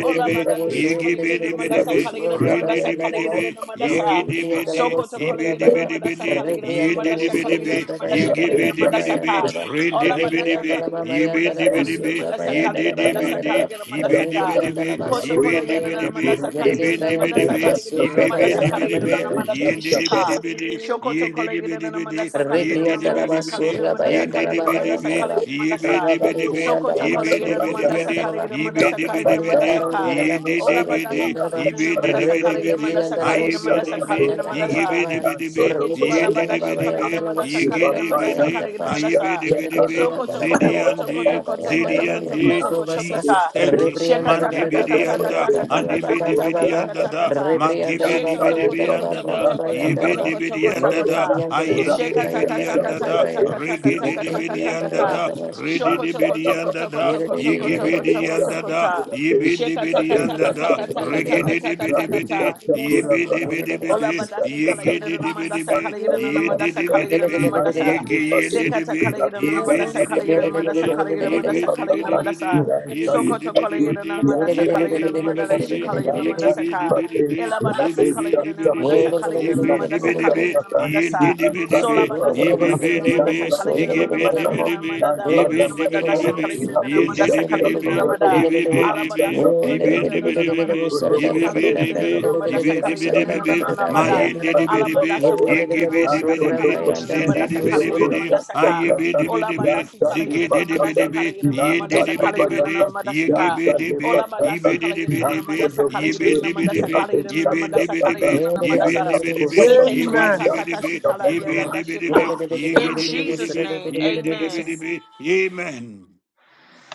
Speaker 6: Ola bada dishi kala yida na madasa
Speaker 4: yigibidibidi,
Speaker 6: kala yida na madasa kala
Speaker 4: rindidibidi,
Speaker 6: yida na madasa.
Speaker 1: Rebriandala
Speaker 4: yigidibidi,
Speaker 6: Soko to kala
Speaker 1: basura
Speaker 6: na madasa
Speaker 4: ibidibidi,
Speaker 6: kala yida na madasa kala yida
Speaker 4: yindidibidi,
Speaker 6: na madasa kala yida na madasa
Speaker 4: yigibidibidi,
Speaker 6: ka Ola madasa
Speaker 4: rindidibidi,
Speaker 6: kala na madasa kala yina
Speaker 4: yibindibidi,
Speaker 6: madasa kala yina madasa
Speaker 4: yindidibidi,
Speaker 6: kala yina madasa ka.
Speaker 4: ibidibidi,
Speaker 6: Koso kodo yina na
Speaker 4: ibindibidi,
Speaker 6: madasa kala na madasa
Speaker 4: ibindibidi,
Speaker 6: kala na madasa kala
Speaker 1: bayandara
Speaker 4: ibidibidi,
Speaker 6: na
Speaker 1: bariyara
Speaker 6: madada shika.
Speaker 4: yindidibidi,
Speaker 6: Shokoto kala na
Speaker 4: yindidibidi,
Speaker 6: madasa kala na
Speaker 1: Rebriandala
Speaker 6: madasa kala
Speaker 4: yindidibidi,
Speaker 6: yina
Speaker 1: Masura
Speaker 6: madasa kala
Speaker 1: Bayandala
Speaker 6: yina madasa
Speaker 4: yindidibidi,
Speaker 6: kala
Speaker 1: Bayandala
Speaker 6: yina madasa.
Speaker 1: Rabari
Speaker 4: ibidibidi,
Speaker 6: Sokoto
Speaker 1: Briandala
Speaker 6: kala yina
Speaker 1: Masura
Speaker 6: na madasa
Speaker 4: ibidibidi,
Speaker 6: kala
Speaker 1: Briandala
Speaker 6: yina madasa kala yina
Speaker 1: Rabari
Speaker 4: Zidiandi,
Speaker 6: madasa ka.
Speaker 1: Adara
Speaker 6: Ola
Speaker 1: Busura
Speaker 6: madasi kala
Speaker 1: Briandala
Speaker 6: na madasa kala yina
Speaker 1: Rebri
Speaker 6: madasa
Speaker 1: Briandala
Speaker 6: kala yina madasa
Speaker 1: Busura
Speaker 6: kala yina
Speaker 1: Bayandala
Speaker 6: madasa.
Speaker 1: Baba
Speaker 6: Seke tu
Speaker 1: Rebriandala
Speaker 6: alabadashi kala yina
Speaker 1: Babayandala
Speaker 6: madasa kala yina
Speaker 1: Busura
Speaker 6: madasa kala yina
Speaker 1: Bayandala
Speaker 6: madasa. Soko
Speaker 1: Briandala
Speaker 6: toko
Speaker 1: Barada
Speaker 6: toko toko toko toko
Speaker 1: Bayandala
Speaker 6: toko toko
Speaker 1: Barada
Speaker 6: toko toko
Speaker 1: Bubasa
Speaker 4: Jesus,
Speaker 6: ta.
Speaker 4: thank you.
Speaker 6: Sheka
Speaker 1: Rebriandala
Speaker 6: taka
Speaker 1: Barada
Speaker 6: taka taka
Speaker 4: Mandibidianda,
Speaker 6: taka taka
Speaker 1: Baba
Speaker 6: taka
Speaker 1: Baba
Speaker 6: taka
Speaker 1: Baba
Speaker 6: taka
Speaker 4: Adibidibidianda,
Speaker 6: taka
Speaker 4: da,
Speaker 6: ta.
Speaker 1: Rebriandala
Speaker 6: Sheka toko
Speaker 1: Babayandala
Speaker 6: toko
Speaker 4: Magibidibidianda,
Speaker 6: toko
Speaker 4: da,
Speaker 1: Baba
Speaker 6: toko toko toko
Speaker 1: Bayandala
Speaker 6: toko
Speaker 4: Yibidibidianda,
Speaker 6: toko
Speaker 4: da,
Speaker 6: ta.
Speaker 1: Yes,
Speaker 6: Sheka taka taka
Speaker 4: Ayendidibidianda,
Speaker 6: taka
Speaker 4: da,
Speaker 6: taka taka taka taka taka
Speaker 4: Rigidibidianda,
Speaker 6: ta.
Speaker 4: da,
Speaker 6: Shoko toko toko
Speaker 4: Rididibidianda,
Speaker 6: toko
Speaker 4: da,
Speaker 6: toko toko
Speaker 4: Yigibidi
Speaker 6: toko toko
Speaker 4: and
Speaker 6: toko
Speaker 4: Dada,
Speaker 6: ta.
Speaker 4: Yibindi
Speaker 6: Sheka
Speaker 4: Bidi
Speaker 6: taka
Speaker 4: and
Speaker 6: taka
Speaker 4: Dada,
Speaker 6: taka taka taka
Speaker 4: Rigidi
Speaker 6: taka
Speaker 4: Bidi
Speaker 6: taka ta.
Speaker 4: Bidi, Yibidi Bidi
Speaker 6: Ola
Speaker 4: Bidi,
Speaker 6: badasi kala yeda
Speaker 4: Yigidi
Speaker 6: na
Speaker 4: Bidi
Speaker 6: mandasa kala
Speaker 4: Bidi,
Speaker 6: yeda na
Speaker 4: Yindi
Speaker 6: mandasa kala
Speaker 4: Bidi
Speaker 6: yeda na
Speaker 4: Bidi,
Speaker 6: mandasa
Speaker 4: Yigindi
Speaker 6: sekata
Speaker 4: Bidi,
Speaker 6: kala yeda na mandasa
Speaker 4: Yibindi Bidi
Speaker 6: kala yeda na mandasa
Speaker 4: Bidi,
Speaker 6: kala yeda mandasa
Speaker 4: Yibindi
Speaker 6: kala yeda
Speaker 4: Bidi
Speaker 6: mandasa
Speaker 4: Bidi, Yibindi
Speaker 6: sokoto kala
Speaker 4: Bidi
Speaker 6: yeda na
Speaker 4: Bidi,
Speaker 6: mandasa
Speaker 4: Ye be
Speaker 6: kala
Speaker 4: be
Speaker 6: yeda na
Speaker 4: de be de
Speaker 6: mandala shi
Speaker 4: be,
Speaker 6: kala yeda na
Speaker 4: ye give
Speaker 6: mandasa
Speaker 4: be de
Speaker 6: ka
Speaker 4: be de be,
Speaker 6: ela
Speaker 4: ye
Speaker 6: badasi
Speaker 4: be be
Speaker 6: kala
Speaker 4: de
Speaker 6: yeda
Speaker 4: be
Speaker 6: na
Speaker 4: de be,
Speaker 6: mandasa kala
Speaker 4: ye
Speaker 6: yeda
Speaker 4: be
Speaker 6: na
Speaker 4: de be
Speaker 6: mandasa
Speaker 4: de
Speaker 6: kala
Speaker 4: be,
Speaker 6: yeda na
Speaker 4: ye
Speaker 6: mandasa
Speaker 4: de de be de
Speaker 6: sola
Speaker 4: be, ye
Speaker 6: badasi kala
Speaker 4: be be
Speaker 6: yeda na
Speaker 4: de be,
Speaker 6: mandasa kala
Speaker 4: ye
Speaker 6: yeda
Speaker 4: give
Speaker 6: na
Speaker 4: be de
Speaker 6: mandada
Speaker 4: be
Speaker 6: yeda
Speaker 4: de
Speaker 6: na
Speaker 4: be,
Speaker 6: mandada
Speaker 4: ye
Speaker 6: yeda
Speaker 4: be
Speaker 6: na
Speaker 4: de be de be
Speaker 6: mandasa kala
Speaker 4: be,
Speaker 6: yeda na
Speaker 4: ye de de
Speaker 6: mandasa
Speaker 4: be
Speaker 6: kala
Speaker 4: de
Speaker 6: yeda
Speaker 4: be,
Speaker 6: na mandasa
Speaker 4: ye be be de
Speaker 6: Alabada
Speaker 4: be,
Speaker 6: sukola
Speaker 4: ye be
Speaker 6: yada da
Speaker 4: de
Speaker 6: da
Speaker 4: be
Speaker 6: da
Speaker 4: de
Speaker 6: da
Speaker 4: be
Speaker 6: ba da di
Speaker 4: be,
Speaker 6: di di
Speaker 4: ye
Speaker 6: shi
Speaker 4: be
Speaker 6: kala
Speaker 4: be
Speaker 6: yada
Speaker 4: de
Speaker 6: da da da
Speaker 4: be,
Speaker 6: da ma
Speaker 4: ye
Speaker 6: da sa
Speaker 4: be de
Speaker 6: kala
Speaker 4: be
Speaker 6: yada
Speaker 4: de
Speaker 6: na
Speaker 4: be
Speaker 6: na na
Speaker 4: be,
Speaker 6: na na ma
Speaker 4: my
Speaker 6: da.
Speaker 4: ye de de be de
Speaker 6: Alamanda
Speaker 4: be,
Speaker 6: sukola yada na na ma da sa
Speaker 4: Yigibidibidi,
Speaker 6: kala yada na na ma da sa kala yada na
Speaker 4: zindidibidibidi,
Speaker 6: ma da sa ka. Ola ba
Speaker 4: ayibidibidi,
Speaker 6: da si kala yada na ma da sa
Speaker 4: zigidibidi,
Speaker 6: kala yada na na ma da sa yada na
Speaker 4: yindidibidi,
Speaker 6: na ma da sa ka.
Speaker 4: yigibidibi,
Speaker 6: Ola si yada na
Speaker 4: yibidibidi,
Speaker 6: na ma da sa
Speaker 4: yibidibidi,
Speaker 6: yada na na ma da sa yada na na ma da sa yada
Speaker 4: yibidibidi,
Speaker 6: na na ma da sa
Speaker 4: yibidibidi,
Speaker 6: Seke
Speaker 2: Amen.
Speaker 6: tuata kata
Speaker 4: yibidibidi,
Speaker 6: shi yada da shi
Speaker 4: yibidibidi,
Speaker 6: In Jesus'
Speaker 4: yigidibidi,
Speaker 6: name, amen.
Speaker 4: yindidibidi. Amen.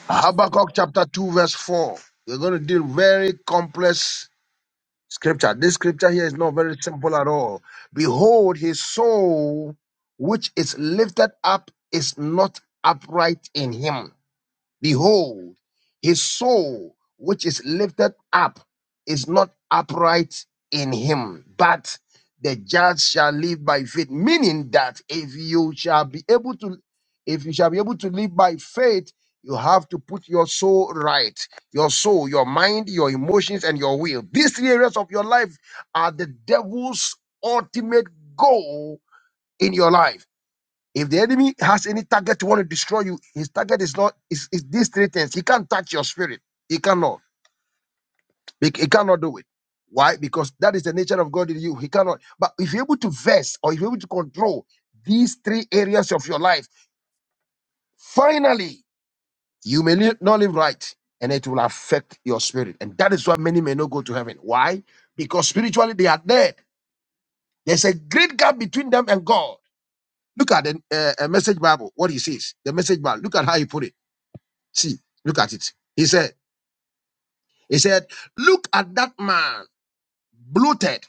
Speaker 2: Habakkuk chapter 2, verse 4. We're going to deal very complex scripture. This scripture here is not very simple at all. Behold, his soul, which is lifted up, is not upright in him. Behold, his soul, which is lifted up, is not upright in him, but the judge shall live by faith. Meaning that if you shall be able to, if you shall be able to live by faith, you have to put your soul right. Your soul, your mind, your emotions, and your will. These three areas of your life are the devil's ultimate goal in your life if the enemy has any target to want to destroy you, his target is not is, is these three things. He can't touch your spirit. He cannot. He, he cannot do it. Why? Because that is the nature of God in you. He cannot. But if you're able to verse or if you're able to control these three areas of your life, finally you may li- not live right, and it will affect your spirit. And that is why many may not go to heaven. Why? Because spiritually they are dead. There's a great gap between them and God. Look at the uh, uh, message Bible. What he says, the message Bible. Look at how he put it. See, look at it. He said, he said, look at that man, bloated,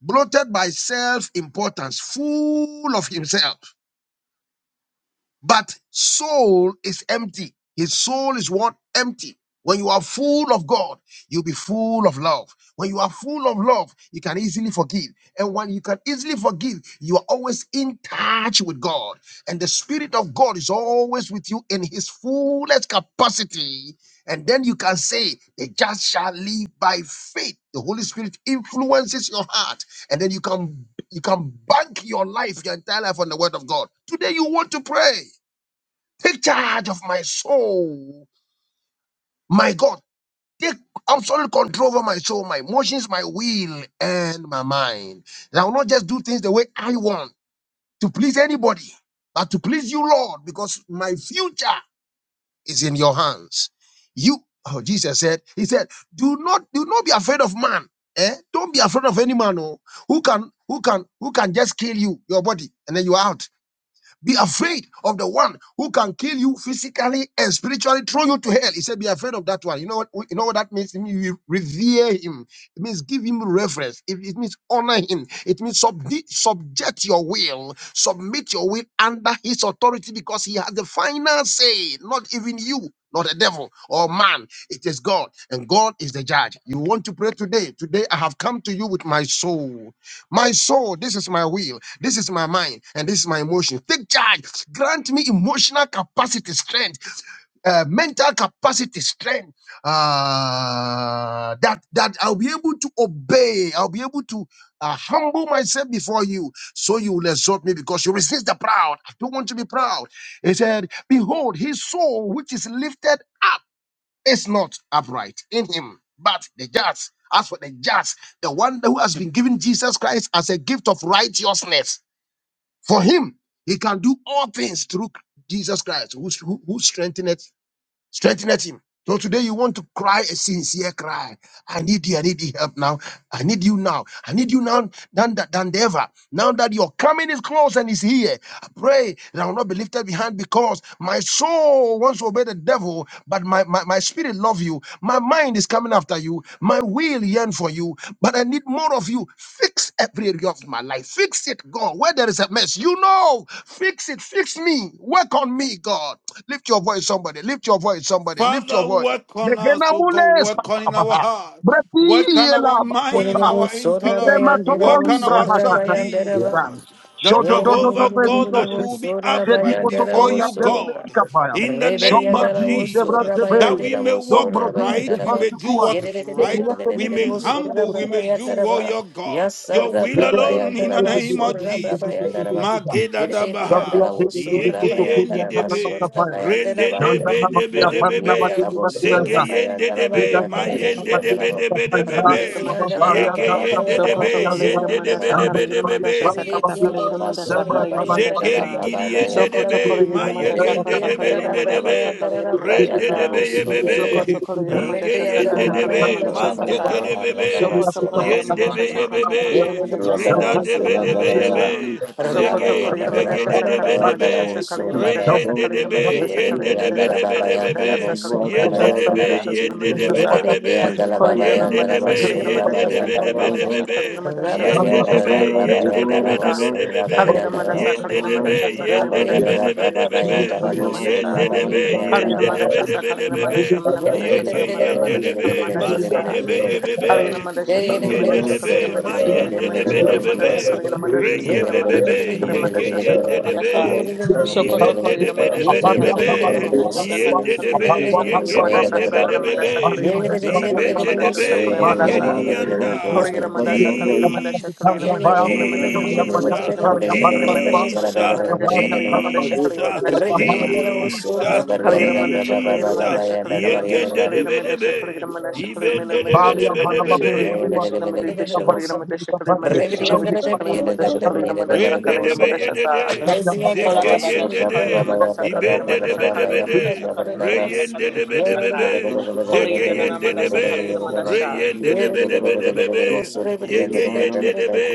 Speaker 2: bloated by self-importance, full of himself. but soul is empty. His soul is what? Empty. When you are full of God, you'll be full of love. When you are full of love, you can easily forgive. And when you can easily forgive, you are always in touch with God. And the Spirit of God is always with you in His fullest capacity. And then you can say, The just shall live by faith. The Holy Spirit influences your heart. And then you can you can bank your life, your entire life on the word of God. Today you want to pray. Take charge of my soul. My God, take absolute control over my soul, my emotions, my will, and my mind. And I will not just do things the way I want to please anybody, but to please you, Lord, because my future is in your hands. You, oh, Jesus said, He said, do not, do not be afraid of man. Eh? Don't be afraid of any man oh, who can, who can, who can just kill you, your body, and then you're out. Be afraid of the one who can kill you physically and spiritually, throw you to hell. He said, Be afraid of that one. You know what you know what that means? It means you revere him. It means give him reverence. It, it means honor him. It means subdi- subject your will, submit your will under his authority because he has the final say, not even you. Not the devil or man, it is God, and God is the judge. You want to pray today. Today, I have come to you with my soul. My soul, this is my will, this is my mind, and this is my emotion. Take charge. Grant me emotional capacity, strength, uh, mental capacity, strength, uh, that that I'll be able to obey. I'll be able to uh, humble myself before you, so you will exalt me because you resist the proud. I don't want to be proud. He said, "Behold, his soul which is lifted." up." is not upright in him, but the just. As for the just, the one who has been given Jesus Christ as a gift of righteousness, for him, he can do all things through Jesus Christ, who, who, who strengtheneth Strengthen him. So today you want to cry a sincere cry. I need you. I need your help now. I need you now. I need you now than, than, than ever. Now that your coming is close and is here, I pray that I will not be lifted behind because my soul wants to obey the devil, but my, my, my spirit love you. My mind is coming after you. My will yearn for you, but I need more of you. Fix every area of my life. Fix it, God. Where there is a mess, you know. Fix it. Fix me. Work on me, God. Lift your voice, somebody. Lift your voice, somebody. Lift your
Speaker 4: Father,
Speaker 2: voice.
Speaker 4: work on us, oh God,
Speaker 2: Negenamule
Speaker 4: work on in our
Speaker 2: sapabaha.
Speaker 4: heart, work on
Speaker 2: Bratiela
Speaker 4: our mind,
Speaker 2: bakosha.
Speaker 4: our
Speaker 1: Sorra
Speaker 4: intellect,
Speaker 2: Ikrema
Speaker 1: bayan dera,
Speaker 4: work
Speaker 2: tokoli
Speaker 4: on
Speaker 1: sorra
Speaker 2: brahata
Speaker 4: ourselves,
Speaker 1: bayan dera, ba.
Speaker 2: kadikadika.
Speaker 4: Jesus.
Speaker 1: Rebriandala
Speaker 4: The Jehovah
Speaker 2: Shododododo
Speaker 4: God that
Speaker 2: beridose.
Speaker 4: will be upright before
Speaker 2: Zedipotokoria
Speaker 4: you, God,
Speaker 2: telemetikapaya.
Speaker 4: in the name of
Speaker 2: Shombradi
Speaker 4: Jesus, that
Speaker 2: zebrantebe.
Speaker 4: we may walk
Speaker 2: Dombrodi
Speaker 4: right, we may do
Speaker 2: zebantukua.
Speaker 4: what is right, we may humble, we may do what your God, your will alone in the name of Jesus.
Speaker 2: Zebriyate
Speaker 4: Mageda dabaha, yege yendi debe, Rende de be de be
Speaker 2: Shantarabadia
Speaker 4: de be be.
Speaker 2: Parnabadini
Speaker 4: Zege
Speaker 2: Bakurasa,
Speaker 4: yende de be. Ma yende de
Speaker 2: Sudabadabadini
Speaker 4: be de be de be
Speaker 2: Bakapayanda,
Speaker 6: Sakaligra
Speaker 4: be.
Speaker 6: Mandasha
Speaker 2: Amaparia
Speaker 6: sa,
Speaker 4: Yege yende de be.
Speaker 6: Sokoto
Speaker 2: Tarabakaparia,
Speaker 4: Yende de
Speaker 6: Kolegramanda
Speaker 4: be de be de be
Speaker 2: Shantarabadia
Speaker 6: Sakaliramandasha
Speaker 4: be.
Speaker 1: Yerere
Speaker 6: Sakata
Speaker 2: Parnabadia,
Speaker 1: briyandara ba
Speaker 6: Kalegramanda
Speaker 2: Sembra
Speaker 1: sorra bayandara ra
Speaker 2: Tabanabadini
Speaker 4: Zekeri
Speaker 6: sa,
Speaker 1: braba
Speaker 4: gidiende
Speaker 1: bayandara
Speaker 6: Sokoto
Speaker 1: ba.
Speaker 4: debe, maye
Speaker 6: Kolegramanda
Speaker 1: Yerere
Speaker 4: gende
Speaker 6: Sakata
Speaker 4: debe
Speaker 1: briyandara ra
Speaker 4: libe
Speaker 1: braba
Speaker 6: Kalegramandasha
Speaker 4: debe,
Speaker 1: yandara ra
Speaker 4: rende
Speaker 1: brayandara
Speaker 6: sa,
Speaker 4: debe
Speaker 1: bo
Speaker 4: yebebe,
Speaker 1: sorre briya.
Speaker 6: Sokoto
Speaker 1: Re
Speaker 4: ige
Speaker 6: Kolegramandasha
Speaker 1: briyandara
Speaker 4: yende
Speaker 6: Sakata
Speaker 1: ba
Speaker 4: debe,
Speaker 7: Yumangija
Speaker 1: bayandara
Speaker 6: Kalegramandasha
Speaker 1: ba
Speaker 4: mande
Speaker 7: Atari
Speaker 6: Saka
Speaker 1: bayandara
Speaker 7: Sad,
Speaker 1: ba
Speaker 4: debebe, bebe,
Speaker 1: briyandara ba
Speaker 6: Sokoto
Speaker 7: Jilo
Speaker 1: sorra.
Speaker 4: yende be
Speaker 6: Kolegramandasha
Speaker 7: Kimaiva
Speaker 6: Sakata
Speaker 4: yebebe,
Speaker 7: Adika
Speaker 1: Yerere
Speaker 7: Savi
Speaker 6: Kalegramandasha
Speaker 7: Adala,
Speaker 1: briyandara
Speaker 4: rida
Speaker 1: bo
Speaker 6: Sakata
Speaker 4: debe
Speaker 1: sorra
Speaker 4: debe
Speaker 1: braba yandara ba.
Speaker 4: yebe,
Speaker 6: Kalegramandashasa
Speaker 7: Kerunani
Speaker 1: Ra
Speaker 6: Sokoto
Speaker 4: zege
Speaker 7: Atandjala
Speaker 1: bayandara
Speaker 4: nibe
Speaker 1: ra
Speaker 6: Kolegramandasha
Speaker 7: Titara
Speaker 4: gede
Speaker 1: braba
Speaker 4: debe
Speaker 7: Ivahana,
Speaker 4: debe,
Speaker 1: bayandara
Speaker 6: Sakaliramandasha
Speaker 1: bo
Speaker 4: re
Speaker 7: Akimi
Speaker 6: Sakaliramandasha
Speaker 1: baya.
Speaker 4: yende
Speaker 7: Fahumi
Speaker 4: debe,
Speaker 6: Sakaliramandasha
Speaker 7: Atari
Speaker 1: Yerere
Speaker 4: yende debe
Speaker 6: Sakaliramandasha
Speaker 7: Asulan,
Speaker 1: briyandara ba
Speaker 4: debe debe be,
Speaker 6: Sakaliramandasha
Speaker 1: bayandara bo
Speaker 7: Masiva
Speaker 4: yende
Speaker 7: Atulaya
Speaker 2: Bakurasa,
Speaker 4: debe,
Speaker 1: bayandara
Speaker 6: Sakaliramandasha
Speaker 7: Dikatele
Speaker 4: yende
Speaker 6: Sakaliramandasha
Speaker 4: debe
Speaker 1: yeah,
Speaker 7: Vivaya,
Speaker 6: sa.
Speaker 4: debe be,
Speaker 2: Thank
Speaker 7: Ukemi
Speaker 6: Kolegina
Speaker 4: yende
Speaker 7: Kukishami
Speaker 6: Madasa
Speaker 4: debe,
Speaker 6: Kaligina
Speaker 7: Atanyada
Speaker 4: yende
Speaker 6: Madasha
Speaker 4: debe
Speaker 7: Akaria
Speaker 6: Sakaligina
Speaker 4: debe debe
Speaker 6: Madasha
Speaker 7: Azad,
Speaker 4: be,
Speaker 6: Kaligina Madasha
Speaker 4: yende
Speaker 7: Minima
Speaker 6: Madasha
Speaker 4: debe,
Speaker 6: Sakala
Speaker 7: Azaya and
Speaker 6: Madasha
Speaker 4: yende
Speaker 6: Kaligina
Speaker 7: Zeduhara
Speaker 4: debe
Speaker 6: mada
Speaker 4: debe
Speaker 7: Divan,
Speaker 4: debe
Speaker 7: Minima
Speaker 6: Kolegiramadasa,
Speaker 4: Yende de
Speaker 7: Ataya and
Speaker 4: be,
Speaker 6: kolegiramadasa,
Speaker 7: Tenelo
Speaker 4: yende de be
Speaker 6: kolegiramadasa,
Speaker 4: de
Speaker 7: Davivan,
Speaker 4: be de be
Speaker 6: kolegiramadasa, lamadasa, sakalamadasa,
Speaker 7: Mante
Speaker 4: be.
Speaker 6: kolegiramada,
Speaker 7: Yohayani
Speaker 4: Yende de
Speaker 7: Bahani
Speaker 4: be,
Speaker 7: Bayani
Speaker 4: yende de
Speaker 7: Zayan,
Speaker 4: be de
Speaker 6: kolegiramadasa, kolegiramadasa, kolegiramadasa, kolegiramadasa, kolegiramadasa, kolegiramadasa,
Speaker 4: be de be
Speaker 6: kolegiramadasa,
Speaker 4: be.
Speaker 6: manamadasa,
Speaker 7: Fabile
Speaker 4: Yege yende de
Speaker 6: sakalamadasa,
Speaker 7: Etora
Speaker 4: be,
Speaker 6: kalamadasa,
Speaker 4: mazi
Speaker 6: sa.
Speaker 7: Thank
Speaker 4: de be ye be be.
Speaker 6: Kalinamadasha,
Speaker 4: Yige de
Speaker 6: Kalinamadasha,
Speaker 4: de be, ma
Speaker 6: Kalinamadasha,
Speaker 4: yende de be de be
Speaker 6: Kalinamadasha, Kalinamadasha,
Speaker 4: be. Re ye be be
Speaker 6: Kalinamadasha,
Speaker 4: be, yege
Speaker 6: Sakalamadasha, Sakalamadasha,
Speaker 4: yende de
Speaker 6: Sakalamadasa,
Speaker 4: be.
Speaker 6: Sokoto,
Speaker 4: Yibende de be de
Speaker 6: Kalinamadasha,
Speaker 4: be de be
Speaker 6: Sakata,
Speaker 4: be.
Speaker 6: Kalinamadasha, Sakata,
Speaker 4: Yende de be,
Speaker 6: Kalinamadasa,
Speaker 4: yege ben
Speaker 6: Kalinamadasa,
Speaker 4: de be de be
Speaker 6: Sakalamadasa,
Speaker 4: be.
Speaker 1: Rekriente
Speaker 6: Kalinamadasa,
Speaker 4: Yibende de
Speaker 6: Sakalamadasa, Sakalamadasa,
Speaker 4: be, yege di
Speaker 6: Kalinamadasa,
Speaker 4: di yanda.
Speaker 6: Kalinamadasha, Kalinamadasha,
Speaker 4: Jesus.
Speaker 6: Kalinamadasha, Kalinamadasha,
Speaker 4: Jesus,
Speaker 6: Kalinamadasha,
Speaker 4: Jesus,
Speaker 6: Kalinamadasha, Kalinamadasha, Kalinamadasha,
Speaker 4: Jesus,
Speaker 6: Kalinamadasha, Kalinamadasha,
Speaker 1: la voz,
Speaker 2: you.
Speaker 1: surra,
Speaker 4: Jesus,
Speaker 1: barriere, da,
Speaker 6: Kaliramanda
Speaker 1: ba, ba, ba, ba, ba,
Speaker 6: Shakalimanda
Speaker 4: Jesus.
Speaker 1: ba, ya, da, da,
Speaker 6: Shakalimanda
Speaker 1: barriere, da,
Speaker 4: Yegende
Speaker 1: ba.
Speaker 4: de be de
Speaker 6: Shakalimanda
Speaker 4: be,
Speaker 6: Shakalimanda
Speaker 4: ibende
Speaker 6: Shakalimanda
Speaker 4: de be
Speaker 2: Bali
Speaker 4: de be de
Speaker 2: ambana
Speaker 6: Shakalimanda
Speaker 4: be
Speaker 1: Yeah,
Speaker 2: baveli
Speaker 4: be.
Speaker 6: Shakalimanda Shakalimanda
Speaker 2: badua,
Speaker 6: Shakalimanda
Speaker 2: Jumri ambana
Speaker 6: Shakalimanda
Speaker 2: baveli kapana,
Speaker 6: Shakalimanda
Speaker 2: Jumri ambana baveli
Speaker 6: Shakalimanda
Speaker 2: ambana,
Speaker 6: Shakalimanda
Speaker 4: Rende de be
Speaker 6: Shakalimanda
Speaker 2: Jumri
Speaker 4: ye
Speaker 2: ambana
Speaker 4: de
Speaker 6: Shasa
Speaker 4: de.
Speaker 2: baveli
Speaker 6: Ola
Speaker 4: Zeke
Speaker 6: Badada
Speaker 4: yende
Speaker 2: ambana
Speaker 4: de.
Speaker 2: badua,
Speaker 6: Shakalimanda
Speaker 4: Ibende
Speaker 6: Sakalimanda
Speaker 4: de be de be
Speaker 6: Sakalimanda
Speaker 4: de. Re
Speaker 6: Sakalimanda
Speaker 4: yende de be
Speaker 6: Sakalimanda
Speaker 4: de be
Speaker 6: Saka
Speaker 4: be.
Speaker 7: you.
Speaker 4: Zege
Speaker 7: Thank
Speaker 4: yende
Speaker 7: you.
Speaker 6: Koliramanda
Speaker 4: de be.
Speaker 6: Sakalimanda
Speaker 4: Re
Speaker 6: Sha
Speaker 4: yende de be de be de be be. Yege yende de be.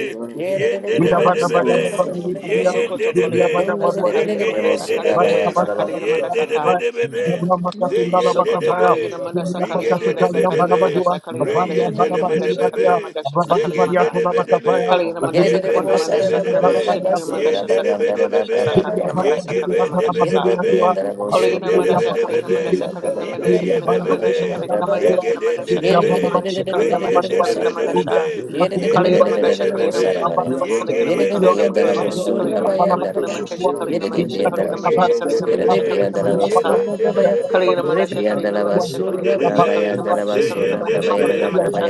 Speaker 4: Yende de
Speaker 2: Jida
Speaker 4: be de
Speaker 2: bada
Speaker 4: be
Speaker 2: bada
Speaker 4: be.
Speaker 2: baveli
Speaker 4: Ye
Speaker 2: badua,
Speaker 4: yende
Speaker 6: Sokoto
Speaker 4: de
Speaker 2: Jumri ambana
Speaker 4: be.
Speaker 6: Koliramanda
Speaker 2: badua, Jumri
Speaker 4: Zeke
Speaker 6: Sakalimanda
Speaker 2: badua,
Speaker 4: yende de be.
Speaker 2: Bani
Speaker 6: Sakalimanda
Speaker 2: kabas kabas
Speaker 6: Sakalimanda
Speaker 2: kabas
Speaker 4: Yende de be
Speaker 6: Saka
Speaker 2: kabas,
Speaker 4: de be be.
Speaker 2: Jumri ambana
Speaker 4: Ze
Speaker 2: tindala
Speaker 4: yende de
Speaker 6: Sokoto
Speaker 2: bakabaya,
Speaker 6: Kaligina
Speaker 4: be.
Speaker 2: Jumri
Speaker 6: Mandasa Kaligina
Speaker 4: Rige
Speaker 2: ambana
Speaker 4: de de
Speaker 2: tukali
Speaker 6: Mandasa
Speaker 4: be de
Speaker 2: ambana
Speaker 6: Kaligina
Speaker 4: be.
Speaker 6: Mandasa
Speaker 2: badua,
Speaker 6: Kaligina
Speaker 4: Re
Speaker 2: Bali
Speaker 6: Mandasha
Speaker 4: yende
Speaker 2: ambana
Speaker 6: Kaligina
Speaker 4: de be de
Speaker 2: baveli
Speaker 6: Mandasha
Speaker 4: be
Speaker 2: badua,
Speaker 6: Kaligina
Speaker 4: be.
Speaker 6: Mandasha
Speaker 2: Abadi
Speaker 6: Sakaligina
Speaker 4: Zegen
Speaker 2: bari
Speaker 4: de
Speaker 6: Manda
Speaker 4: de
Speaker 2: antona
Speaker 4: be de be,
Speaker 2: bakabaya,
Speaker 6: Kaligina
Speaker 4: ye
Speaker 6: Mandasa
Speaker 2: Jumri
Speaker 4: be
Speaker 6: Kaligina
Speaker 4: be
Speaker 2: ambana
Speaker 4: de be
Speaker 6: Mandasa
Speaker 2: tukali
Speaker 4: de be,
Speaker 6: Kaligina
Speaker 2: ambana badua,
Speaker 4: ye
Speaker 6: Mandasha
Speaker 4: de de be
Speaker 6: Sakaligina
Speaker 4: de be
Speaker 6: Mandasha
Speaker 4: be,
Speaker 2: Thank
Speaker 6: Sakaligina
Speaker 4: ye
Speaker 6: Mandasa
Speaker 4: ge be
Speaker 6: Kaligina
Speaker 4: de be
Speaker 6: Mandasha
Speaker 4: de
Speaker 1: Yere
Speaker 4: be
Speaker 6: Sa
Speaker 1: de
Speaker 4: be,
Speaker 1: bir yandara
Speaker 4: ye
Speaker 6: Kaligina
Speaker 1: bosun
Speaker 4: de
Speaker 1: da
Speaker 4: de
Speaker 1: bra
Speaker 4: be
Speaker 6: Mandasa
Speaker 1: bra
Speaker 4: de
Speaker 1: bra
Speaker 4: be
Speaker 6: Kaligina
Speaker 1: yandara
Speaker 4: be,
Speaker 6: Mandasa
Speaker 1: bra bra bra
Speaker 6: Kaligina
Speaker 4: ye be
Speaker 1: yandara
Speaker 6: Mandasha
Speaker 4: ye be
Speaker 6: Kaligina
Speaker 4: be
Speaker 6: Mandasha
Speaker 4: be,
Speaker 6: Kaligina
Speaker 1: ya.
Speaker 4: zegen de de
Speaker 6: Mandasha
Speaker 1: Yere
Speaker 4: be,
Speaker 6: Kaligina
Speaker 1: yere de de
Speaker 6: Mandasha Kaligina Mandasha
Speaker 1: de de
Speaker 4: re
Speaker 1: de
Speaker 6: Kaligina
Speaker 1: de de
Speaker 4: ye
Speaker 1: de de
Speaker 6: Mandasha Kaligina Mandasha
Speaker 4: de de
Speaker 6: Kaligina
Speaker 4: be
Speaker 1: bosun
Speaker 4: de be be,
Speaker 1: Yere de
Speaker 4: ye
Speaker 1: de de
Speaker 4: de
Speaker 1: de de
Speaker 4: de
Speaker 1: de
Speaker 4: be
Speaker 1: de de
Speaker 4: de
Speaker 1: de
Speaker 4: be
Speaker 6: Kaligina
Speaker 4: be,
Speaker 1: bosun da
Speaker 7: Mindset
Speaker 1: ya.
Speaker 6: Kaligina
Speaker 4: ye ge
Speaker 6: Kaligina
Speaker 7: Kabili
Speaker 1: Yere
Speaker 4: ye
Speaker 1: de
Speaker 4: de
Speaker 1: bir
Speaker 6: Kaligina
Speaker 4: de be,
Speaker 7: Kandari
Speaker 1: yandara
Speaker 6: Mandasha
Speaker 1: bosun da
Speaker 6: Kaligina
Speaker 7: Ajadam
Speaker 4: re
Speaker 1: bra
Speaker 6: Mandasha
Speaker 7: Tehariya
Speaker 6: Kaligina Mandasha Kaligina
Speaker 1: Yere de bir
Speaker 6: Mandasha
Speaker 7: Dizamil
Speaker 1: yandara
Speaker 6: Kaligina
Speaker 1: oh
Speaker 6: Mandasha
Speaker 7: Sedizaya
Speaker 1: Jesus.
Speaker 6: Kaligina
Speaker 1: Yere
Speaker 6: Mandasha
Speaker 1: de
Speaker 7: Aidan
Speaker 1: bir
Speaker 6: Kaligina
Speaker 1: yandara
Speaker 6: Mandasha
Speaker 1: bosun da ya.
Speaker 2: you.
Speaker 1: Re bir
Speaker 6: Kaligramandasha,
Speaker 1: yandara
Speaker 2: Thank
Speaker 6: Kaligramandasha,
Speaker 1: bosun da bra
Speaker 6: Kaligramandasha,
Speaker 1: bra yandara bosun da bra bra
Speaker 6: Kaligramandasha, Kaligramandasha,
Speaker 1: yandara
Speaker 7: Kevin
Speaker 6: Kaligramandasha,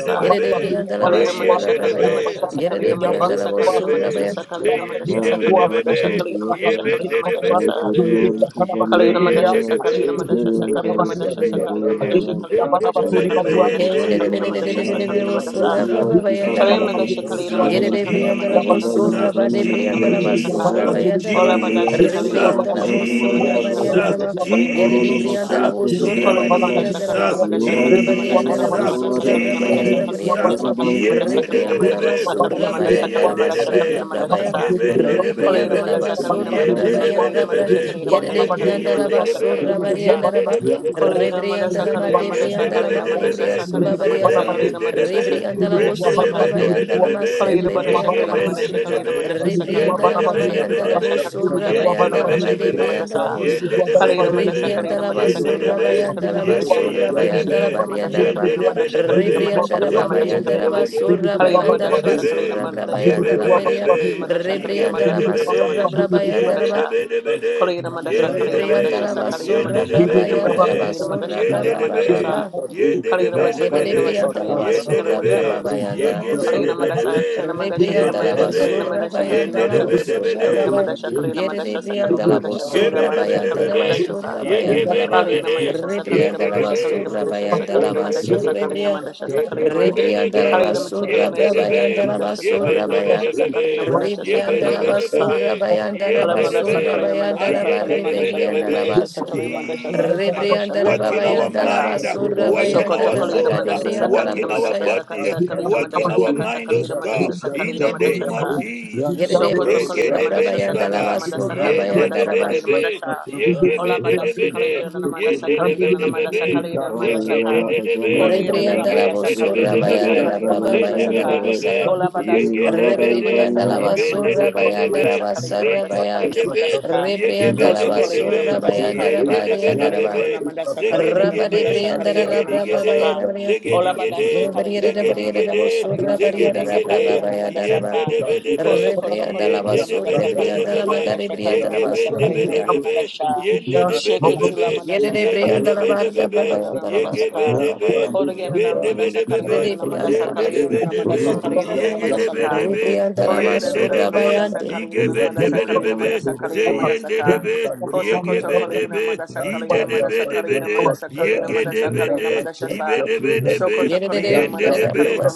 Speaker 6: Sa,
Speaker 1: Yere de bir yandara bosun
Speaker 6: Kaligramandasha, Sa, Kaligramandasha,
Speaker 1: da ya.
Speaker 6: Kaligramandasha,
Speaker 1: Yere de bir
Speaker 7: Olivia
Speaker 1: yandara
Speaker 6: Sa,
Speaker 1: bosun da
Speaker 6: Kaligramandasha, Sa,
Speaker 7: Manto
Speaker 6: Kaligramandasha, Sa,
Speaker 7: zahani
Speaker 6: Kaligramandasha, Sa,
Speaker 7: harisati
Speaker 6: Kaligramandasha, Kaligramandasha,
Speaker 7: etan,
Speaker 6: Kaligramandasha,
Speaker 4: Yebende
Speaker 7: anteriori examinati
Speaker 6: Sa,
Speaker 7: bayan,
Speaker 4: de be,
Speaker 6: Kaligramandasha, Sa,
Speaker 7: eis eis
Speaker 6: Kaligramandasha, Sa, Kaligramandasha, Sa,
Speaker 7: semigoli
Speaker 6: Kaligramandasha,
Speaker 7: layan,
Speaker 6: Kaligramandasha, Sa,
Speaker 7: bandidos
Speaker 6: Kaligramandasha,
Speaker 1: Yeah,
Speaker 6: Sa,
Speaker 7: esan
Speaker 1: de de de de de de
Speaker 6: Kaligramandasha,
Speaker 1: de de
Speaker 6: Sa,
Speaker 1: de
Speaker 7: maidian,
Speaker 1: de. We'll see.
Speaker 6: Kaligramandasha,
Speaker 1: Blah
Speaker 4: Jesus,
Speaker 7: jedia
Speaker 1: blah blah.
Speaker 7: ki
Speaker 1: Boy, I love
Speaker 7: habiba
Speaker 1: you.
Speaker 7: habiba
Speaker 4: Jesus,
Speaker 1: Yere
Speaker 7: hilelan,
Speaker 6: Kaligramandasha,
Speaker 1: de brianda la
Speaker 6: Kaligramandasha, Kaligramandasha,
Speaker 1: voz
Speaker 7: kediva
Speaker 2: you.
Speaker 1: surra
Speaker 4: Jesus,
Speaker 1: ba
Speaker 6: Kaligramandasha,
Speaker 7: imudana
Speaker 6: Sa,
Speaker 1: de
Speaker 2: Thank
Speaker 1: brianda la
Speaker 7: nikirade
Speaker 6: Kaligramandasha,
Speaker 1: voz
Speaker 6: Sa, Ka,
Speaker 1: surra
Speaker 4: Jesus,
Speaker 1: ba
Speaker 7: nikizovai,
Speaker 1: yanda la
Speaker 6: Ola
Speaker 1: voz
Speaker 7: umea
Speaker 6: badasi
Speaker 1: re
Speaker 6: kalina
Speaker 4: Jesus,
Speaker 1: brianda
Speaker 7: ipenalogi
Speaker 1: la
Speaker 6: madasa
Speaker 1: voz
Speaker 6: kalina
Speaker 7: adimaya
Speaker 1: surra
Speaker 6: madasa
Speaker 1: ba
Speaker 7: azan,
Speaker 6: kalina
Speaker 1: yanda
Speaker 4: Jesus,
Speaker 1: la voz
Speaker 6: madasa
Speaker 7: kei
Speaker 6: kalina
Speaker 1: yere de
Speaker 7: korolo
Speaker 6: madasa
Speaker 1: brianda
Speaker 7: hosen
Speaker 1: la
Speaker 4: Jesus,
Speaker 1: voz surra
Speaker 7: serishadi
Speaker 1: ba
Speaker 6: Kaligina
Speaker 1: de
Speaker 7: kidan,
Speaker 6: Madasha
Speaker 1: brianda la
Speaker 6: Kaligina
Speaker 1: voz
Speaker 4: Jesus,
Speaker 6: Madasha
Speaker 7: minohai
Speaker 1: ra
Speaker 6: Kaligina
Speaker 1: ba
Speaker 6: Madasha
Speaker 1: yanda
Speaker 7: visenunu
Speaker 1: la
Speaker 6: Kaligina
Speaker 1: voz
Speaker 4: Jesus,
Speaker 6: Madasha
Speaker 7: korolada
Speaker 1: surra ba
Speaker 6: Kaligina
Speaker 1: yere
Speaker 7: jidayai,
Speaker 6: Madasha
Speaker 1: la brianda la
Speaker 4: Jesus,
Speaker 1: voz
Speaker 7: meoba
Speaker 6: Kaligina
Speaker 1: re
Speaker 4: yende
Speaker 6: Madasha
Speaker 7: hentizelen
Speaker 4: de
Speaker 6: Kaligina
Speaker 4: de
Speaker 1: brianda
Speaker 4: de
Speaker 1: la voz
Speaker 4: be,
Speaker 7: orolada,
Speaker 6: Madasha Kaligina
Speaker 1: surra ba
Speaker 4: ibe
Speaker 6: Madasha
Speaker 1: yanda
Speaker 6: Kaligina
Speaker 1: la
Speaker 4: yende
Speaker 1: voz
Speaker 4: de
Speaker 6: Madasha
Speaker 4: be,
Speaker 6: Kaligina
Speaker 1: surra ba ya
Speaker 4: ige bende
Speaker 1: re
Speaker 4: de be de
Speaker 7: Okay,
Speaker 4: be
Speaker 1: brianda la
Speaker 4: de,
Speaker 6: Madasha
Speaker 1: voz
Speaker 6: Kaligina
Speaker 1: surra
Speaker 6: Madasha
Speaker 1: ba
Speaker 4: yende
Speaker 6: Sa
Speaker 4: de be
Speaker 1: yere
Speaker 6: Kaligina
Speaker 4: de
Speaker 1: la
Speaker 4: be
Speaker 1: bra
Speaker 6: Madasha
Speaker 4: be,
Speaker 6: Kaligina
Speaker 1: yere de
Speaker 4: yege
Speaker 1: brianda la
Speaker 4: yende
Speaker 6: Madasha
Speaker 1: voz
Speaker 4: de
Speaker 6: Sa
Speaker 4: be,
Speaker 6: Kaligina
Speaker 1: ba
Speaker 6: Madasha
Speaker 1: yanda la
Speaker 4: yende de
Speaker 1: voz
Speaker 4: be de be
Speaker 1: re
Speaker 6: Kaligina
Speaker 4: be de de de de de de de de de de de
Speaker 1: brianda
Speaker 6: Madasha
Speaker 1: la ma
Speaker 6: Kaligina
Speaker 1: de brianda
Speaker 4: de
Speaker 1: la ma de
Speaker 6: Madasha
Speaker 1: brianda
Speaker 6: Sa Kaligina Madasha Kaligina Madasha
Speaker 1: sula
Speaker 6: Kaligina Madasha
Speaker 1: ba
Speaker 6: Kaligina Madasha Sa Kaligina Madasha Kaligina Madasha Sa
Speaker 4: de
Speaker 6: Kaligina
Speaker 1: Rebriandala
Speaker 6: Madasha
Speaker 4: de
Speaker 6: Sa
Speaker 1: vosura
Speaker 6: Kaligina
Speaker 4: de
Speaker 1: bayandala
Speaker 4: de be
Speaker 1: maser
Speaker 6: Kaligina Madasha
Speaker 1: rebriandala
Speaker 6: Kaligina
Speaker 4: yegebende
Speaker 6: Madasha
Speaker 4: be
Speaker 1: vosia.
Speaker 2: you.
Speaker 4: de
Speaker 6: Kaligina Madasha
Speaker 4: be,
Speaker 2: Thank
Speaker 6: Sa Kaligina
Speaker 4: yende
Speaker 1: Rebriandala
Speaker 4: de
Speaker 6: Madasha
Speaker 4: be
Speaker 1: mama
Speaker 6: Sa
Speaker 4: de
Speaker 6: Kaligina
Speaker 4: be, de
Speaker 1: yandala
Speaker 6: Madasha
Speaker 4: be
Speaker 6: Kaligina
Speaker 1: vosura
Speaker 6: Madasha Kaligina
Speaker 4: yende de be
Speaker 1: bayandala
Speaker 6: Madasha
Speaker 4: de be,
Speaker 1: made
Speaker 4: be,
Speaker 6: Kaligina Madasha
Speaker 1: briandala vosia.
Speaker 4: yende de be de
Speaker 6: Kalina
Speaker 4: be be,
Speaker 6: Madasha Kalina
Speaker 1: Rebriandala
Speaker 6: Madasha
Speaker 4: yende de
Speaker 6: Kalina
Speaker 1: vasura
Speaker 4: be
Speaker 6: Madasha Kalina
Speaker 1: bayandala
Speaker 6: Madasha
Speaker 1: vasura
Speaker 6: Kalina
Speaker 4: yegeyende de
Speaker 6: Madasha
Speaker 4: be
Speaker 1: bayandala bariandala
Speaker 4: yende
Speaker 1: ba.
Speaker 6: Kalina
Speaker 4: de be, de
Speaker 6: Madasha
Speaker 4: be
Speaker 6: Kalina
Speaker 4: be, zege de zebeyendedebe, rendedebedebedebe, yegebendebedebe, be yendedebedebebe, yendedebedebebe, be de yendedebedebebe,
Speaker 6: Madasha
Speaker 1: Rebriandala
Speaker 6: Kalina
Speaker 1: baba
Speaker 6: Madasha Kalina Madasha
Speaker 1: yandala
Speaker 6: Kalina Ma-
Speaker 1: vasura
Speaker 4: zegedebedebede,
Speaker 6: Kalina
Speaker 4: de
Speaker 1: bayandala
Speaker 6: Madasha
Speaker 4: de
Speaker 6: Sakalina
Speaker 4: be,
Speaker 1: vasura
Speaker 6: Madasha
Speaker 4: yebe
Speaker 1: brabayandala
Speaker 6: Kalina
Speaker 4: be de
Speaker 6: Madasha
Speaker 1: beria.
Speaker 4: be,
Speaker 6: Kalina
Speaker 4: yige be
Speaker 1: Rebriandala
Speaker 4: de
Speaker 6: Madasha
Speaker 4: be
Speaker 6: Kalina
Speaker 1: masura
Speaker 4: de
Speaker 6: Madasha Kalina
Speaker 1: brabayandala
Speaker 4: yende de
Speaker 1: ba.
Speaker 6: Madasha
Speaker 4: be de be de
Speaker 6: Kalina Madasha
Speaker 4: yende de
Speaker 6: Kalina Madasha Kalina Madasha
Speaker 4: be,
Speaker 1: Rebriandala
Speaker 6: Sakalina
Speaker 4: yende
Speaker 1: vasura
Speaker 4: de
Speaker 6: Madasha
Speaker 4: be
Speaker 6: Kalina
Speaker 4: de be
Speaker 6: Madasha
Speaker 1: brabayandala
Speaker 4: de
Speaker 6: Kalina
Speaker 1: vasura
Speaker 6: Madasha
Speaker 4: yende
Speaker 6: Kalina
Speaker 4: de
Speaker 6: Madasha
Speaker 4: be,
Speaker 1: brababa.
Speaker 6: Sa
Speaker 4: yende de,
Speaker 6: Kalina
Speaker 4: be
Speaker 6: Madasha
Speaker 4: de be
Speaker 6: Kalina
Speaker 4: de
Speaker 6: Madasha
Speaker 1: Yerebrianda la
Speaker 6: Kalina
Speaker 7: so
Speaker 6: Madasha
Speaker 4: yende de
Speaker 1: basura
Speaker 6: Kalina Madasha
Speaker 1: brava
Speaker 4: be,
Speaker 1: bayanda
Speaker 4: be
Speaker 1: la
Speaker 4: be, be be, be, be
Speaker 1: bosso.
Speaker 6: Kalina
Speaker 7: अधिकाराधिकार
Speaker 4: be be, be be be, be be be, Yendedebe, yebebedebe, yigebedebede,
Speaker 6: Madasha Kalina
Speaker 1: Rebrianda la
Speaker 6: Madasha
Speaker 4: yendedebedebede,
Speaker 6: Kalina
Speaker 1: basura
Speaker 4: yendedebe, yendedebedebede,
Speaker 6: Madasha
Speaker 4: yendedebe,
Speaker 1: bayanda la
Speaker 4: de
Speaker 6: Kalina Madasha Kalina
Speaker 4: be de
Speaker 6: Madasha
Speaker 4: be
Speaker 1: bosura
Speaker 6: Kalina
Speaker 4: de.
Speaker 1: brava.
Speaker 6: Madasha Kalina Madasha
Speaker 1: Yerebrianda
Speaker 6: Kalina Madasha Kalina
Speaker 1: la
Speaker 6: Madasha Kalina
Speaker 1: bosura
Speaker 6: Madasha
Speaker 1: bayanda la
Speaker 6: Kalina
Speaker 4: Kebedebedebebe,
Speaker 6: Madasha Sa
Speaker 1: basura bayanda la ba.
Speaker 2: you.
Speaker 4: yegebedebede,
Speaker 6: Kaligramma dasha
Speaker 2: Amen.
Speaker 1: Rebrianda
Speaker 6: sakaligramma
Speaker 1: la
Speaker 2: Amen.
Speaker 6: dasha
Speaker 4: yendedebe,
Speaker 6: kaligramma
Speaker 1: basura
Speaker 6: dasha
Speaker 1: bayanda la
Speaker 6: sakaligramma dasha
Speaker 1: basura
Speaker 4: yendedebedebe,
Speaker 6: sakaligramma
Speaker 1: rebrianda.
Speaker 6: dasha sakaligramma
Speaker 1: Rebrianda
Speaker 4: yegebedebedebe,
Speaker 1: la
Speaker 6: kaligramma
Speaker 1: basura
Speaker 6: sakaligramma
Speaker 1: brava
Speaker 4: yendedebe,
Speaker 1: yanda
Speaker 6: sakaligramma
Speaker 1: la
Speaker 6: dasha
Speaker 1: basura
Speaker 6: sakaligramma
Speaker 1: baya.
Speaker 6: dasha
Speaker 4: yebendebedebebe,
Speaker 6: sakaligramma dasha
Speaker 1: Rebrianda
Speaker 6: sakaligramma
Speaker 1: la
Speaker 6: dasha
Speaker 4: yebedebedebebe,
Speaker 1: basura bayanda la
Speaker 4: yendedebe,
Speaker 1: basura
Speaker 6: sakaligramma
Speaker 1: bayanda
Speaker 6: dasha
Speaker 1: la ba.
Speaker 6: sakaligramma dasha sakaligramma dasha
Speaker 1: Rebrianda la
Speaker 4: ayendedebedebebe.
Speaker 1: basso.
Speaker 6: kaligramma dasha sakaligramma dasha sakaligramma
Speaker 4: Jesus,
Speaker 6: dasha
Speaker 1: Rebriandara
Speaker 4: work
Speaker 6: kaligramma
Speaker 4: in
Speaker 6: dasha
Speaker 4: our
Speaker 1: Babayandala
Speaker 6: saka
Speaker 4: mind,
Speaker 1: Basura
Speaker 4: work in
Speaker 6: Sokoto
Speaker 4: our
Speaker 1: Bayandara
Speaker 4: soul,
Speaker 6: kaligramma
Speaker 1: Bagadi
Speaker 6: dasha
Speaker 1: Briandala
Speaker 4: work in
Speaker 6: sakaligramma
Speaker 4: our
Speaker 6: dasha
Speaker 1: Busaya.
Speaker 6: sakat
Speaker 4: body,
Speaker 6: sakaligramma
Speaker 4: work in
Speaker 6: dasha
Speaker 4: our
Speaker 6: sakat
Speaker 4: mind, oh
Speaker 6: sakaligramma
Speaker 4: God,
Speaker 6: dasha
Speaker 4: in the
Speaker 6: sakaligramma dasha
Speaker 4: name of
Speaker 6: sa
Speaker 4: Jesus.
Speaker 1: Yerede
Speaker 6: Sokoto
Speaker 4: Rege
Speaker 6: Kalida
Speaker 1: Brosura
Speaker 4: de
Speaker 6: Mandasha
Speaker 4: beni
Speaker 1: Brabayandala
Speaker 6: Sakalida
Speaker 4: baga,
Speaker 6: Mandasa
Speaker 1: Basura
Speaker 6: Kalida
Speaker 4: yende de
Speaker 6: Mandasa
Speaker 1: Bayandara
Speaker 4: be de
Speaker 1: Ba.
Speaker 6: Kalida
Speaker 4: be,
Speaker 6: Mandasha
Speaker 4: yege
Speaker 6: Ola
Speaker 4: be de de
Speaker 6: Badasi
Speaker 4: be de,
Speaker 6: Kalida Namandasa
Speaker 4: yende de
Speaker 6: Kalida
Speaker 4: be de be
Speaker 6: Namandasa
Speaker 4: be,
Speaker 6: Kalida
Speaker 4: zeke
Speaker 6: Mandasaka
Speaker 4: de de de be,
Speaker 6: Kalida
Speaker 1: Rebriandala
Speaker 4: yige
Speaker 6: Namandasa
Speaker 4: de de be
Speaker 6: Kalida
Speaker 1: Bosura
Speaker 4: de be
Speaker 6: Mandasa
Speaker 4: be.
Speaker 1: Bayandara
Speaker 6: Kalida Mandasha
Speaker 1: Brabayandala
Speaker 6: Saka
Speaker 4: Zendebedebebe,
Speaker 1: Busaya.
Speaker 6: Ola Badasi
Speaker 7: Kimini
Speaker 6: Kalida
Speaker 7: muada
Speaker 4: yegedebede,
Speaker 6: Namandasa
Speaker 1: Rebriandala
Speaker 6: Kalida
Speaker 7: izani
Speaker 6: Mandasa
Speaker 1: Basura
Speaker 6: Kalida
Speaker 4: ibendebedebe,
Speaker 1: Bayandara
Speaker 6: Mandasa Kalida
Speaker 1: Basara
Speaker 7: Thank you.
Speaker 6: Mandasa
Speaker 1: Baya.
Speaker 6: Kalida
Speaker 4: reyendebe,
Speaker 6: Mandasaka
Speaker 1: Rebriandala
Speaker 6: Koso
Speaker 4: yegebedebedebe,
Speaker 6: Kalida
Speaker 1: Basura
Speaker 6: Mandasa
Speaker 1: Bayandara
Speaker 6: Kalida Mandasa
Speaker 1: Bariandara
Speaker 6: Kalida
Speaker 1: Ba.
Speaker 4: yendebedebebe,
Speaker 6: Namandasa Kalida
Speaker 4: zegedigede,
Speaker 1: Rabari
Speaker 6: Namandasa Kalida
Speaker 1: Briandara
Speaker 4: zegedigede,
Speaker 6: Namandasaka
Speaker 1: Brabayandara
Speaker 6: Ola
Speaker 1: Rebriandala
Speaker 4: zegedigede,
Speaker 6: Badasi Kalida
Speaker 4: zegedigede,
Speaker 6: Namadasa Kalida Namadasa
Speaker 4: zegedigede,
Speaker 6: Kalida Namadasaka
Speaker 4: yendebedebe,
Speaker 6: Koso koto kolegina na madasa kolegina na
Speaker 4: yendebedebedebe,
Speaker 6: mandasha kolegina madasa kolegina na
Speaker 4: yegebendebedebe,
Speaker 6: mandasha. Sheketi
Speaker 4: yendebedebebe,
Speaker 6: la mandasha sa kolegina mandasha sa
Speaker 4: yendebedebebe,
Speaker 6: kolegina na mandasha ka.
Speaker 4: yegebedebe,
Speaker 6: Kolegina na madasa
Speaker 4: ibendebedebebe,
Speaker 6: kolegina na madasa kolegina na
Speaker 4: Zendedebedebe,
Speaker 6: madasa kolegina na mandasa
Speaker 4: yegedebedebe,
Speaker 6: Kosa koto kolegina
Speaker 4: yendedebe,
Speaker 6: madasa
Speaker 7: Jesus. I
Speaker 6: kolegina
Speaker 7: need you,
Speaker 6: madasa
Speaker 7: I'll be
Speaker 6: kolegina
Speaker 4: yigebendebedebebe,
Speaker 7: one,
Speaker 6: madasa
Speaker 7: I'll be
Speaker 6: kolegina
Speaker 4: zeyendedebe, yegebedebe, yindedebedebede,
Speaker 6: madasa
Speaker 4: yegedebede,
Speaker 6: kolegina
Speaker 7: one.
Speaker 6: madasa sa
Speaker 4: yibedebedebe,
Speaker 6: sokoto kolegina madasa
Speaker 4: yendedebe,
Speaker 6: kolegina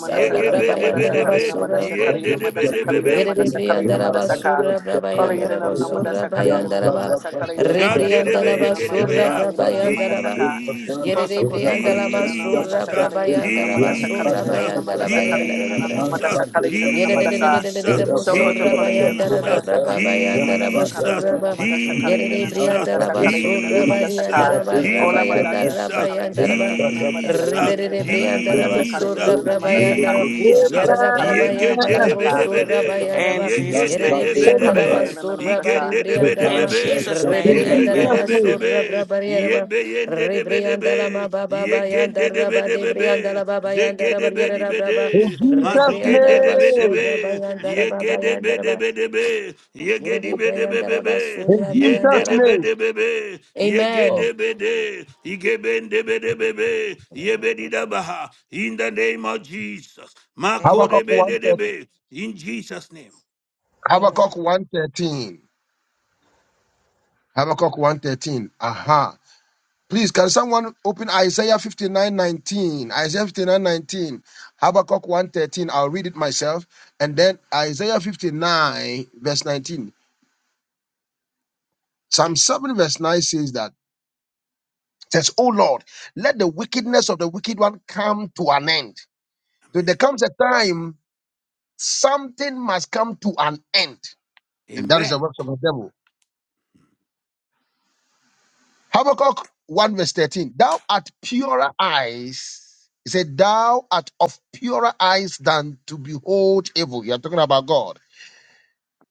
Speaker 6: madasa
Speaker 4: yegebedebedebe,
Speaker 6: kolegina madasa Kalina Madasha Sokota kolegina madasa kolegina madasa
Speaker 4: yendedebedebebe.
Speaker 6: kolegina
Speaker 1: Yerede
Speaker 6: madasa kolegina
Speaker 1: briandara
Speaker 6: madasa ka
Speaker 1: basura
Speaker 6: kolegina
Speaker 1: brabayandara
Speaker 6: na
Speaker 1: basura
Speaker 6: madasa Kalina
Speaker 1: bayandara ba.
Speaker 6: Madasaka
Speaker 1: Rebriandara
Speaker 6: kolegina na madasa
Speaker 1: basura
Speaker 4: Shandedebeyegedebeya.
Speaker 6: kolegina na madasa kolegina na madasa kolegina na madasa ka
Speaker 4: Jesus,
Speaker 6: koso
Speaker 1: Yerede
Speaker 6: koto
Speaker 1: briandara
Speaker 6: kolegina na
Speaker 1: basura
Speaker 6: madasa
Speaker 4: Jesus,
Speaker 6: kolegina na
Speaker 1: brabayandara
Speaker 6: madasa
Speaker 1: basura
Speaker 6: kolegina
Speaker 4: Jesus,
Speaker 6: na
Speaker 1: bayandara
Speaker 6: madasa kolegina
Speaker 1: bayandara
Speaker 6: na
Speaker 4: Jesus,
Speaker 6: madasa kolegina na madasa
Speaker 4: Jesus,
Speaker 1: Yerede
Speaker 6: Sokoto
Speaker 1: basura
Speaker 6: Kolegira and
Speaker 1: bayandara
Speaker 6: Amanda
Speaker 4: Jesus, Jesus, Jesus,
Speaker 6: Sakalegir and Amanda
Speaker 1: brabayandara
Speaker 6: Sakalegir
Speaker 1: basura
Speaker 6: and
Speaker 1: ba.
Speaker 6: Amanda Sakalegir
Speaker 1: Yerede
Speaker 6: and
Speaker 4: Jesus,
Speaker 6: Amanda
Speaker 1: briandara
Speaker 6: Sakalegir and
Speaker 1: basura
Speaker 6: Amanda
Speaker 4: Jesus,
Speaker 6: Saka
Speaker 1: bayandara
Speaker 6: Ola Badata
Speaker 1: brabayandara
Speaker 6: Shikalegir
Speaker 1: bayandara
Speaker 6: and
Speaker 1: ba.
Speaker 6: Amanda
Speaker 4: Jesus,
Speaker 6: Sakalegir and
Speaker 1: Ribere
Speaker 6: Amanda
Speaker 1: briandara
Speaker 6: Sakalegir
Speaker 1: basura
Speaker 6: and
Speaker 4: Jesus,
Speaker 6: Amanda Sakalegir and Amanda
Speaker 4: Jesus,
Speaker 1: Yarara
Speaker 6: Sakalegir and
Speaker 1: brabaya
Speaker 6: Amanda
Speaker 1: darabo
Speaker 6: Saka
Speaker 1: surra
Speaker 4: Yegedebedebede,
Speaker 6: In
Speaker 1: bayaraba
Speaker 6: Jesus'
Speaker 1: yerere
Speaker 6: name
Speaker 4: Yegedebedebe,
Speaker 1: briandala
Speaker 6: Shikalegir and
Speaker 1: basurra
Speaker 6: Amanda Sa
Speaker 1: bari
Speaker 4: Igende de be de be
Speaker 6: In
Speaker 1: briandalama
Speaker 4: be,
Speaker 6: Jesus'
Speaker 2: In
Speaker 6: name
Speaker 4: ye brege
Speaker 1: rebriandala
Speaker 4: de
Speaker 2: Jesus'
Speaker 6: Amen
Speaker 4: be de
Speaker 2: name.
Speaker 4: be,
Speaker 1: basurra
Speaker 4: ye
Speaker 1: brabariyaraba
Speaker 4: be yende de be de be,
Speaker 1: rebriandala ma baba
Speaker 4: ye gende de
Speaker 1: bayandara
Speaker 4: be de
Speaker 1: bade
Speaker 4: be be,
Speaker 1: briandala baba
Speaker 4: zege
Speaker 1: yandara
Speaker 4: de be di
Speaker 1: bariyara
Speaker 4: be de,
Speaker 1: braba
Speaker 2: In Jesus'
Speaker 4: mazugende
Speaker 1: rebriandala
Speaker 4: de be de be,
Speaker 2: name.
Speaker 1: basurra bayandara
Speaker 4: ye ge
Speaker 1: baba
Speaker 4: de be
Speaker 1: yandara
Speaker 4: de
Speaker 7: Andarsa.
Speaker 1: ba
Speaker 4: be de be, ye ge di
Speaker 1: yerere
Speaker 4: be de be be
Speaker 1: briandala
Speaker 4: be,
Speaker 2: In
Speaker 4: yende
Speaker 2: Jesus'
Speaker 4: de be
Speaker 2: name.
Speaker 4: de be be, ye ge
Speaker 2: Oh.
Speaker 1: Amen.
Speaker 4: de be de, ige ben de be de be ye be di da baha, in the name of Jesus, mako
Speaker 8: Amen.
Speaker 4: de
Speaker 2: Habakkuk
Speaker 4: be de de
Speaker 2: 113.
Speaker 4: be, in Jesus' name,
Speaker 8: Amen.
Speaker 2: Habakkuk 113. Habakkuk 113. Aha. Please, can someone open Isaiah 59:19? Isaiah 59:19. Habakkuk 113. I'll read it myself. And then Isaiah 59, verse 19. Psalm 7, verse 9 says that, says, Oh Lord, let the wickedness of the wicked one come to an end. So there comes a time something must come to an end. And that is
Speaker 4: amen.
Speaker 2: the works of the devil. Habakkuk 1 verse 13. Thou art purer eyes. He said, Thou art of purer eyes than to behold evil. You are talking about God.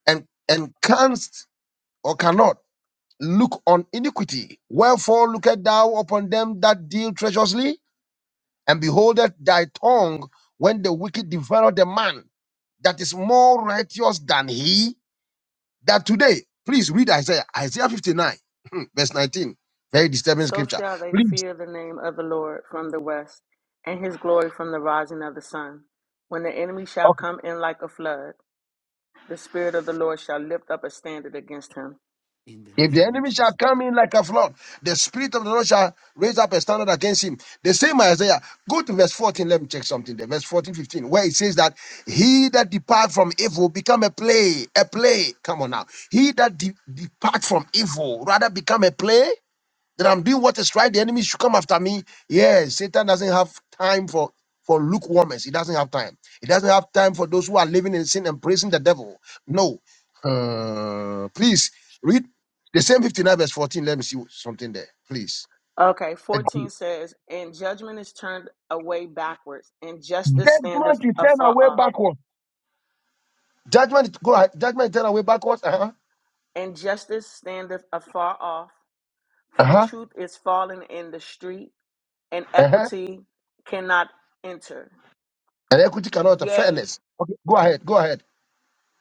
Speaker 2: And and canst or cannot look on iniquity. Wherefore lookest thou upon them that deal treacherously, and beholdeth thy tongue when the wicked devour the man that is more righteous than he that today. Please read Isaiah, Isaiah 59, verse 19. Very disturbing
Speaker 6: So
Speaker 2: scripture.
Speaker 6: shall they fear the name of the Lord from the west and his glory from the rising of the sun when the enemy shall come in like a flood The Spirit of the Lord shall lift up a standard against him.
Speaker 4: In the
Speaker 2: If the
Speaker 4: name of
Speaker 2: enemy shall
Speaker 4: Jesus.
Speaker 2: come in like a flood, the spirit of the Lord shall raise up a standard against him. The same Isaiah. Go to verse 14. Let me check something there. Verse 14 15, where it says that he that depart from evil become a play, a play. Come on now. He that de- depart from evil rather become a play that I'm doing what is right, the enemy should come after me. Yeah, Satan doesn't have time for for lukewarmers. He doesn't have time. He doesn't have time for those who are living in sin and praising the devil. No. Uh, please read the same 59 verse 14. Let me see something there, please.
Speaker 6: Okay,
Speaker 2: Uh,
Speaker 6: 14 says, And judgment is turned away backwards, and justice standeth
Speaker 2: Judgment is turned
Speaker 6: afar
Speaker 2: away
Speaker 6: off.
Speaker 2: backwards. Judgment, is go ahead. Judgment is turned away backwards. Uh huh.
Speaker 6: And justice standeth afar off,
Speaker 2: Uh
Speaker 6: for
Speaker 2: huh.
Speaker 6: truth is fallen in the street, and
Speaker 2: Uh huh.
Speaker 6: equity cannot enter.
Speaker 2: And equity cannot uh,
Speaker 6: Yea,
Speaker 2: fairness. Okay, go ahead. Go ahead.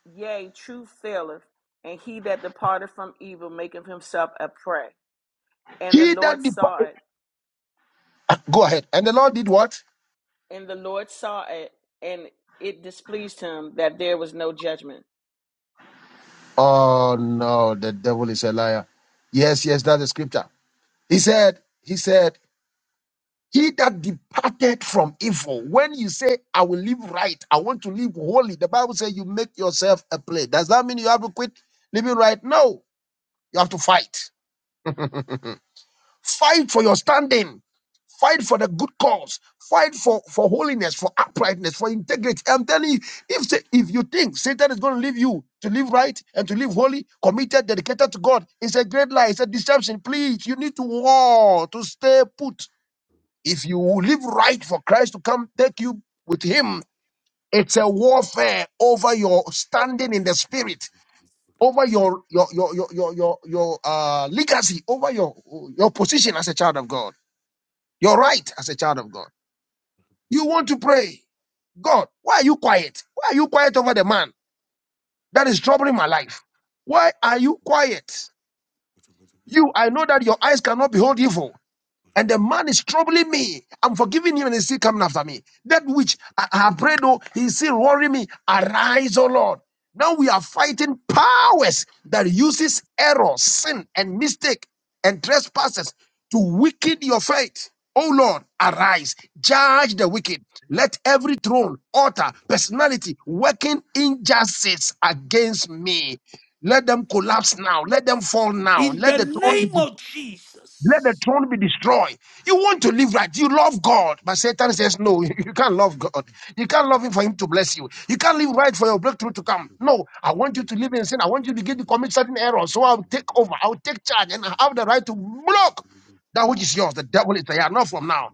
Speaker 6: yea, truth faileth, and he that departed from evil maketh himself a prey. And the
Speaker 2: He
Speaker 6: Lord
Speaker 2: that depart.
Speaker 6: saw it,
Speaker 2: Go ahead. And the Lord did what?
Speaker 6: and the Lord saw it, and it displeased him that there was no judgment.
Speaker 2: Oh no, the devil is a liar. Yes, yes, that's the scripture. He said, he said, he that departed from evil. When you say, I will live right, I want to live holy, the Bible says you make yourself a play. Does that mean you have to quit living right? No, you have to fight. fight for your standing. Fight for the good cause. Fight for, for holiness, for uprightness, for integrity. I'm telling you, if sa- if you think Satan is going to leave you to live right and to live holy, committed, dedicated to God, it's a great lie. It's a deception. Please, you need to war to stay put. If you live right for Christ to come take you with Him, it's a warfare over your standing in the Spirit, over your your your your your your, your uh, legacy, over your your position as a child of God, your right as a child of God. You want to pray. God, why are you quiet? Why are you quiet over the man that is troubling my life? Why are you quiet? You, I know that your eyes cannot behold evil and the man is troubling me. I'm forgiving him and he's still coming after me. That which I I have prayed, oh, he's still worrying me. Arise, O Lord. Now we are fighting powers that uses error, sin, and mistake and trespasses to weaken your faith. Oh Lord, arise, judge the wicked. Let every throne, altar, personality working injustice against me. Let them collapse now. Let them fall now.
Speaker 4: In
Speaker 2: Let
Speaker 4: the
Speaker 2: the throne
Speaker 4: name
Speaker 2: be
Speaker 4: of
Speaker 2: let the
Speaker 4: Jesus.
Speaker 2: throne be destroyed. You want to live right. You love God. But Satan says, no, you can't love God. You can't love Him for Him to bless you. You can't live right for your breakthrough to come. No, I want you to live in sin. I want you to begin to commit certain errors. So I'll take over. I'll take charge and I have the right to block that which is yours. The devil is there. Not from now.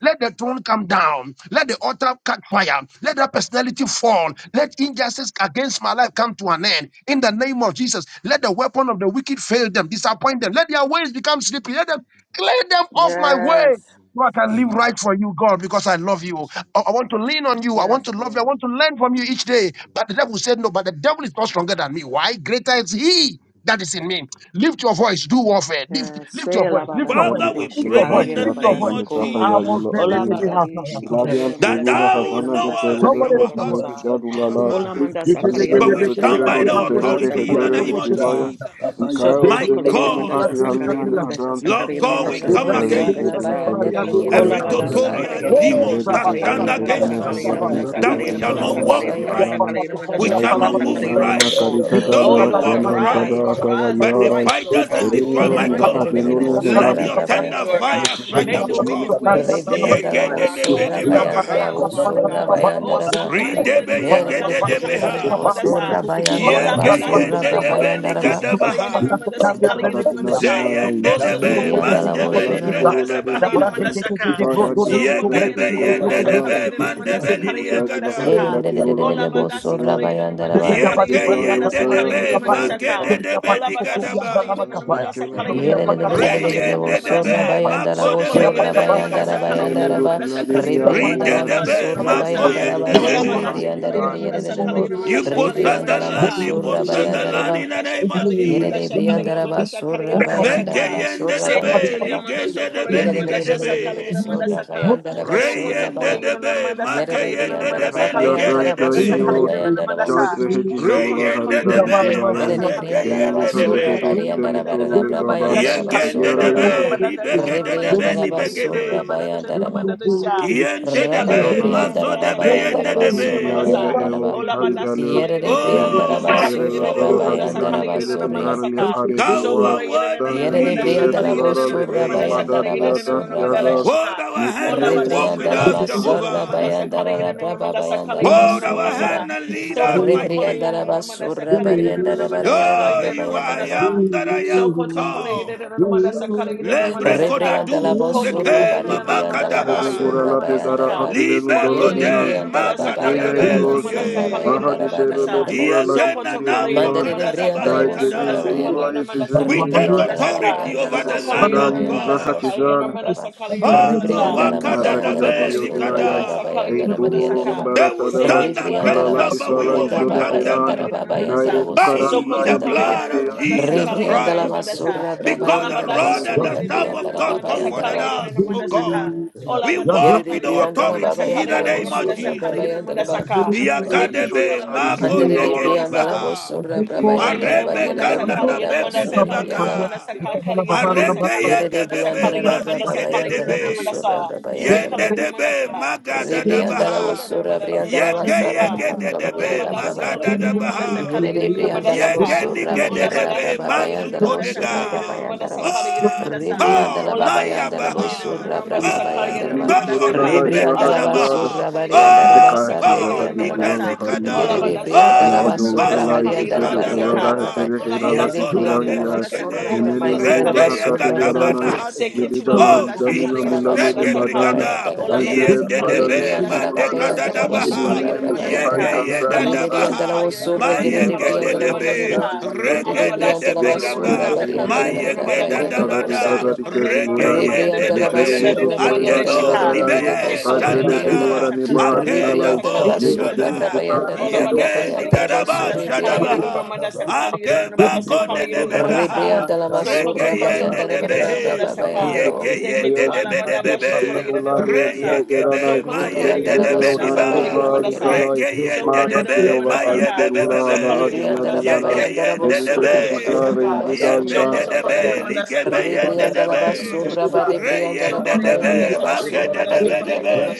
Speaker 2: Let the throne come down. Let the altar catch fire. Let that personality fall. Let injustice against my life come to an end. In the name of Jesus, let the weapon of the wicked fail them, disappoint them. Let their ways become slippery. Let them clear them off my way.
Speaker 6: Yes.
Speaker 2: So I can live right for you, God, because I love you. I I want to lean on you. I want to
Speaker 6: Yes,
Speaker 2: love you. I
Speaker 6: Lord.
Speaker 2: want to learn from you each day. But the devil said, No, but the devil is not stronger than me. Why? Greater is he that is in me. Lift your voice. Do warfare. Lift,
Speaker 6: Yes.
Speaker 2: lift,
Speaker 6: Say la ba
Speaker 2: lift
Speaker 6: da
Speaker 2: your
Speaker 6: da ma
Speaker 2: voice
Speaker 4: Father,
Speaker 7: Valley
Speaker 4: we
Speaker 6: de shi
Speaker 4: pray
Speaker 6: kala
Speaker 4: in
Speaker 7: Akilobanti
Speaker 6: ge
Speaker 4: the
Speaker 6: da ba
Speaker 2: your
Speaker 4: name
Speaker 2: voice.
Speaker 6: si
Speaker 7: Akadami
Speaker 4: of
Speaker 7: Sakaya
Speaker 2: Amo
Speaker 7: Yulo
Speaker 4: Jesus
Speaker 2: zede
Speaker 6: Ola
Speaker 2: de
Speaker 6: ba
Speaker 7: Alim
Speaker 2: de
Speaker 6: da
Speaker 2: hasa
Speaker 6: di
Speaker 2: ya
Speaker 6: shi kala
Speaker 2: sote.
Speaker 6: ge
Speaker 7: Miladiam
Speaker 6: da ma
Speaker 4: that
Speaker 6: da sa
Speaker 7: Seguba
Speaker 6: kala
Speaker 4: thou
Speaker 6: da
Speaker 7: Havana
Speaker 6: ma
Speaker 7: de
Speaker 6: sa kala
Speaker 2: So,
Speaker 4: knowest
Speaker 7: Teruba
Speaker 6: da ma
Speaker 4: our
Speaker 6: sa
Speaker 7: Katiyan
Speaker 6: sa.
Speaker 4: hearts of a
Speaker 7: Dadulas
Speaker 6: Ola
Speaker 4: man,
Speaker 6: mandasa
Speaker 2: jeke
Speaker 6: kaligina
Speaker 4: but
Speaker 7: Jenidan
Speaker 4: we
Speaker 6: mandasha sa
Speaker 4: stand
Speaker 2: ka
Speaker 4: by
Speaker 2: de
Speaker 7: Tuterelon
Speaker 4: the
Speaker 6: kaligina
Speaker 7: de
Speaker 6: mandasha
Speaker 7: Serele
Speaker 6: sa
Speaker 2: de
Speaker 4: authority
Speaker 2: bo
Speaker 4: in the
Speaker 2: de
Speaker 6: kaligina
Speaker 7: Hetorel
Speaker 4: name of
Speaker 6: mandasha
Speaker 2: bapa.
Speaker 6: sa.
Speaker 7: Sivayan
Speaker 4: Jesus.
Speaker 6: Soko
Speaker 7: Nkao
Speaker 6: to
Speaker 4: My
Speaker 2: Jeke ke te
Speaker 7: Sene
Speaker 6: kaligina
Speaker 2: te
Speaker 7: Nu
Speaker 2: ya
Speaker 7: Aki
Speaker 6: mandasha
Speaker 2: te
Speaker 4: God,
Speaker 6: sa
Speaker 2: ni ka te
Speaker 6: kaligina
Speaker 7: Hamian
Speaker 2: ya.
Speaker 6: mandasha sa
Speaker 7: Adanta
Speaker 1: Rebriandala
Speaker 4: Lord
Speaker 6: kaligina
Speaker 4: God, we
Speaker 6: mandasha
Speaker 2: Yo
Speaker 7: Hake
Speaker 6: sa
Speaker 4: come
Speaker 2: bra
Speaker 6: kaligina
Speaker 2: si ke ni
Speaker 4: again.
Speaker 6: mandasha
Speaker 2: ba ti
Speaker 7: Kawazadim
Speaker 6: sa.
Speaker 2: ba
Speaker 7: Tole
Speaker 2: ya de ni
Speaker 7: Kababaya
Speaker 6: Kola
Speaker 4: Every
Speaker 2: sa.
Speaker 6: badasa
Speaker 7: Hajayan
Speaker 4: tutorial
Speaker 6: kaligina no
Speaker 2: Eh,
Speaker 4: demons
Speaker 6: mandasha
Speaker 2: sa
Speaker 7: Meredu
Speaker 4: that
Speaker 2: ba ta
Speaker 6: kaligina
Speaker 2: ta
Speaker 4: stand
Speaker 7: Pesome
Speaker 6: no
Speaker 2: la ba
Speaker 6: mandasa
Speaker 4: against
Speaker 7: Vetane
Speaker 2: ti ta
Speaker 4: us,
Speaker 6: kaligina
Speaker 7: Vedoga
Speaker 2: pa.
Speaker 6: mandasa
Speaker 4: that
Speaker 7: Nikedo
Speaker 4: we
Speaker 6: kaligina
Speaker 4: shall
Speaker 7: Fenzami
Speaker 2: Yo
Speaker 4: not
Speaker 6: mandasa
Speaker 2: pa
Speaker 4: walk
Speaker 6: kaligina
Speaker 2: si
Speaker 7: Amzadi
Speaker 2: ya
Speaker 6: mandasa
Speaker 4: right,
Speaker 2: pa
Speaker 7: Alanan
Speaker 2: ta
Speaker 6: kaligina
Speaker 2: to sa
Speaker 4: we
Speaker 6: mandasha
Speaker 2: ya
Speaker 4: shall
Speaker 6: sa
Speaker 2: pa
Speaker 7: Yardo
Speaker 2: la
Speaker 4: not
Speaker 2: ba.
Speaker 6: kata
Speaker 7: Veni
Speaker 4: move
Speaker 6: kaligina
Speaker 7: Malima
Speaker 4: right.
Speaker 6: mandasa.
Speaker 7: Karita
Speaker 2: Ni ta ta
Speaker 4: Though
Speaker 6: Oh
Speaker 2: ta
Speaker 4: we
Speaker 7: Dalima
Speaker 2: ta
Speaker 6: Lord,
Speaker 4: walk
Speaker 2: ta
Speaker 7: Chana
Speaker 2: ta
Speaker 6: arise,
Speaker 4: right,
Speaker 7: Msaba
Speaker 6: arise
Speaker 2: ta ta
Speaker 6: and
Speaker 4: but they
Speaker 2: ta.
Speaker 7: Akava
Speaker 6: fight,
Speaker 4: fight
Speaker 6: Lord
Speaker 4: us and
Speaker 6: God.
Speaker 7: Elini
Speaker 6: Oh,
Speaker 4: destroy
Speaker 6: to
Speaker 4: my
Speaker 7: zofika
Speaker 6: fight the
Speaker 4: God.
Speaker 6: wicked
Speaker 7: apenole
Speaker 6: that's
Speaker 4: Let
Speaker 6: fighting
Speaker 7: helani.
Speaker 4: your
Speaker 6: against me,
Speaker 4: tender
Speaker 6: Lord
Speaker 7: Sasa
Speaker 4: fire
Speaker 6: God.
Speaker 4: strike
Speaker 7: meshuria
Speaker 6: Make
Speaker 4: them,
Speaker 6: the
Speaker 4: O
Speaker 7: selime
Speaker 6: wicked
Speaker 4: God.
Speaker 6: ways
Speaker 7: kuruna.
Speaker 6: slippery, Lord God. Cause them to
Speaker 4: Yegendenebelebagaha.
Speaker 6: fail, Father God. Oh, sakala
Speaker 4: Ridebe
Speaker 6: yedidididamanda, sakala
Speaker 4: yegededebeha.
Speaker 6: yedidididamanda, sa. Oh, labadasi, kala
Speaker 2: Thank
Speaker 6: yedidididamandasi, kala
Speaker 4: Yegeyendedebenigadaba.
Speaker 6: yedidididamandasi, kala yedidididamanda,
Speaker 7: Takadina
Speaker 6: sa.
Speaker 7: Benayan,
Speaker 6: Oh, sakala
Speaker 4: Zeyendedebe
Speaker 7: Miliania
Speaker 6: mandasi, kala
Speaker 7: Talati
Speaker 6: yedidididamanda,
Speaker 7: Kerola
Speaker 6: sa,
Speaker 7: de
Speaker 6: kala
Speaker 4: mandebelibregadabaha.
Speaker 6: yedidididamanda,
Speaker 7: Gisain,
Speaker 6: sa, ka. So,
Speaker 7: Fahadios is
Speaker 6: kola
Speaker 7: the
Speaker 4: Yegebe
Speaker 6: yada na manda
Speaker 7: Hunkola
Speaker 4: yende
Speaker 6: sa kala
Speaker 7: Yana,
Speaker 4: debe
Speaker 6: yada na manda
Speaker 7: Midi
Speaker 6: sa
Speaker 4: mandebe
Speaker 6: kala yada na
Speaker 7: Devotari
Speaker 6: manda sa
Speaker 7: Bahadi
Speaker 4: liliekada.
Speaker 6: ka.
Speaker 7: Latirola
Speaker 6: Ola
Speaker 1: Yelelelelelelebo
Speaker 7: Hitegi
Speaker 6: badasi
Speaker 1: sorra
Speaker 6: kala
Speaker 7: Divine,
Speaker 1: bayandaraba.
Speaker 7: Minante
Speaker 6: kalayida
Speaker 2: Somebody
Speaker 4: Yeke yende
Speaker 6: namandasa
Speaker 7: Yosaya
Speaker 6: kalayida namandasa kalayida
Speaker 4: debe
Speaker 7: Hagia
Speaker 6: namandasa
Speaker 7: the
Speaker 6: ka.
Speaker 4: magede
Speaker 7: An,
Speaker 4: debe
Speaker 6: Ola
Speaker 7: Very
Speaker 6: badasi
Speaker 4: nikadaba.
Speaker 6: kalayida
Speaker 7: Vedosana
Speaker 6: namandasa
Speaker 7: Nekelo
Speaker 6: kalayida
Speaker 7: Gazayan,
Speaker 6: namandasa
Speaker 4: Re
Speaker 6: kalayida
Speaker 1: Yelelelelelelelebo
Speaker 4: yende
Speaker 6: namandasa.
Speaker 1: sorra
Speaker 4: debe
Speaker 6: So
Speaker 1: bayandarabo
Speaker 4: makode
Speaker 6: kalayida
Speaker 1: sorra
Speaker 4: bebebe
Speaker 1: bayandara
Speaker 6: namandasa
Speaker 4: nikada.
Speaker 7: Masele
Speaker 6: kalayida
Speaker 7: Mero
Speaker 1: bayandaraba.
Speaker 6: namandasa
Speaker 7: Tilani
Speaker 6: kalayida
Speaker 7: Niari
Speaker 6: namandasa
Speaker 4: Ride
Speaker 7: Nigan,
Speaker 1: Rebriandalama
Speaker 6: kalayida
Speaker 4: debe
Speaker 1: sorra
Speaker 6: namandasa.
Speaker 7: Erediso
Speaker 1: bayandaraba
Speaker 4: makoyende
Speaker 7: Serene
Speaker 6: Ola
Speaker 7: Juwa
Speaker 1: sorri
Speaker 4: debe.
Speaker 7: Hari
Speaker 6: badasi kalayida
Speaker 1: briandarabri
Speaker 7: Gigasa.
Speaker 6: namandasa kalayida
Speaker 1: yelelelebo.
Speaker 4: You
Speaker 6: namandasa kalayida
Speaker 4: possess the
Speaker 6: namandasa
Speaker 1: Rebriandalama
Speaker 6: ka.
Speaker 4: land, you
Speaker 1: sorra
Speaker 4: possess the
Speaker 6: Shekeli
Speaker 4: land
Speaker 1: bayandaraba.
Speaker 4: in the
Speaker 6: amandasa
Speaker 4: name of
Speaker 6: kalayida
Speaker 1: Yerede
Speaker 6: namandasa
Speaker 4: Jesus.
Speaker 6: kalayida
Speaker 1: briandaraba
Speaker 6: namandasa
Speaker 1: sorra
Speaker 6: kalayida namandasa ka.
Speaker 1: bayandaraba
Speaker 4: Megeyende
Speaker 1: sorra
Speaker 4: debe,
Speaker 6: Sheketili
Speaker 1: bayandaraba.
Speaker 7: Yara
Speaker 6: amandasa
Speaker 4: ligende debe,
Speaker 6: kalayida namandasa
Speaker 1: Yelelelelelelelebo
Speaker 4: ligedebe.
Speaker 6: kalayida
Speaker 1: sorra
Speaker 6: namandasa ka.
Speaker 8: Every
Speaker 1: bayandaraba
Speaker 2: fucking
Speaker 6: Sokoto
Speaker 1: sorra
Speaker 8: weapon,
Speaker 4: Reyende
Speaker 1: bayandaraba.
Speaker 4: debe,
Speaker 6: koleginanamanda
Speaker 1: Yerede
Speaker 4: mageyende
Speaker 6: sakaleginanamanda
Speaker 1: briandaraba
Speaker 4: debe, ligede
Speaker 1: bayandaraba
Speaker 6: sakaleginanamanda
Speaker 2: Thank
Speaker 8: every
Speaker 4: debe.
Speaker 1: sorra
Speaker 8: weapon,
Speaker 6: sakaleginanamanda
Speaker 1: bayandaraba.
Speaker 6: sa.
Speaker 8: destroy every
Speaker 6: Sokoto
Speaker 8: throne
Speaker 4: Reyende de
Speaker 8: that is
Speaker 4: be,
Speaker 6: koleginanamanda
Speaker 8: on
Speaker 1: Yere de
Speaker 4: mazeke
Speaker 8: this
Speaker 1: brianda la
Speaker 4: yende
Speaker 8: earth.
Speaker 4: de
Speaker 8: Oh
Speaker 6: sakaleginanamanda
Speaker 1: basura
Speaker 8: God,
Speaker 4: be.
Speaker 1: barianda la
Speaker 6: dinanamanda
Speaker 1: barada
Speaker 6: dinanamanda
Speaker 8: the
Speaker 6: da
Speaker 1: brabayanda
Speaker 8: world
Speaker 1: la
Speaker 6: shi
Speaker 8: is a
Speaker 4: Yegende
Speaker 8: prison
Speaker 1: basura
Speaker 4: de
Speaker 8: in my
Speaker 1: baya.
Speaker 4: be,
Speaker 8: life.
Speaker 6: koleginanamanda da
Speaker 8: Oh God, the
Speaker 4: libegede de
Speaker 6: yinanamanda
Speaker 8: world
Speaker 6: da
Speaker 1: Rebrianda
Speaker 4: be,
Speaker 8: is
Speaker 1: la basura
Speaker 4: libegede.
Speaker 8: a
Speaker 6: sakaleginanamanda
Speaker 1: bayanda la
Speaker 8: enemy.
Speaker 1: ba.
Speaker 6: dinanamanda
Speaker 8: Oh
Speaker 6: da
Speaker 8: God, and
Speaker 6: sha.
Speaker 8: I'm ready to
Speaker 4: Yende
Speaker 6: She
Speaker 4: de
Speaker 8: die.
Speaker 1: Rabare
Speaker 4: be,
Speaker 6: kolegina na na
Speaker 1: brianda
Speaker 4: mazo
Speaker 1: la
Speaker 4: de
Speaker 6: mandasa
Speaker 4: be,
Speaker 1: babayanda la
Speaker 4: yende
Speaker 6: koleginanamanda
Speaker 7: Te
Speaker 4: de
Speaker 1: basura
Speaker 6: sakaleginanamanda
Speaker 7: Lumiari
Speaker 4: be.
Speaker 6: sa.
Speaker 7: le
Speaker 1: bayanda la
Speaker 7: eomi
Speaker 1: ba.
Speaker 6: Ola mandasi
Speaker 7: haribalo
Speaker 1: Yere de
Speaker 6: kolegina na na
Speaker 1: brianda
Speaker 7: mediti
Speaker 1: la
Speaker 4: Oh,
Speaker 6: mandasa
Speaker 4: my
Speaker 7: susere
Speaker 6: banda
Speaker 7: lo
Speaker 1: basura
Speaker 7: solo
Speaker 4: soul,
Speaker 6: si koleginanamanda
Speaker 1: brabayanda
Speaker 7: haginani
Speaker 1: la
Speaker 7: kere
Speaker 6: sakaleginanamanda
Speaker 8: Oh
Speaker 1: basura.
Speaker 7: kungara
Speaker 6: mandasa
Speaker 7: le
Speaker 8: God,
Speaker 6: saka.
Speaker 7: are
Speaker 6: So
Speaker 8: restore
Speaker 4: thou
Speaker 8: the
Speaker 7: duwaz
Speaker 4: art
Speaker 8: world.
Speaker 4: worthy,
Speaker 7: dane
Speaker 1: Yere
Speaker 7: mi
Speaker 1: de
Speaker 6: koleginanamanda
Speaker 8: That's
Speaker 7: pere
Speaker 1: brianda la
Speaker 4: Jesus, to
Speaker 7: kungara
Speaker 8: attacking,
Speaker 4: be
Speaker 7: le
Speaker 6: she
Speaker 8: that's
Speaker 1: basura
Speaker 7: ero
Speaker 6: mandasa
Speaker 4: praised.
Speaker 1: bayanda
Speaker 6: kala
Speaker 1: la
Speaker 8: attacking,
Speaker 7: madadi adati
Speaker 6: yidana
Speaker 1: basura
Speaker 8: that's
Speaker 6: mandara
Speaker 1: baya.
Speaker 7: azaz
Speaker 8: pulling me
Speaker 6: shika.
Speaker 4: Hold
Speaker 8: from
Speaker 4: our
Speaker 8: it,
Speaker 4: hand
Speaker 7: medije
Speaker 6: Ola
Speaker 8: from
Speaker 4: and
Speaker 8: the full and retarded Father
Speaker 4: walk
Speaker 6: badasi
Speaker 4: with
Speaker 1: Rebrianda
Speaker 6: kala
Speaker 8: awakening.
Speaker 7: susele
Speaker 1: la
Speaker 4: us,
Speaker 7: intole
Speaker 6: yidana
Speaker 8: Yeah,
Speaker 1: basura
Speaker 4: Jehovah.
Speaker 7: vizele
Speaker 6: mandasa
Speaker 1: bayanda
Speaker 6: kala
Speaker 8: how do
Speaker 1: la
Speaker 6: yidana
Speaker 8: you
Speaker 6: mandasa kala
Speaker 1: brabayanda la
Speaker 6: yidana
Speaker 4: Hold our
Speaker 6: mandasa.
Speaker 1: basura.
Speaker 4: hand and
Speaker 8: wake up?
Speaker 4: lead us,
Speaker 6: Soko
Speaker 4: my
Speaker 6: chokola
Speaker 1: Rebrianda la
Speaker 4: King.
Speaker 6: yidana mandasa
Speaker 1: basura
Speaker 6: kala
Speaker 8: Going
Speaker 6: yidana
Speaker 1: barianda la
Speaker 6: mandasa
Speaker 1: barianda
Speaker 6: kala
Speaker 1: la
Speaker 4: Oh, you are
Speaker 6: yidana
Speaker 4: I
Speaker 6: mandasa.
Speaker 4: am that I am
Speaker 6: Soko
Speaker 2: you.
Speaker 6: chokola
Speaker 4: God.
Speaker 6: yidana
Speaker 2: Thank
Speaker 6: mandasa kala yidana mandasa
Speaker 4: Lebrekoda
Speaker 6: ka.
Speaker 1: Rebrianda la
Speaker 4: du
Speaker 6: Koto kola
Speaker 1: basura ba de
Speaker 4: zekema
Speaker 6: yidana
Speaker 1: brianda
Speaker 7: Sorori
Speaker 1: la
Speaker 6: mandasa kala
Speaker 7: hedun
Speaker 4: makadaha.
Speaker 6: yidana
Speaker 1: basura
Speaker 7: gurala
Speaker 6: mandasa
Speaker 7: pegara
Speaker 1: bayanda la
Speaker 6: ka.
Speaker 1: ba.
Speaker 7: apele nundola
Speaker 1: Yere de
Speaker 7: dinan
Speaker 4: Libekode
Speaker 1: brianda la ba
Speaker 6: Kolayidadadadamadasa,
Speaker 4: makadada
Speaker 1: bayanda la
Speaker 7: Nikeios
Speaker 6: kalayidadadadamadasa,
Speaker 1: basura
Speaker 7: baha
Speaker 1: bayanda
Speaker 4: bezige.
Speaker 1: la ba de
Speaker 7: diserelo
Speaker 6: kalayidadadadamadasa.
Speaker 1: na
Speaker 7: dura la
Speaker 4: Yegena
Speaker 6: Sokoto
Speaker 7: dikire
Speaker 4: nabro
Speaker 7: liwan
Speaker 1: Mandare
Speaker 4: kadada
Speaker 6: kolayidadadamadasa,
Speaker 1: rebrianda la
Speaker 7: naite de
Speaker 1: vosurra
Speaker 6: kalayidadadamadasa,
Speaker 4: bazikada.
Speaker 7: dura
Speaker 1: variarva,
Speaker 7: ete
Speaker 6: kalayidadamadasa,
Speaker 4: We
Speaker 7: zenon
Speaker 4: take
Speaker 7: yai
Speaker 1: rebrianda la
Speaker 6: madasa ka.
Speaker 4: authority
Speaker 1: babayanda la
Speaker 4: over
Speaker 7: kere
Speaker 4: the land
Speaker 1: basurra
Speaker 7: dukunani
Speaker 4: of
Speaker 1: bayanda la
Speaker 7: mizaha
Speaker 6: Sokolayidadadamadasa,
Speaker 4: God.
Speaker 1: basurra
Speaker 6: kalayidadamadasa,
Speaker 1: baba,
Speaker 6: kalayidadamadasa.
Speaker 4: Oh,
Speaker 1: rebrianda la
Speaker 7: Lubin
Speaker 4: wakadada
Speaker 1: babayanda
Speaker 6: Sokoto
Speaker 1: la
Speaker 7: Mahadiva
Speaker 1: vosurra
Speaker 7: Diogilaya,
Speaker 1: baba
Speaker 6: kolayidadadamadasa,
Speaker 4: bezikada.
Speaker 7: they
Speaker 1: bayanda la
Speaker 6: kalayidadamadasa
Speaker 1: varianda
Speaker 7: follow
Speaker 1: la
Speaker 6: ka.
Speaker 1: ba,
Speaker 4: They
Speaker 7: Humbarata
Speaker 4: will stand
Speaker 7: Lavariki
Speaker 1: rebrianda la
Speaker 4: against
Speaker 7: Karala
Speaker 4: us,
Speaker 6: Seketualabadashi,
Speaker 4: but we
Speaker 7: Tesala
Speaker 1: basurra baba
Speaker 7: Isona
Speaker 4: overcome
Speaker 6: kalayidadadamadasa,
Speaker 1: bayanda la
Speaker 7: Elana,
Speaker 4: them
Speaker 1: babayanda
Speaker 6: kalayidadamadasa.
Speaker 1: la
Speaker 7: Naire du
Speaker 4: by
Speaker 1: vosurra
Speaker 7: Karalila
Speaker 6: Sokoto
Speaker 4: the
Speaker 1: brianda
Speaker 7: Edu
Speaker 1: la ba,
Speaker 4: blood of
Speaker 7: Aratea Ima
Speaker 6: kolayidadadamadasa,
Speaker 4: Jesus
Speaker 1: rebrianda
Speaker 7: Nahania
Speaker 1: la
Speaker 4: Christ.
Speaker 7: Antasa,
Speaker 6: kalayidadadamadasa.
Speaker 1: basurra baba
Speaker 4: Because
Speaker 7: Nike
Speaker 4: the
Speaker 1: yanda
Speaker 7: to
Speaker 1: la
Speaker 6: Alabadasi,
Speaker 4: rod
Speaker 7: select
Speaker 4: and
Speaker 7: the
Speaker 4: the
Speaker 1: basurra
Speaker 7: Huru
Speaker 4: staff
Speaker 1: brianda
Speaker 4: of
Speaker 1: la
Speaker 4: God
Speaker 7: Vigatoria,
Speaker 6: kalayidadadamadasa,
Speaker 1: babayanda la
Speaker 4: comforted
Speaker 1: ba.
Speaker 4: us, oh
Speaker 6: kalayidadamadasa ka.
Speaker 4: God.
Speaker 6: Ola
Speaker 4: We
Speaker 6: badasi
Speaker 4: walk
Speaker 1: Yerede
Speaker 6: kala
Speaker 4: with
Speaker 6: yina na
Speaker 1: briyandala
Speaker 2: you.
Speaker 6: madasa
Speaker 1: baba
Speaker 4: authority in
Speaker 6: kala
Speaker 4: the
Speaker 1: yandala
Speaker 6: yina na
Speaker 4: name of
Speaker 1: bosura
Speaker 6: madasa kala
Speaker 1: braba
Speaker 4: Jesus.
Speaker 6: yina na
Speaker 1: yandala
Speaker 6: madasa
Speaker 1: ba.
Speaker 6: ka.
Speaker 7: I said,
Speaker 6: Seke tu
Speaker 4: Yakadebe
Speaker 6: ala
Speaker 7: Shosakai
Speaker 6: madasa
Speaker 4: mago
Speaker 7: Kitty
Speaker 6: kala
Speaker 1: Mandere
Speaker 6: yina na
Speaker 7: Yorolo
Speaker 6: madasa.
Speaker 7: Data,
Speaker 1: briyandala
Speaker 4: negedibaha.
Speaker 1: bosura braba
Speaker 7: Nike to
Speaker 1: yandara bar
Speaker 4: Arebe
Speaker 1: yerede
Speaker 6: Kolegidamandasa
Speaker 7: Nahavi
Speaker 1: braba
Speaker 4: kanana
Speaker 1: da
Speaker 4: beke
Speaker 6: Kaligidamandasa
Speaker 1: basura briyandala ba.
Speaker 4: debaga.
Speaker 6: Kaligidamandasa Kaligidamandasa
Speaker 4: Areke
Speaker 1: Yerede
Speaker 6: Kaligidamandasa
Speaker 4: yegegebe
Speaker 1: briyandala
Speaker 6: Kaligidamandasa
Speaker 4: mazike
Speaker 1: braba yandala
Speaker 4: dedebe.
Speaker 6: Kaligidamandasa
Speaker 1: bosura braba yandala ba.
Speaker 4: Yende
Speaker 6: Shekaligidamandasa
Speaker 4: debe magada
Speaker 1: Rebrianda la
Speaker 4: dabaha.
Speaker 1: vosora, brianda la
Speaker 4: Yeke
Speaker 6: Sekitualabadadabadadadamandasa
Speaker 2: Amen.
Speaker 1: masara,
Speaker 6: Ka
Speaker 4: yege
Speaker 1: brava, brava, brianda
Speaker 4: dedebe
Speaker 1: la
Speaker 2: Amen.
Speaker 6: Olabadasi
Speaker 1: brava.
Speaker 4: magada
Speaker 6: Kaligidamandasa
Speaker 4: dabaha.
Speaker 1: Yere brianda la
Speaker 6: Kaligidamandasa Ka
Speaker 4: Yege
Speaker 1: vosora,
Speaker 4: nike
Speaker 1: brianda la
Speaker 4: dedebe
Speaker 6: Olabadasi
Speaker 1: brava, brianda la
Speaker 4: mazuko
Speaker 6: Kaligidamandasa
Speaker 1: vosora, brava,
Speaker 4: dega.
Speaker 1: brianda la
Speaker 6: Kaligidamandasa
Speaker 1: brava.
Speaker 4: Oh
Speaker 6: Kaligidamandasa
Speaker 1: Rebrianda
Speaker 4: God,
Speaker 1: la baba
Speaker 6: Olabadasi
Speaker 1: yanda la
Speaker 4: Nayabaha.
Speaker 1: vosora, brava,
Speaker 6: Kaligidamandasa
Speaker 4: Oh
Speaker 1: brianda la brava.
Speaker 7: Jami'
Speaker 6: Kaligidamandasa
Speaker 4: God,
Speaker 7: Shorola
Speaker 6: Ka
Speaker 1: Rebrianda
Speaker 7: Harizah
Speaker 1: la
Speaker 6: Olabadadi
Speaker 7: Dizada.
Speaker 4: Libekizabaha.
Speaker 1: vosora, brianda la
Speaker 4: Oh
Speaker 6: Shikaligidamandasa
Speaker 1: masara,
Speaker 7: Bekati
Speaker 4: God,
Speaker 7: zahadi
Speaker 1: rebrianda la brava.
Speaker 7: tulala
Speaker 6: Kaligidamandasa
Speaker 7: hani
Speaker 6: Ola
Speaker 4: Nikazikada.
Speaker 7: madan.
Speaker 1: Yere
Speaker 6: badasi kala
Speaker 1: brianda la
Speaker 4: Oh
Speaker 6: yidana na
Speaker 7: Neado
Speaker 1: vosora,
Speaker 6: madasa
Speaker 7: tela
Speaker 4: God,
Speaker 6: kala
Speaker 1: brianda
Speaker 6: yidana
Speaker 1: la
Speaker 7: isisele
Speaker 6: madasa
Speaker 1: brianda la
Speaker 7: orada
Speaker 6: ka.
Speaker 4: Nikadadabaha.
Speaker 1: brava.
Speaker 7: hetere
Speaker 6: Ola
Speaker 7: kerala
Speaker 1: Yere
Speaker 6: badasi kala
Speaker 4: Yekona
Speaker 7: titura
Speaker 1: brianda
Speaker 6: yidana
Speaker 1: la
Speaker 7: hiya.
Speaker 6: madasa
Speaker 1: vosora,
Speaker 6: kala
Speaker 4: bezikede,
Speaker 6: yidana
Speaker 1: brava,
Speaker 7: Nemeni
Speaker 6: madasa
Speaker 1: brianda la
Speaker 6: kala
Speaker 7: vohuba
Speaker 6: yidana
Speaker 4: rekeye
Speaker 6: na
Speaker 1: vosora,
Speaker 7: hakaki
Speaker 6: madasa.
Speaker 1: brianda la
Speaker 7: yaranay.
Speaker 4: gagabana
Speaker 1: brava.
Speaker 6: Seke
Speaker 4: hadi.
Speaker 6: tu ala
Speaker 7: Medijama
Speaker 4: Oh
Speaker 6: badasa kala
Speaker 7: hisamina
Speaker 1: Rebrianda la
Speaker 4: Jesus,
Speaker 6: yidana na
Speaker 7: bilame ne
Speaker 4: nege
Speaker 6: madasa
Speaker 1: basura,
Speaker 6: ka.
Speaker 7: badan.
Speaker 4: brigada,
Speaker 1: varianda
Speaker 6: Ola
Speaker 7: Kantele
Speaker 6: badasi
Speaker 4: yende
Speaker 6: kala
Speaker 7: tukada
Speaker 6: yidana
Speaker 4: debe
Speaker 6: madasa
Speaker 1: la
Speaker 4: mande
Speaker 6: kala
Speaker 7: lisesirulanay.
Speaker 6: yidana
Speaker 1: variante
Speaker 6: na
Speaker 1: de
Speaker 4: kadada
Speaker 6: madasa kala
Speaker 4: baha,
Speaker 1: bosura,
Speaker 7: Nedivene
Speaker 6: yidana madasa
Speaker 1: brianda
Speaker 4: yege
Speaker 7: nisokain
Speaker 6: ka.
Speaker 1: la
Speaker 7: kankrai
Speaker 4: yeda
Speaker 6: Ola
Speaker 7: lidan.
Speaker 6: badasi
Speaker 1: rebrianda la
Speaker 6: kala
Speaker 4: dabaha,
Speaker 1: basura,
Speaker 6: yidana
Speaker 4: ma
Speaker 7: Thank you.
Speaker 6: madasa kala
Speaker 4: yege de
Speaker 1: brabayanda
Speaker 6: yidana na madasa
Speaker 4: debe,
Speaker 6: ka. Ola
Speaker 4: rege de
Speaker 6: badasi
Speaker 4: debe
Speaker 6: kala yidana
Speaker 4: gaba,
Speaker 6: madasa kala
Speaker 1: la
Speaker 4: ma
Speaker 6: yidana na
Speaker 4: yege
Speaker 6: madada
Speaker 4: da
Speaker 1: brabayanda
Speaker 6: na
Speaker 1: la
Speaker 6: madada
Speaker 1: bosura,
Speaker 4: dabada,
Speaker 1: brianda
Speaker 6: na madada na madada
Speaker 4: rege
Speaker 6: na
Speaker 4: yende
Speaker 1: rebrianda
Speaker 6: madada na madada
Speaker 1: la
Speaker 6: na
Speaker 4: debe,
Speaker 6: madada na
Speaker 1: masura,
Speaker 6: madada
Speaker 4: andebo
Speaker 6: shika.
Speaker 4: nibeye
Speaker 6: Shekala yidana
Speaker 4: zandada,
Speaker 6: madasa kala yidana
Speaker 4: akeda
Speaker 6: madasa kala
Speaker 4: bo
Speaker 6: yidana madasa
Speaker 4: shada,
Speaker 6: ka.
Speaker 1: varianda
Speaker 6: Ola badasi
Speaker 4: yege
Speaker 6: kala
Speaker 1: la
Speaker 6: yidana
Speaker 4: nidaraba
Speaker 6: madasa kala
Speaker 1: barada,
Speaker 6: yidana
Speaker 4: shadabaha.
Speaker 6: madasa kala yidana
Speaker 4: Akeba
Speaker 6: madasa
Speaker 4: kone
Speaker 6: kala yidana madasa.
Speaker 4: begaha
Speaker 6: Sokoto koto
Speaker 4: Regeyende
Speaker 6: kala yidana
Speaker 4: debehe.
Speaker 1: braba,
Speaker 6: madasa ka.
Speaker 1: bayanda la
Speaker 6: Seke
Speaker 4: Yegeyende
Speaker 6: tu
Speaker 7: Gekakuayasu,
Speaker 6: ala
Speaker 4: debe
Speaker 6: badadashi kala
Speaker 4: debebe.
Speaker 6: yidana
Speaker 7: Vetirulali Andile
Speaker 6: madasa.
Speaker 7: Eranai,
Speaker 4: Reyegebe
Speaker 6: Sokoto kala
Speaker 7: Keli
Speaker 4: mayende
Speaker 1: Ribriandala
Speaker 6: yidana
Speaker 7: Zede
Speaker 4: debe
Speaker 1: basura
Speaker 6: madasa
Speaker 7: Honana
Speaker 6: kala yidana
Speaker 4: niba.
Speaker 1: bayara
Speaker 7: Mifali
Speaker 1: barriera.
Speaker 6: madasa.
Speaker 7: Kalai,
Speaker 4: Regeyende
Speaker 6: Sokola
Speaker 7: Masi
Speaker 6: yidana
Speaker 4: debe
Speaker 7: Seova
Speaker 6: madasa ka.
Speaker 7: Aiterulana
Speaker 6: Sokola yidana
Speaker 4: mayebebebebe.
Speaker 7: Adiyani
Speaker 1: Ribriandala
Speaker 6: madasa.
Speaker 7: Yarai,
Speaker 6: Shoko
Speaker 1: babayandala
Speaker 4: Yegeyende
Speaker 7: Keli
Speaker 4: debe.
Speaker 7: Cheti
Speaker 1: basura
Speaker 7: Susare
Speaker 1: babayandala basura
Speaker 7: Ingida
Speaker 4: Yebede
Speaker 1: bayandala ba.
Speaker 4: debe. Ligebeyende
Speaker 1: Ribriandala
Speaker 4: debe.
Speaker 1: basura ba ribriandala
Speaker 4: Reyende debe.
Speaker 1: babayandala basura
Speaker 4: Magede
Speaker 1: ba
Speaker 4: debe debe.
Speaker 1: ribriandala ba.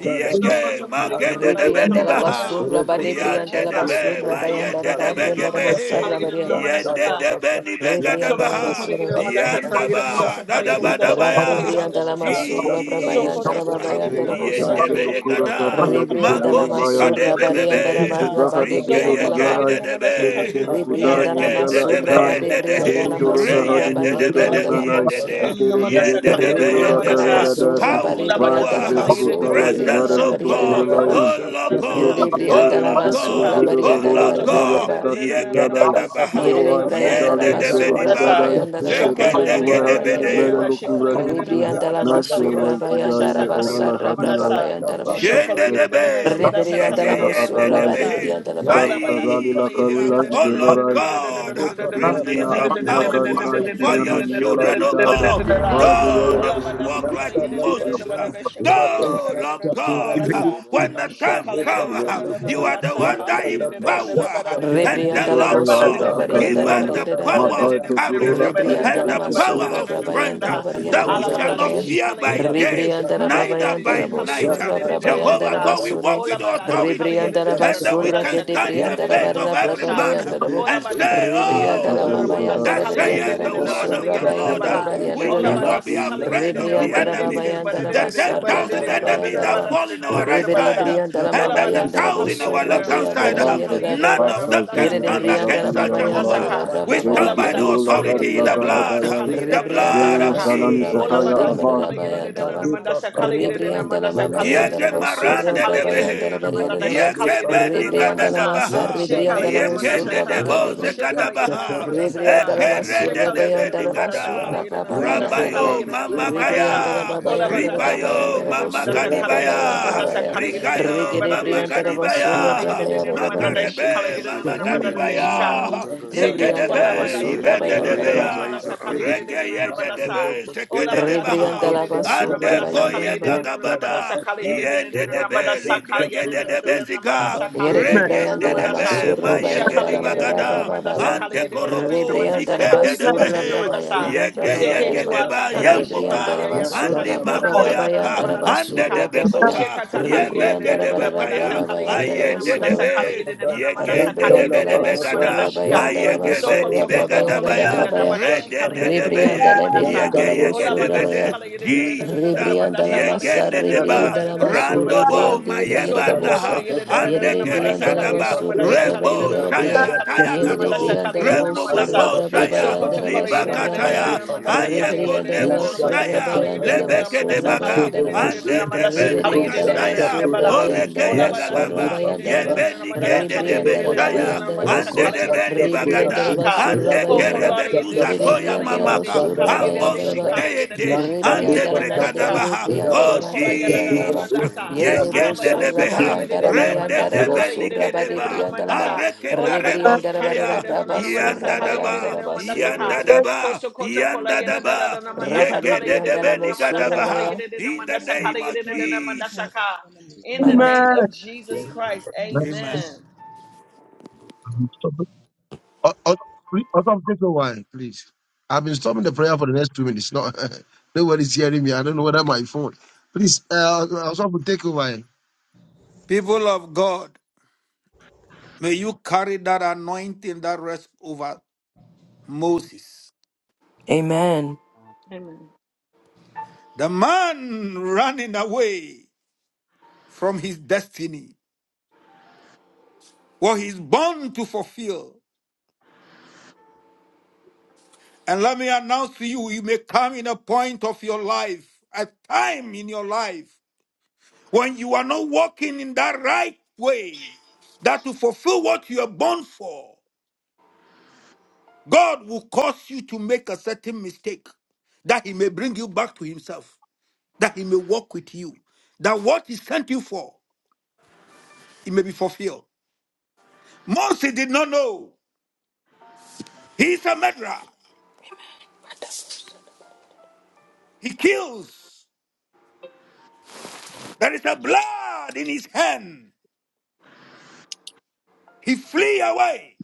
Speaker 4: Yege magede debe
Speaker 1: Ribriandala
Speaker 4: niba.
Speaker 1: basura ba
Speaker 4: Yende de be
Speaker 1: ribriandala
Speaker 4: Yandedebe,
Speaker 1: basura bayandala barriandala
Speaker 4: mayendedebegebehe,
Speaker 1: basura barriera. Ribriandala
Speaker 6: Sokoto
Speaker 4: yendedebenibegadaba,
Speaker 1: basura.
Speaker 6: Kolegira Mandasa Kolegira
Speaker 4: yandaba,
Speaker 6: Mandasa Kolegira Mandasa
Speaker 1: Rabba
Speaker 6: Kolegira
Speaker 4: dadabadabaya.
Speaker 1: ribriandala
Speaker 6: Mandasa
Speaker 1: masura
Speaker 6: Sokoto
Speaker 1: brabayandala
Speaker 4: Jesus,
Speaker 1: babayandala
Speaker 6: Kolegira Mandasa
Speaker 1: basande.
Speaker 6: Kolegira Mandasa Kolegira
Speaker 4: yendebeyegada,
Speaker 6: Mandasa
Speaker 1: Ribriandala masura
Speaker 6: Kolegira
Speaker 4: magozikadebebebe,
Speaker 6: Mandasa
Speaker 1: bariandala
Speaker 6: Ka
Speaker 1: barra ba
Speaker 6: Sokoto
Speaker 1: ribriandala ba.
Speaker 6: Kolegira
Speaker 4: rigeyegendedebe,
Speaker 6: Mandasa
Speaker 7: Melite
Speaker 6: Kolegira Mandasa
Speaker 7: dukutan
Speaker 1: Ribriandala
Speaker 6: Kolegira
Speaker 7: yinjala
Speaker 6: Mandasa
Speaker 1: masurra
Speaker 7: ilan
Speaker 6: Kolegira
Speaker 1: bade
Speaker 6: Mandasa
Speaker 4: yegendedebeyendedehe,
Speaker 1: briandala
Speaker 6: Kolegira
Speaker 7: Jintoro
Speaker 1: masurra
Speaker 7: Bahadi
Speaker 6: Mandasa
Speaker 8: to
Speaker 1: bade
Speaker 7: Mizelo
Speaker 6: Ola
Speaker 1: briandala
Speaker 7: Dilanai,
Speaker 1: mosia.
Speaker 4: reyendedebedegiyendede,
Speaker 7: Nkereti
Speaker 6: Namadasa
Speaker 7: Zelilo
Speaker 6: Kalayana
Speaker 7: Turola
Speaker 1: Ribriandala
Speaker 4: yendedebeyendede.
Speaker 6: Namadasa.
Speaker 7: Karagadas,
Speaker 1: masurra bade
Speaker 7: Fati
Speaker 6: Olabadasi
Speaker 1: briandala
Speaker 4: Power
Speaker 7: Zelulu
Speaker 6: Kalayana
Speaker 1: masurra
Speaker 7: Tala
Speaker 4: presence
Speaker 1: briandala
Speaker 7: Izareli
Speaker 4: of
Speaker 6: Namadasa
Speaker 1: bariera da
Speaker 4: God.
Speaker 1: braba.
Speaker 6: Kalayana
Speaker 7: Tungorelayan,
Speaker 4: Oh
Speaker 6: Namadasa
Speaker 1: Yere
Speaker 7: Kenide
Speaker 4: loco,
Speaker 6: Kalayana
Speaker 4: oh
Speaker 7: Dizisere
Speaker 1: briandala
Speaker 6: Namadasa
Speaker 7: Mizeti
Speaker 1: masurra
Speaker 4: loco,
Speaker 6: Ka.
Speaker 7: Vizero
Speaker 4: oh
Speaker 1: bariandala
Speaker 7: Lohoro
Speaker 6: Koto
Speaker 1: barada
Speaker 7: Lizala
Speaker 4: loco.
Speaker 6: Kalayana
Speaker 1: braba.
Speaker 7: Dikaki
Speaker 4: Yegeda
Speaker 7: Diadai,
Speaker 4: da
Speaker 6: Namadasa
Speaker 4: baha,
Speaker 6: Kalayana
Speaker 1: Yere
Speaker 7: meoai Aiti
Speaker 6: Namadasa
Speaker 1: briandala
Speaker 7: Shale
Speaker 4: yende de
Speaker 6: Kalayana
Speaker 7: Vizelo
Speaker 1: masurra braba
Speaker 6: Namadasa.
Speaker 4: bediba,
Speaker 7: Fudadai,
Speaker 1: yandala da
Speaker 7: Geri
Speaker 6: Shokoto
Speaker 1: braba
Speaker 7: Jesu
Speaker 4: zekende
Speaker 1: yandala
Speaker 4: gede
Speaker 6: Kalayana
Speaker 7: Bahadi
Speaker 1: bariera da
Speaker 4: bede,
Speaker 7: Nibele
Speaker 1: ba.
Speaker 6: Namadasa
Speaker 7: Lukuvragis,
Speaker 6: Shikalayana
Speaker 1: Ribriandala
Speaker 6: Namadasa
Speaker 7: Nashe
Speaker 1: masurra
Speaker 6: Kalayana
Speaker 7: Waiti
Speaker 1: bayandala
Speaker 6: Namadasa
Speaker 7: Aile Orala
Speaker 6: Kalayana
Speaker 1: basarra braba
Speaker 6: Namadasa.
Speaker 7: Hadida
Speaker 1: bayandala ba.
Speaker 7: Mata
Speaker 6: Shokolayana
Speaker 4: Shendedebe,
Speaker 6: Namadasa
Speaker 1: Ribriandala
Speaker 6: Kalayana
Speaker 1: masurra bade
Speaker 6: Namadasa.
Speaker 4: yegeyendedebe,
Speaker 1: briandala
Speaker 6: Shekala
Speaker 1: ba.
Speaker 4: Fire, oh Lord God, release your power for your children, oh God. Though they will walk like Moses, though, Lord God, when the time comes, you are the one that empower. And
Speaker 1: Rebrianda
Speaker 4: then,
Speaker 1: la
Speaker 4: Lord God,
Speaker 1: bosurra varianda
Speaker 4: give
Speaker 1: la
Speaker 4: us the
Speaker 1: barriera da
Speaker 4: power
Speaker 1: braba.
Speaker 4: of courage
Speaker 7: teturula
Speaker 4: uh,
Speaker 1: Rebrianda
Speaker 4: and
Speaker 1: la
Speaker 4: the
Speaker 7: benedictis
Speaker 4: power
Speaker 1: masurra
Speaker 4: of strength
Speaker 1: brabayanda
Speaker 4: uh,
Speaker 1: la barriera
Speaker 4: that
Speaker 1: da
Speaker 4: we shall not
Speaker 1: brababaya.
Speaker 4: fear by day,
Speaker 1: Rebrianda la
Speaker 4: neither
Speaker 1: babayanda
Speaker 4: by
Speaker 1: la
Speaker 8: in the
Speaker 4: night.
Speaker 8: mighty
Speaker 1: bosurra
Speaker 8: name
Speaker 1: brabayanda
Speaker 4: Jehovah
Speaker 1: la
Speaker 8: of
Speaker 4: God, we
Speaker 1: basuri.
Speaker 4: walk
Speaker 6: Ola
Speaker 4: with
Speaker 6: bada si kala
Speaker 4: authority
Speaker 6: yada
Speaker 1: Rebrianda
Speaker 6: da
Speaker 1: la
Speaker 6: da da
Speaker 4: and
Speaker 6: da
Speaker 4: that we
Speaker 6: manda
Speaker 1: basurra
Speaker 4: can
Speaker 1: que
Speaker 6: sa kala
Speaker 4: stand in the
Speaker 6: yada
Speaker 1: debrianda
Speaker 6: da
Speaker 1: la
Speaker 6: da
Speaker 4: face
Speaker 6: da da
Speaker 4: of
Speaker 1: barra
Speaker 6: manda
Speaker 4: every
Speaker 6: sha.
Speaker 1: brababayanda
Speaker 4: man
Speaker 1: la bo.
Speaker 6: Ola
Speaker 4: and
Speaker 6: bada si
Speaker 4: say,
Speaker 6: kala yada da
Speaker 1: Rebrianda
Speaker 6: da
Speaker 1: la
Speaker 6: da
Speaker 7: Acha
Speaker 6: da
Speaker 4: Oh,
Speaker 7: hizo
Speaker 6: manda sa
Speaker 1: mamayanda
Speaker 7: zani
Speaker 1: la
Speaker 4: that
Speaker 6: kala
Speaker 7: kali
Speaker 6: yada
Speaker 1: varianda
Speaker 6: da
Speaker 4: says
Speaker 1: la
Speaker 6: da
Speaker 7: kebo
Speaker 4: the
Speaker 6: da da
Speaker 7: dula
Speaker 4: word
Speaker 6: bada la
Speaker 4: of
Speaker 1: bosurra
Speaker 4: the
Speaker 7: yes.
Speaker 6: yada da da
Speaker 4: Lord.
Speaker 1: bayanda la
Speaker 6: bada.
Speaker 7: Je
Speaker 1: barriera
Speaker 4: We
Speaker 6: Ola
Speaker 4: shall
Speaker 7: seli
Speaker 6: bada
Speaker 1: da
Speaker 4: not be
Speaker 6: si kala
Speaker 7: rali
Speaker 8: everything
Speaker 6: yada
Speaker 4: afraid
Speaker 6: da
Speaker 7: rali
Speaker 8: that
Speaker 6: da
Speaker 4: of
Speaker 6: da
Speaker 4: the
Speaker 7: dave
Speaker 6: bada
Speaker 1: Rebriandara
Speaker 6: da
Speaker 7: dami
Speaker 4: enemy.
Speaker 1: baba
Speaker 7: na
Speaker 6: da da
Speaker 7: ya.
Speaker 6: bada
Speaker 8: is
Speaker 1: yandara
Speaker 4: The
Speaker 8: your will
Speaker 1: basar
Speaker 6: da
Speaker 8: to
Speaker 1: rabra
Speaker 4: 10,000
Speaker 6: da da da bada da da
Speaker 8: be
Speaker 6: da
Speaker 1: baba
Speaker 6: da da
Speaker 4: enemy
Speaker 6: da
Speaker 1: yandara
Speaker 4: that
Speaker 6: bada
Speaker 1: bab.
Speaker 8: fulfilled.
Speaker 4: fall in
Speaker 6: da da da da
Speaker 4: our
Speaker 6: da da
Speaker 4: right
Speaker 1: Rebere
Speaker 6: bada
Speaker 4: side
Speaker 6: da.
Speaker 8: in my
Speaker 1: briandala
Speaker 4: and
Speaker 6: Ola
Speaker 1: mama
Speaker 8: prayer
Speaker 4: then the
Speaker 6: bada
Speaker 8: shall
Speaker 6: si
Speaker 8: be
Speaker 1: yandara
Speaker 6: kala
Speaker 4: 1,000
Speaker 6: yada
Speaker 1: busur
Speaker 4: our
Speaker 6: da
Speaker 8: destroyed.
Speaker 4: left
Speaker 6: da da
Speaker 4: hand
Speaker 6: manda da
Speaker 4: side,
Speaker 1: rabriandara
Speaker 6: shi kala
Speaker 1: briandara
Speaker 6: yada da
Speaker 4: none
Speaker 8: Father,
Speaker 6: da
Speaker 1: baba.
Speaker 6: da
Speaker 4: of
Speaker 8: oh
Speaker 7: basta
Speaker 4: them
Speaker 6: manda
Speaker 7: se
Speaker 8: God,
Speaker 4: can
Speaker 6: sa
Speaker 7: ti
Speaker 1: Yere
Speaker 6: kala
Speaker 4: stand
Speaker 7: rodi
Speaker 6: yada
Speaker 7: da
Speaker 6: da da
Speaker 1: briandala
Speaker 4: against
Speaker 8: I
Speaker 6: da
Speaker 4: us,
Speaker 6: da
Speaker 7: clia
Speaker 1: baba
Speaker 8: pray
Speaker 7: do
Speaker 6: manda
Speaker 8: oh
Speaker 6: sa
Speaker 7: lai.
Speaker 1: yandara
Speaker 4: Jehovah.
Speaker 8: God
Speaker 6: ka.
Speaker 1: rabra
Speaker 4: We
Speaker 1: baba
Speaker 4: stand
Speaker 6: Ola
Speaker 7: Keriti
Speaker 4: by
Speaker 1: yandara
Speaker 6: bada
Speaker 4: the
Speaker 6: si
Speaker 7: surula
Speaker 1: busur
Speaker 6: kala
Speaker 8: the pursuit
Speaker 7: gari
Speaker 6: yada
Speaker 4: authority
Speaker 6: da
Speaker 4: in the
Speaker 6: da da
Speaker 7: lata
Speaker 1: rebriandara
Speaker 6: manda
Speaker 1: bab.
Speaker 4: blood,
Speaker 6: sa
Speaker 8: that is
Speaker 7: hadayai.
Speaker 6: kala yada
Speaker 4: the
Speaker 6: da da da
Speaker 8: consuming
Speaker 6: manda
Speaker 4: blood
Speaker 1: Rebriandala
Speaker 6: sa
Speaker 7: Jeiwo
Speaker 4: of
Speaker 8: because
Speaker 6: ka.
Speaker 8: of
Speaker 1: masur
Speaker 7: sanami
Speaker 8: this,
Speaker 6: Ola
Speaker 4: Jesus.
Speaker 7: sakaya
Speaker 1: rabriandara
Speaker 8: oh
Speaker 6: badasi
Speaker 8: God.
Speaker 7: avan.
Speaker 6: kala
Speaker 1: baba
Speaker 6: yede
Speaker 1: yandara
Speaker 6: na na
Speaker 1: bab.
Speaker 8: Father,
Speaker 6: mandasa
Speaker 8: oh
Speaker 6: kala
Speaker 8: Lord,
Speaker 6: yede na
Speaker 1: Rebriandala
Speaker 6: mandasa
Speaker 1: mama
Speaker 6: kala
Speaker 8: destroy
Speaker 6: yede
Speaker 1: yandara
Speaker 8: the
Speaker 4: Yege
Speaker 6: na
Speaker 8: works
Speaker 6: na
Speaker 8: of the
Speaker 1: busur
Speaker 6: mandasa
Speaker 8: enemy.
Speaker 4: marande
Speaker 6: kala
Speaker 1: rabra
Speaker 4: de
Speaker 6: yede na
Speaker 4: behe.
Speaker 6: na
Speaker 8: Destroy
Speaker 6: mandasa
Speaker 8: the
Speaker 6: shi
Speaker 1: bab.
Speaker 8: works
Speaker 6: kala
Speaker 8: of the
Speaker 4: Yege
Speaker 6: yede na
Speaker 8: enemy
Speaker 4: beni
Speaker 6: na
Speaker 8: that is
Speaker 1: Rebriandala
Speaker 8: on
Speaker 6: mandasa
Speaker 8: my
Speaker 1: masar
Speaker 4: gadadabaha.
Speaker 6: she
Speaker 8: God.
Speaker 6: kala
Speaker 1: rebriandala
Speaker 6: yede
Speaker 7: Etele
Speaker 4: Yege
Speaker 1: busur
Speaker 7: to
Speaker 6: mandasa
Speaker 4: ne
Speaker 8: Destroy the
Speaker 4: de
Speaker 7: sajia
Speaker 6: ka
Speaker 1: rabaka
Speaker 8: evil
Speaker 4: boze
Speaker 8: plan
Speaker 6: she
Speaker 8: of the
Speaker 6: kala
Speaker 7: etele to
Speaker 8: wicked
Speaker 6: yede na
Speaker 4: gadabaha.
Speaker 7: vayas.
Speaker 6: mandasa
Speaker 8: one
Speaker 6: ka
Speaker 7: Zeze
Speaker 1: Rebriandaraba
Speaker 4: Ekere
Speaker 7: hudu
Speaker 6: she
Speaker 4: de
Speaker 6: kala
Speaker 4: de
Speaker 6: yede
Speaker 4: beni
Speaker 6: na
Speaker 1: Surabayandaraba
Speaker 6: mandasa kala
Speaker 7: da
Speaker 4: gada.
Speaker 6: yede na
Speaker 8: I
Speaker 6: na
Speaker 8: thank you,
Speaker 6: mandasa
Speaker 8: O
Speaker 6: kala
Speaker 1: Surababayandaraba
Speaker 8: Lord.
Speaker 4: Rabayo
Speaker 7: akan.
Speaker 6: yede na na
Speaker 7: Iki
Speaker 6: mandasa
Speaker 7: ay
Speaker 8: Everything,
Speaker 1: Rebriandaraba
Speaker 4: mamagaya.
Speaker 8: O
Speaker 6: Ola
Speaker 7: veşe
Speaker 8: God, that
Speaker 6: badasi
Speaker 1: Bayandaraba
Speaker 8: comes
Speaker 6: kala
Speaker 7: usarala
Speaker 4: Ribayo
Speaker 8: against
Speaker 6: yede
Speaker 8: us,
Speaker 6: na
Speaker 1: Bayandaraba
Speaker 8: I thank
Speaker 4: mama
Speaker 7: ididaray.
Speaker 6: mandasa kala yede na na
Speaker 7: Ve
Speaker 8: oh
Speaker 4: gadibaya,
Speaker 8: God,
Speaker 6: mandasa
Speaker 1: Surababayandaraba
Speaker 6: kala yede
Speaker 7: küzoni
Speaker 8: that
Speaker 6: na
Speaker 8: we
Speaker 6: na
Speaker 8: shall
Speaker 4: Rigayo
Speaker 7: agame
Speaker 8: be
Speaker 7: ya
Speaker 6: mandasa yede
Speaker 8: perfect
Speaker 6: na
Speaker 8: in
Speaker 7: atiyar.
Speaker 1: Rebriandaraba
Speaker 6: mandasa
Speaker 8: yourself,
Speaker 6: kala
Speaker 8: oh
Speaker 4: mamagadibaya.
Speaker 6: yede
Speaker 8: God.
Speaker 6: na na mandasa
Speaker 1: Surababayandaraba
Speaker 6: shi
Speaker 8: Father,
Speaker 6: kala
Speaker 4: Makarebe
Speaker 8: oh
Speaker 6: yede na
Speaker 8: God,
Speaker 4: mama
Speaker 6: na mandasa shi ka
Speaker 8: destroy it
Speaker 4: gadibaya,
Speaker 8: in the
Speaker 6: Seke
Speaker 8: mighty
Speaker 4: Yege de
Speaker 6: tu
Speaker 8: name of
Speaker 6: ala
Speaker 1: Rebriandaraba
Speaker 8: Jesus.
Speaker 4: be.
Speaker 6: badasi kala
Speaker 4: Ibende de
Speaker 6: yede na na
Speaker 1: Surabayandaraba
Speaker 4: beya.
Speaker 6: mandasa kala
Speaker 8: Destroy
Speaker 6: yede
Speaker 4: Rege
Speaker 8: it in
Speaker 6: na na
Speaker 4: ye
Speaker 8: the
Speaker 4: de de
Speaker 6: mandasa
Speaker 8: mighty name of
Speaker 4: be. Seke
Speaker 6: Ola
Speaker 4: de de
Speaker 6: badasa
Speaker 4: baha.
Speaker 6: kalye, dada
Speaker 1: Rebriandaraba
Speaker 6: dada dada
Speaker 4: Ande
Speaker 8: Jesus.
Speaker 6: badasa
Speaker 4: koye
Speaker 6: kalye,
Speaker 1: Surabayandaraba
Speaker 6: dada
Speaker 4: gagabada.
Speaker 6: dada
Speaker 4: Yende
Speaker 6: dada
Speaker 4: de be
Speaker 6: badasa kalye, dada
Speaker 4: libregede
Speaker 6: dada
Speaker 4: de
Speaker 8: Father,
Speaker 6: dada
Speaker 4: beziga
Speaker 6: badasa kalye,
Speaker 1: Yere
Speaker 8: No
Speaker 1: de
Speaker 6: dada dada
Speaker 8: weapon,
Speaker 6: dada
Speaker 4: regende
Speaker 1: brayanda la
Speaker 8: no
Speaker 4: de
Speaker 6: badasa.
Speaker 4: be
Speaker 8: destruction,
Speaker 1: basura
Speaker 8: for
Speaker 6: She
Speaker 4: mayege
Speaker 1: bayanda
Speaker 4: di
Speaker 1: la
Speaker 6: kalye, dada
Speaker 1: barra
Speaker 6: dada dada
Speaker 4: bagada
Speaker 8: the
Speaker 1: braba
Speaker 8: perfect
Speaker 6: badasa
Speaker 1: baba.
Speaker 4: ande
Speaker 6: kalye,
Speaker 8: family
Speaker 6: dada dada dada
Speaker 4: koroko
Speaker 8: and the
Speaker 1: Rebrianda
Speaker 6: badasa
Speaker 1: la
Speaker 8: perfect
Speaker 4: zikede
Speaker 6: kalye, dada
Speaker 4: de
Speaker 8: smart
Speaker 6: dada
Speaker 1: basura
Speaker 8: life
Speaker 6: dada
Speaker 8: of
Speaker 4: behe
Speaker 1: braba
Speaker 6: badasa.
Speaker 1: yara
Speaker 4: yege
Speaker 1: braba bayara
Speaker 4: yege
Speaker 6: Seketu
Speaker 8: Father,
Speaker 1: ba.
Speaker 4: de ba
Speaker 6: ataka
Speaker 8: Father, Father, thank
Speaker 6: tashi
Speaker 1: Rebrianda
Speaker 6: kalye,
Speaker 4: yemoka
Speaker 1: la
Speaker 6: dada dada dada
Speaker 4: ani
Speaker 1: basura
Speaker 6: tashi
Speaker 8: you,
Speaker 1: braba
Speaker 6: kalye, dada
Speaker 1: baba
Speaker 6: dada dada
Speaker 4: makoyaka
Speaker 1: yanda
Speaker 8: thank
Speaker 1: la
Speaker 6: bading
Speaker 4: ande de
Speaker 1: basura
Speaker 6: shika.
Speaker 8: you,
Speaker 1: braba ya.
Speaker 6: She
Speaker 4: bekoka
Speaker 8: God,
Speaker 6: kataka
Speaker 8: thank
Speaker 6: kalye,
Speaker 8: you,
Speaker 6: dada
Speaker 4: yebeke
Speaker 1: Rebrianda
Speaker 6: dada
Speaker 1: la
Speaker 4: de
Speaker 6: dada
Speaker 1: barra
Speaker 8: God,
Speaker 6: badasa
Speaker 4: bakaya
Speaker 1: braba
Speaker 8: thank
Speaker 6: kalye,
Speaker 8: you,
Speaker 1: bayanda
Speaker 6: dada
Speaker 1: la
Speaker 6: dada
Speaker 8: Father,
Speaker 6: dada
Speaker 8: oh
Speaker 4: ayende
Speaker 8: God.
Speaker 1: basura
Speaker 4: de
Speaker 6: badasa
Speaker 1: ba.
Speaker 8: This
Speaker 6: kalye,
Speaker 4: be
Speaker 6: dada
Speaker 8: is
Speaker 6: dada
Speaker 8: good,
Speaker 6: dada
Speaker 8: and we give
Speaker 6: badasa
Speaker 8: you all
Speaker 4: yegende de
Speaker 6: kalye,
Speaker 1: Rebrianda
Speaker 4: be
Speaker 6: dada
Speaker 1: la
Speaker 4: de
Speaker 6: dada dada bading
Speaker 4: begada
Speaker 1: basura
Speaker 6: shika.
Speaker 1: bayanda la
Speaker 4: ayege
Speaker 6: So
Speaker 4: be ni
Speaker 1: basura
Speaker 6: kocho
Speaker 8: the
Speaker 1: braba
Speaker 6: kocho
Speaker 4: begada
Speaker 1: yanda la
Speaker 6: kalye,
Speaker 4: baya
Speaker 6: dada
Speaker 1: braba
Speaker 6: dada
Speaker 1: ya.
Speaker 6: bading shika,
Speaker 8: glory. Every
Speaker 4: rede
Speaker 6: kalye
Speaker 4: de
Speaker 8: evil
Speaker 4: de
Speaker 6: dada
Speaker 4: be
Speaker 6: dada
Speaker 8: arrow
Speaker 1: Rebrianda
Speaker 4: ye
Speaker 1: la
Speaker 6: badasa.
Speaker 1: berianda
Speaker 4: yege
Speaker 1: la
Speaker 8: that is
Speaker 4: yege
Speaker 6: Ola
Speaker 4: de
Speaker 1: basura
Speaker 4: be
Speaker 8: coming
Speaker 6: mandasi
Speaker 1: baya.
Speaker 4: de
Speaker 8: to
Speaker 6: kala yede
Speaker 8: attack
Speaker 6: de de de
Speaker 8: my
Speaker 6: de de de
Speaker 8: spiritual
Speaker 4: Jesus
Speaker 6: de
Speaker 8: life.
Speaker 1: Rebrianda
Speaker 6: mandasa
Speaker 1: la
Speaker 6: kala
Speaker 8: It
Speaker 6: yede
Speaker 1: massa,
Speaker 6: de
Speaker 8: shall
Speaker 6: de
Speaker 8: be
Speaker 6: de de
Speaker 4: yegendeneba
Speaker 1: rebrianda la
Speaker 8: destroyed.
Speaker 6: de de de de de de
Speaker 1: masso,
Speaker 6: mandasa.
Speaker 4: randobo
Speaker 1: rebrianda le briere da
Speaker 6: Soko to kala
Speaker 1: bossa,
Speaker 4: mayebanaha
Speaker 8: Every
Speaker 6: yede de de de
Speaker 1: iere
Speaker 6: de
Speaker 8: evil
Speaker 6: de
Speaker 1: de
Speaker 8: hour
Speaker 6: mandasa
Speaker 1: brianda la
Speaker 6: kala yede
Speaker 4: andekerigadaba
Speaker 6: de
Speaker 8: formed
Speaker 1: basura,
Speaker 8: against
Speaker 6: mandasa
Speaker 8: my
Speaker 4: rebo
Speaker 1: brabariera
Speaker 8: spiritual
Speaker 1: la
Speaker 8: life
Speaker 1: briera,
Speaker 4: shaya
Speaker 6: kala yede de
Speaker 8: shall
Speaker 1: iere
Speaker 8: be
Speaker 1: de
Speaker 4: kayakato
Speaker 6: mandasa
Speaker 8: destroyed
Speaker 6: kala
Speaker 1: brianda
Speaker 8: in
Speaker 6: yede
Speaker 1: la
Speaker 6: de mandasa kala yede
Speaker 8: the
Speaker 6: de
Speaker 4: rebo
Speaker 8: mighty name
Speaker 6: mandasa.
Speaker 8: of
Speaker 1: bossura,
Speaker 4: mako
Speaker 8: Jesus.
Speaker 4: shaya
Speaker 6: Soko
Speaker 1: brababayanda
Speaker 6: to
Speaker 1: la
Speaker 6: kala yede de
Speaker 1: basura,
Speaker 6: de
Speaker 8: Every
Speaker 6: de de
Speaker 1: baya,
Speaker 4: libakataya
Speaker 6: de
Speaker 8: evil
Speaker 6: mandasa kala yede de
Speaker 1: rebrianda la
Speaker 8: that's
Speaker 4: ayekonembo
Speaker 8: keeping me
Speaker 1: basura,
Speaker 8: far
Speaker 4: shaya
Speaker 8: from you,
Speaker 1: bayanda
Speaker 6: de
Speaker 1: la
Speaker 6: de de
Speaker 4: lebeke
Speaker 8: Father,
Speaker 1: basura,
Speaker 6: mandasa
Speaker 8: oh
Speaker 6: kala
Speaker 4: debaga lebekedebaga
Speaker 8: God,
Speaker 1: bayanda
Speaker 6: yede
Speaker 1: la
Speaker 6: de de
Speaker 1: ba,
Speaker 6: de
Speaker 8: destroy it in the
Speaker 6: mandasa
Speaker 8: mighty
Speaker 6: kala
Speaker 8: name
Speaker 4: andedebenika
Speaker 6: yede
Speaker 1: rebrianda
Speaker 8: of
Speaker 6: de
Speaker 1: la
Speaker 6: de de de mandasi kala yede de de de
Speaker 8: Jesus.
Speaker 6: de
Speaker 4: shaya
Speaker 6: de
Speaker 1: basura,
Speaker 6: bala.
Speaker 7: Yemi
Speaker 1: bayanda
Speaker 7: ne
Speaker 1: la
Speaker 6: Ola
Speaker 7: hadi
Speaker 8: Father,
Speaker 6: mandasi
Speaker 7: jami
Speaker 1: basura,
Speaker 8: oh
Speaker 6: kala
Speaker 4: orekeyegagaba
Speaker 7: bize
Speaker 8: God,
Speaker 6: yede
Speaker 7: her
Speaker 1: bayanda
Speaker 6: de
Speaker 8: take
Speaker 1: la
Speaker 6: de
Speaker 1: ba,
Speaker 8: over
Speaker 6: de
Speaker 7: yan
Speaker 6: de
Speaker 8: my ears.
Speaker 6: mandasa kala yede
Speaker 4: yebenigededebe
Speaker 1: rebrianda
Speaker 6: de
Speaker 1: la
Speaker 8: Take
Speaker 6: de de
Speaker 7: Alizeh
Speaker 8: over
Speaker 6: de de
Speaker 4: shaya
Speaker 8: your
Speaker 1: babayanda
Speaker 7: ve
Speaker 1: la
Speaker 8: purpose
Speaker 6: mandasa
Speaker 8: in
Speaker 7: hediye
Speaker 1: basso,
Speaker 8: my
Speaker 6: kala
Speaker 7: se
Speaker 6: yede
Speaker 8: life.
Speaker 6: de de de de de
Speaker 7: yapsaylou
Speaker 1: rebrianda
Speaker 8: Take
Speaker 1: la
Speaker 4: andedebenibagada
Speaker 7: ar
Speaker 6: shika.
Speaker 8: over
Speaker 7: ala
Speaker 1: basura,
Speaker 8: everything
Speaker 6: Oh,
Speaker 1: bayanda la
Speaker 7: illahilan
Speaker 1: ba,
Speaker 6: Kodara,
Speaker 7: piaran
Speaker 1: iere de
Speaker 6: she
Speaker 4: andekerebetuzatoya
Speaker 8: that
Speaker 6: calling
Speaker 1: brianda
Speaker 8: I
Speaker 6: it,
Speaker 7: niye
Speaker 1: la
Speaker 8: am.
Speaker 6: that
Speaker 4: mamaka
Speaker 6: she
Speaker 8: In the
Speaker 1: bossura,
Speaker 6: calling it,
Speaker 7: dedinunahan
Speaker 6: that
Speaker 1: bayanda la
Speaker 6: she
Speaker 1: ba,
Speaker 6: calling
Speaker 7: yagayon
Speaker 8: mighty
Speaker 4: amosikeye
Speaker 6: it,
Speaker 4: de.
Speaker 8: name
Speaker 6: that
Speaker 7: bayan
Speaker 8: of
Speaker 6: she calling
Speaker 8: Jesus,
Speaker 6: it,
Speaker 8: oh
Speaker 4: Ande
Speaker 6: that
Speaker 1: Rebriandalama,
Speaker 6: she
Speaker 1: Dere
Speaker 6: calling
Speaker 4: brekadabaha.
Speaker 8: Every
Speaker 4: Oh
Speaker 6: Koso
Speaker 8: plan
Speaker 1: Briandalama,
Speaker 8: of the
Speaker 6: kola yada
Speaker 8: enemy
Speaker 6: da da
Speaker 8: shall
Speaker 1: Rebriandalama,
Speaker 8: be
Speaker 4: Jesus.
Speaker 7: keve
Speaker 6: mandasa.
Speaker 8: destroyed.
Speaker 1: Yerebo
Speaker 4: Yegene
Speaker 7: osabiyeze
Speaker 6: Alabada su
Speaker 8: Every
Speaker 6: kola
Speaker 4: nebeha.
Speaker 8: plan
Speaker 7: hizam
Speaker 8: of
Speaker 6: yada
Speaker 8: the
Speaker 6: da da
Speaker 8: enemy
Speaker 1: Surabayandarabaya,
Speaker 4: Rende
Speaker 8: upon
Speaker 6: mandasa
Speaker 8: my
Speaker 4: debe
Speaker 6: kala
Speaker 8: children's
Speaker 6: yada
Speaker 7: bildirjesen
Speaker 8: life
Speaker 6: da
Speaker 1: Sura
Speaker 6: da
Speaker 8: or
Speaker 1: Bade
Speaker 6: da da
Speaker 8: against
Speaker 4: nikedeba.
Speaker 8: my
Speaker 7: anikunar
Speaker 8: children's
Speaker 1: Briandalama,
Speaker 6: mandasa.
Speaker 4: Areke
Speaker 8: shall
Speaker 7: piaran
Speaker 8: be
Speaker 6: Olabada
Speaker 4: narebo
Speaker 8: destroyed.
Speaker 6: si kala yede
Speaker 1: Rebriandarabara
Speaker 4: shea.
Speaker 6: da
Speaker 7: kabile
Speaker 6: da
Speaker 8: Every
Speaker 1: Braba
Speaker 6: da
Speaker 7: tutu
Speaker 8: evil
Speaker 6: mandasa
Speaker 8: attack
Speaker 6: kala
Speaker 7: kanaya
Speaker 6: yada da
Speaker 8: against
Speaker 4: Yandadaba.
Speaker 7: asan.
Speaker 6: da
Speaker 8: my
Speaker 1: Surabayandalaba,
Speaker 8: children's
Speaker 6: mandasa ka.
Speaker 8: shall
Speaker 1: Surabaya,
Speaker 8: be
Speaker 4: Yandadaba.
Speaker 6: Koso koto kola
Speaker 8: destroyed. in
Speaker 6: yada
Speaker 8: the
Speaker 6: da da
Speaker 8: mighty
Speaker 6: da
Speaker 4: Yandadaba.
Speaker 8: name of
Speaker 6: mandasa
Speaker 1: Rabade
Speaker 6: kala
Speaker 8: Jesus.
Speaker 4: Yegede
Speaker 6: yede da
Speaker 8: God.
Speaker 6: da
Speaker 4: debe
Speaker 1: Briandalamo
Speaker 6: da mandasa
Speaker 8: Father,
Speaker 6: kala
Speaker 4: nikadabaha.
Speaker 1: Surabaya.
Speaker 8: fuck
Speaker 6: yada da
Speaker 8: your
Speaker 6: da
Speaker 4: In
Speaker 8: wife
Speaker 4: the
Speaker 6: mandasa
Speaker 8: and
Speaker 6: kala
Speaker 4: name of
Speaker 6: yada da
Speaker 8: destroy
Speaker 6: da
Speaker 8: the
Speaker 6: da
Speaker 8: wicked
Speaker 6: mandasa
Speaker 8: plans
Speaker 4: Jesus.
Speaker 8: of the
Speaker 6: ka.
Speaker 8: enemy in
Speaker 6: In
Speaker 8: the
Speaker 6: the
Speaker 8: mighty
Speaker 6: name
Speaker 8: name.
Speaker 6: of
Speaker 8: of Jesus.
Speaker 6: Jesus Christ,
Speaker 2: Amen.
Speaker 8: Amen.
Speaker 4: Amen.
Speaker 6: amen.
Speaker 2: Amen. O- o- please, Otto, take your wine, please. I've been stopping the prayer for the next two minutes. No, nobody's hearing me. I don't know whether my phone. Please, uh, Otto, take over.
Speaker 4: People of God, may you carry that anointing that rests over Moses.
Speaker 1: Amen.
Speaker 6: Amen.
Speaker 4: The man running away from his destiny what he's born to fulfill. And let me announce to you, you may come in a point of your life, a time in your life, when you are not walking in that right way, that to fulfill what you are born for, God will cause you to make a certain mistake, that he may bring you back to himself, that he may walk with you, that what he sent you for, it may be fulfilled. Moses did not know. He's a murderer. He kills. There is a blood in his hand. He flee away.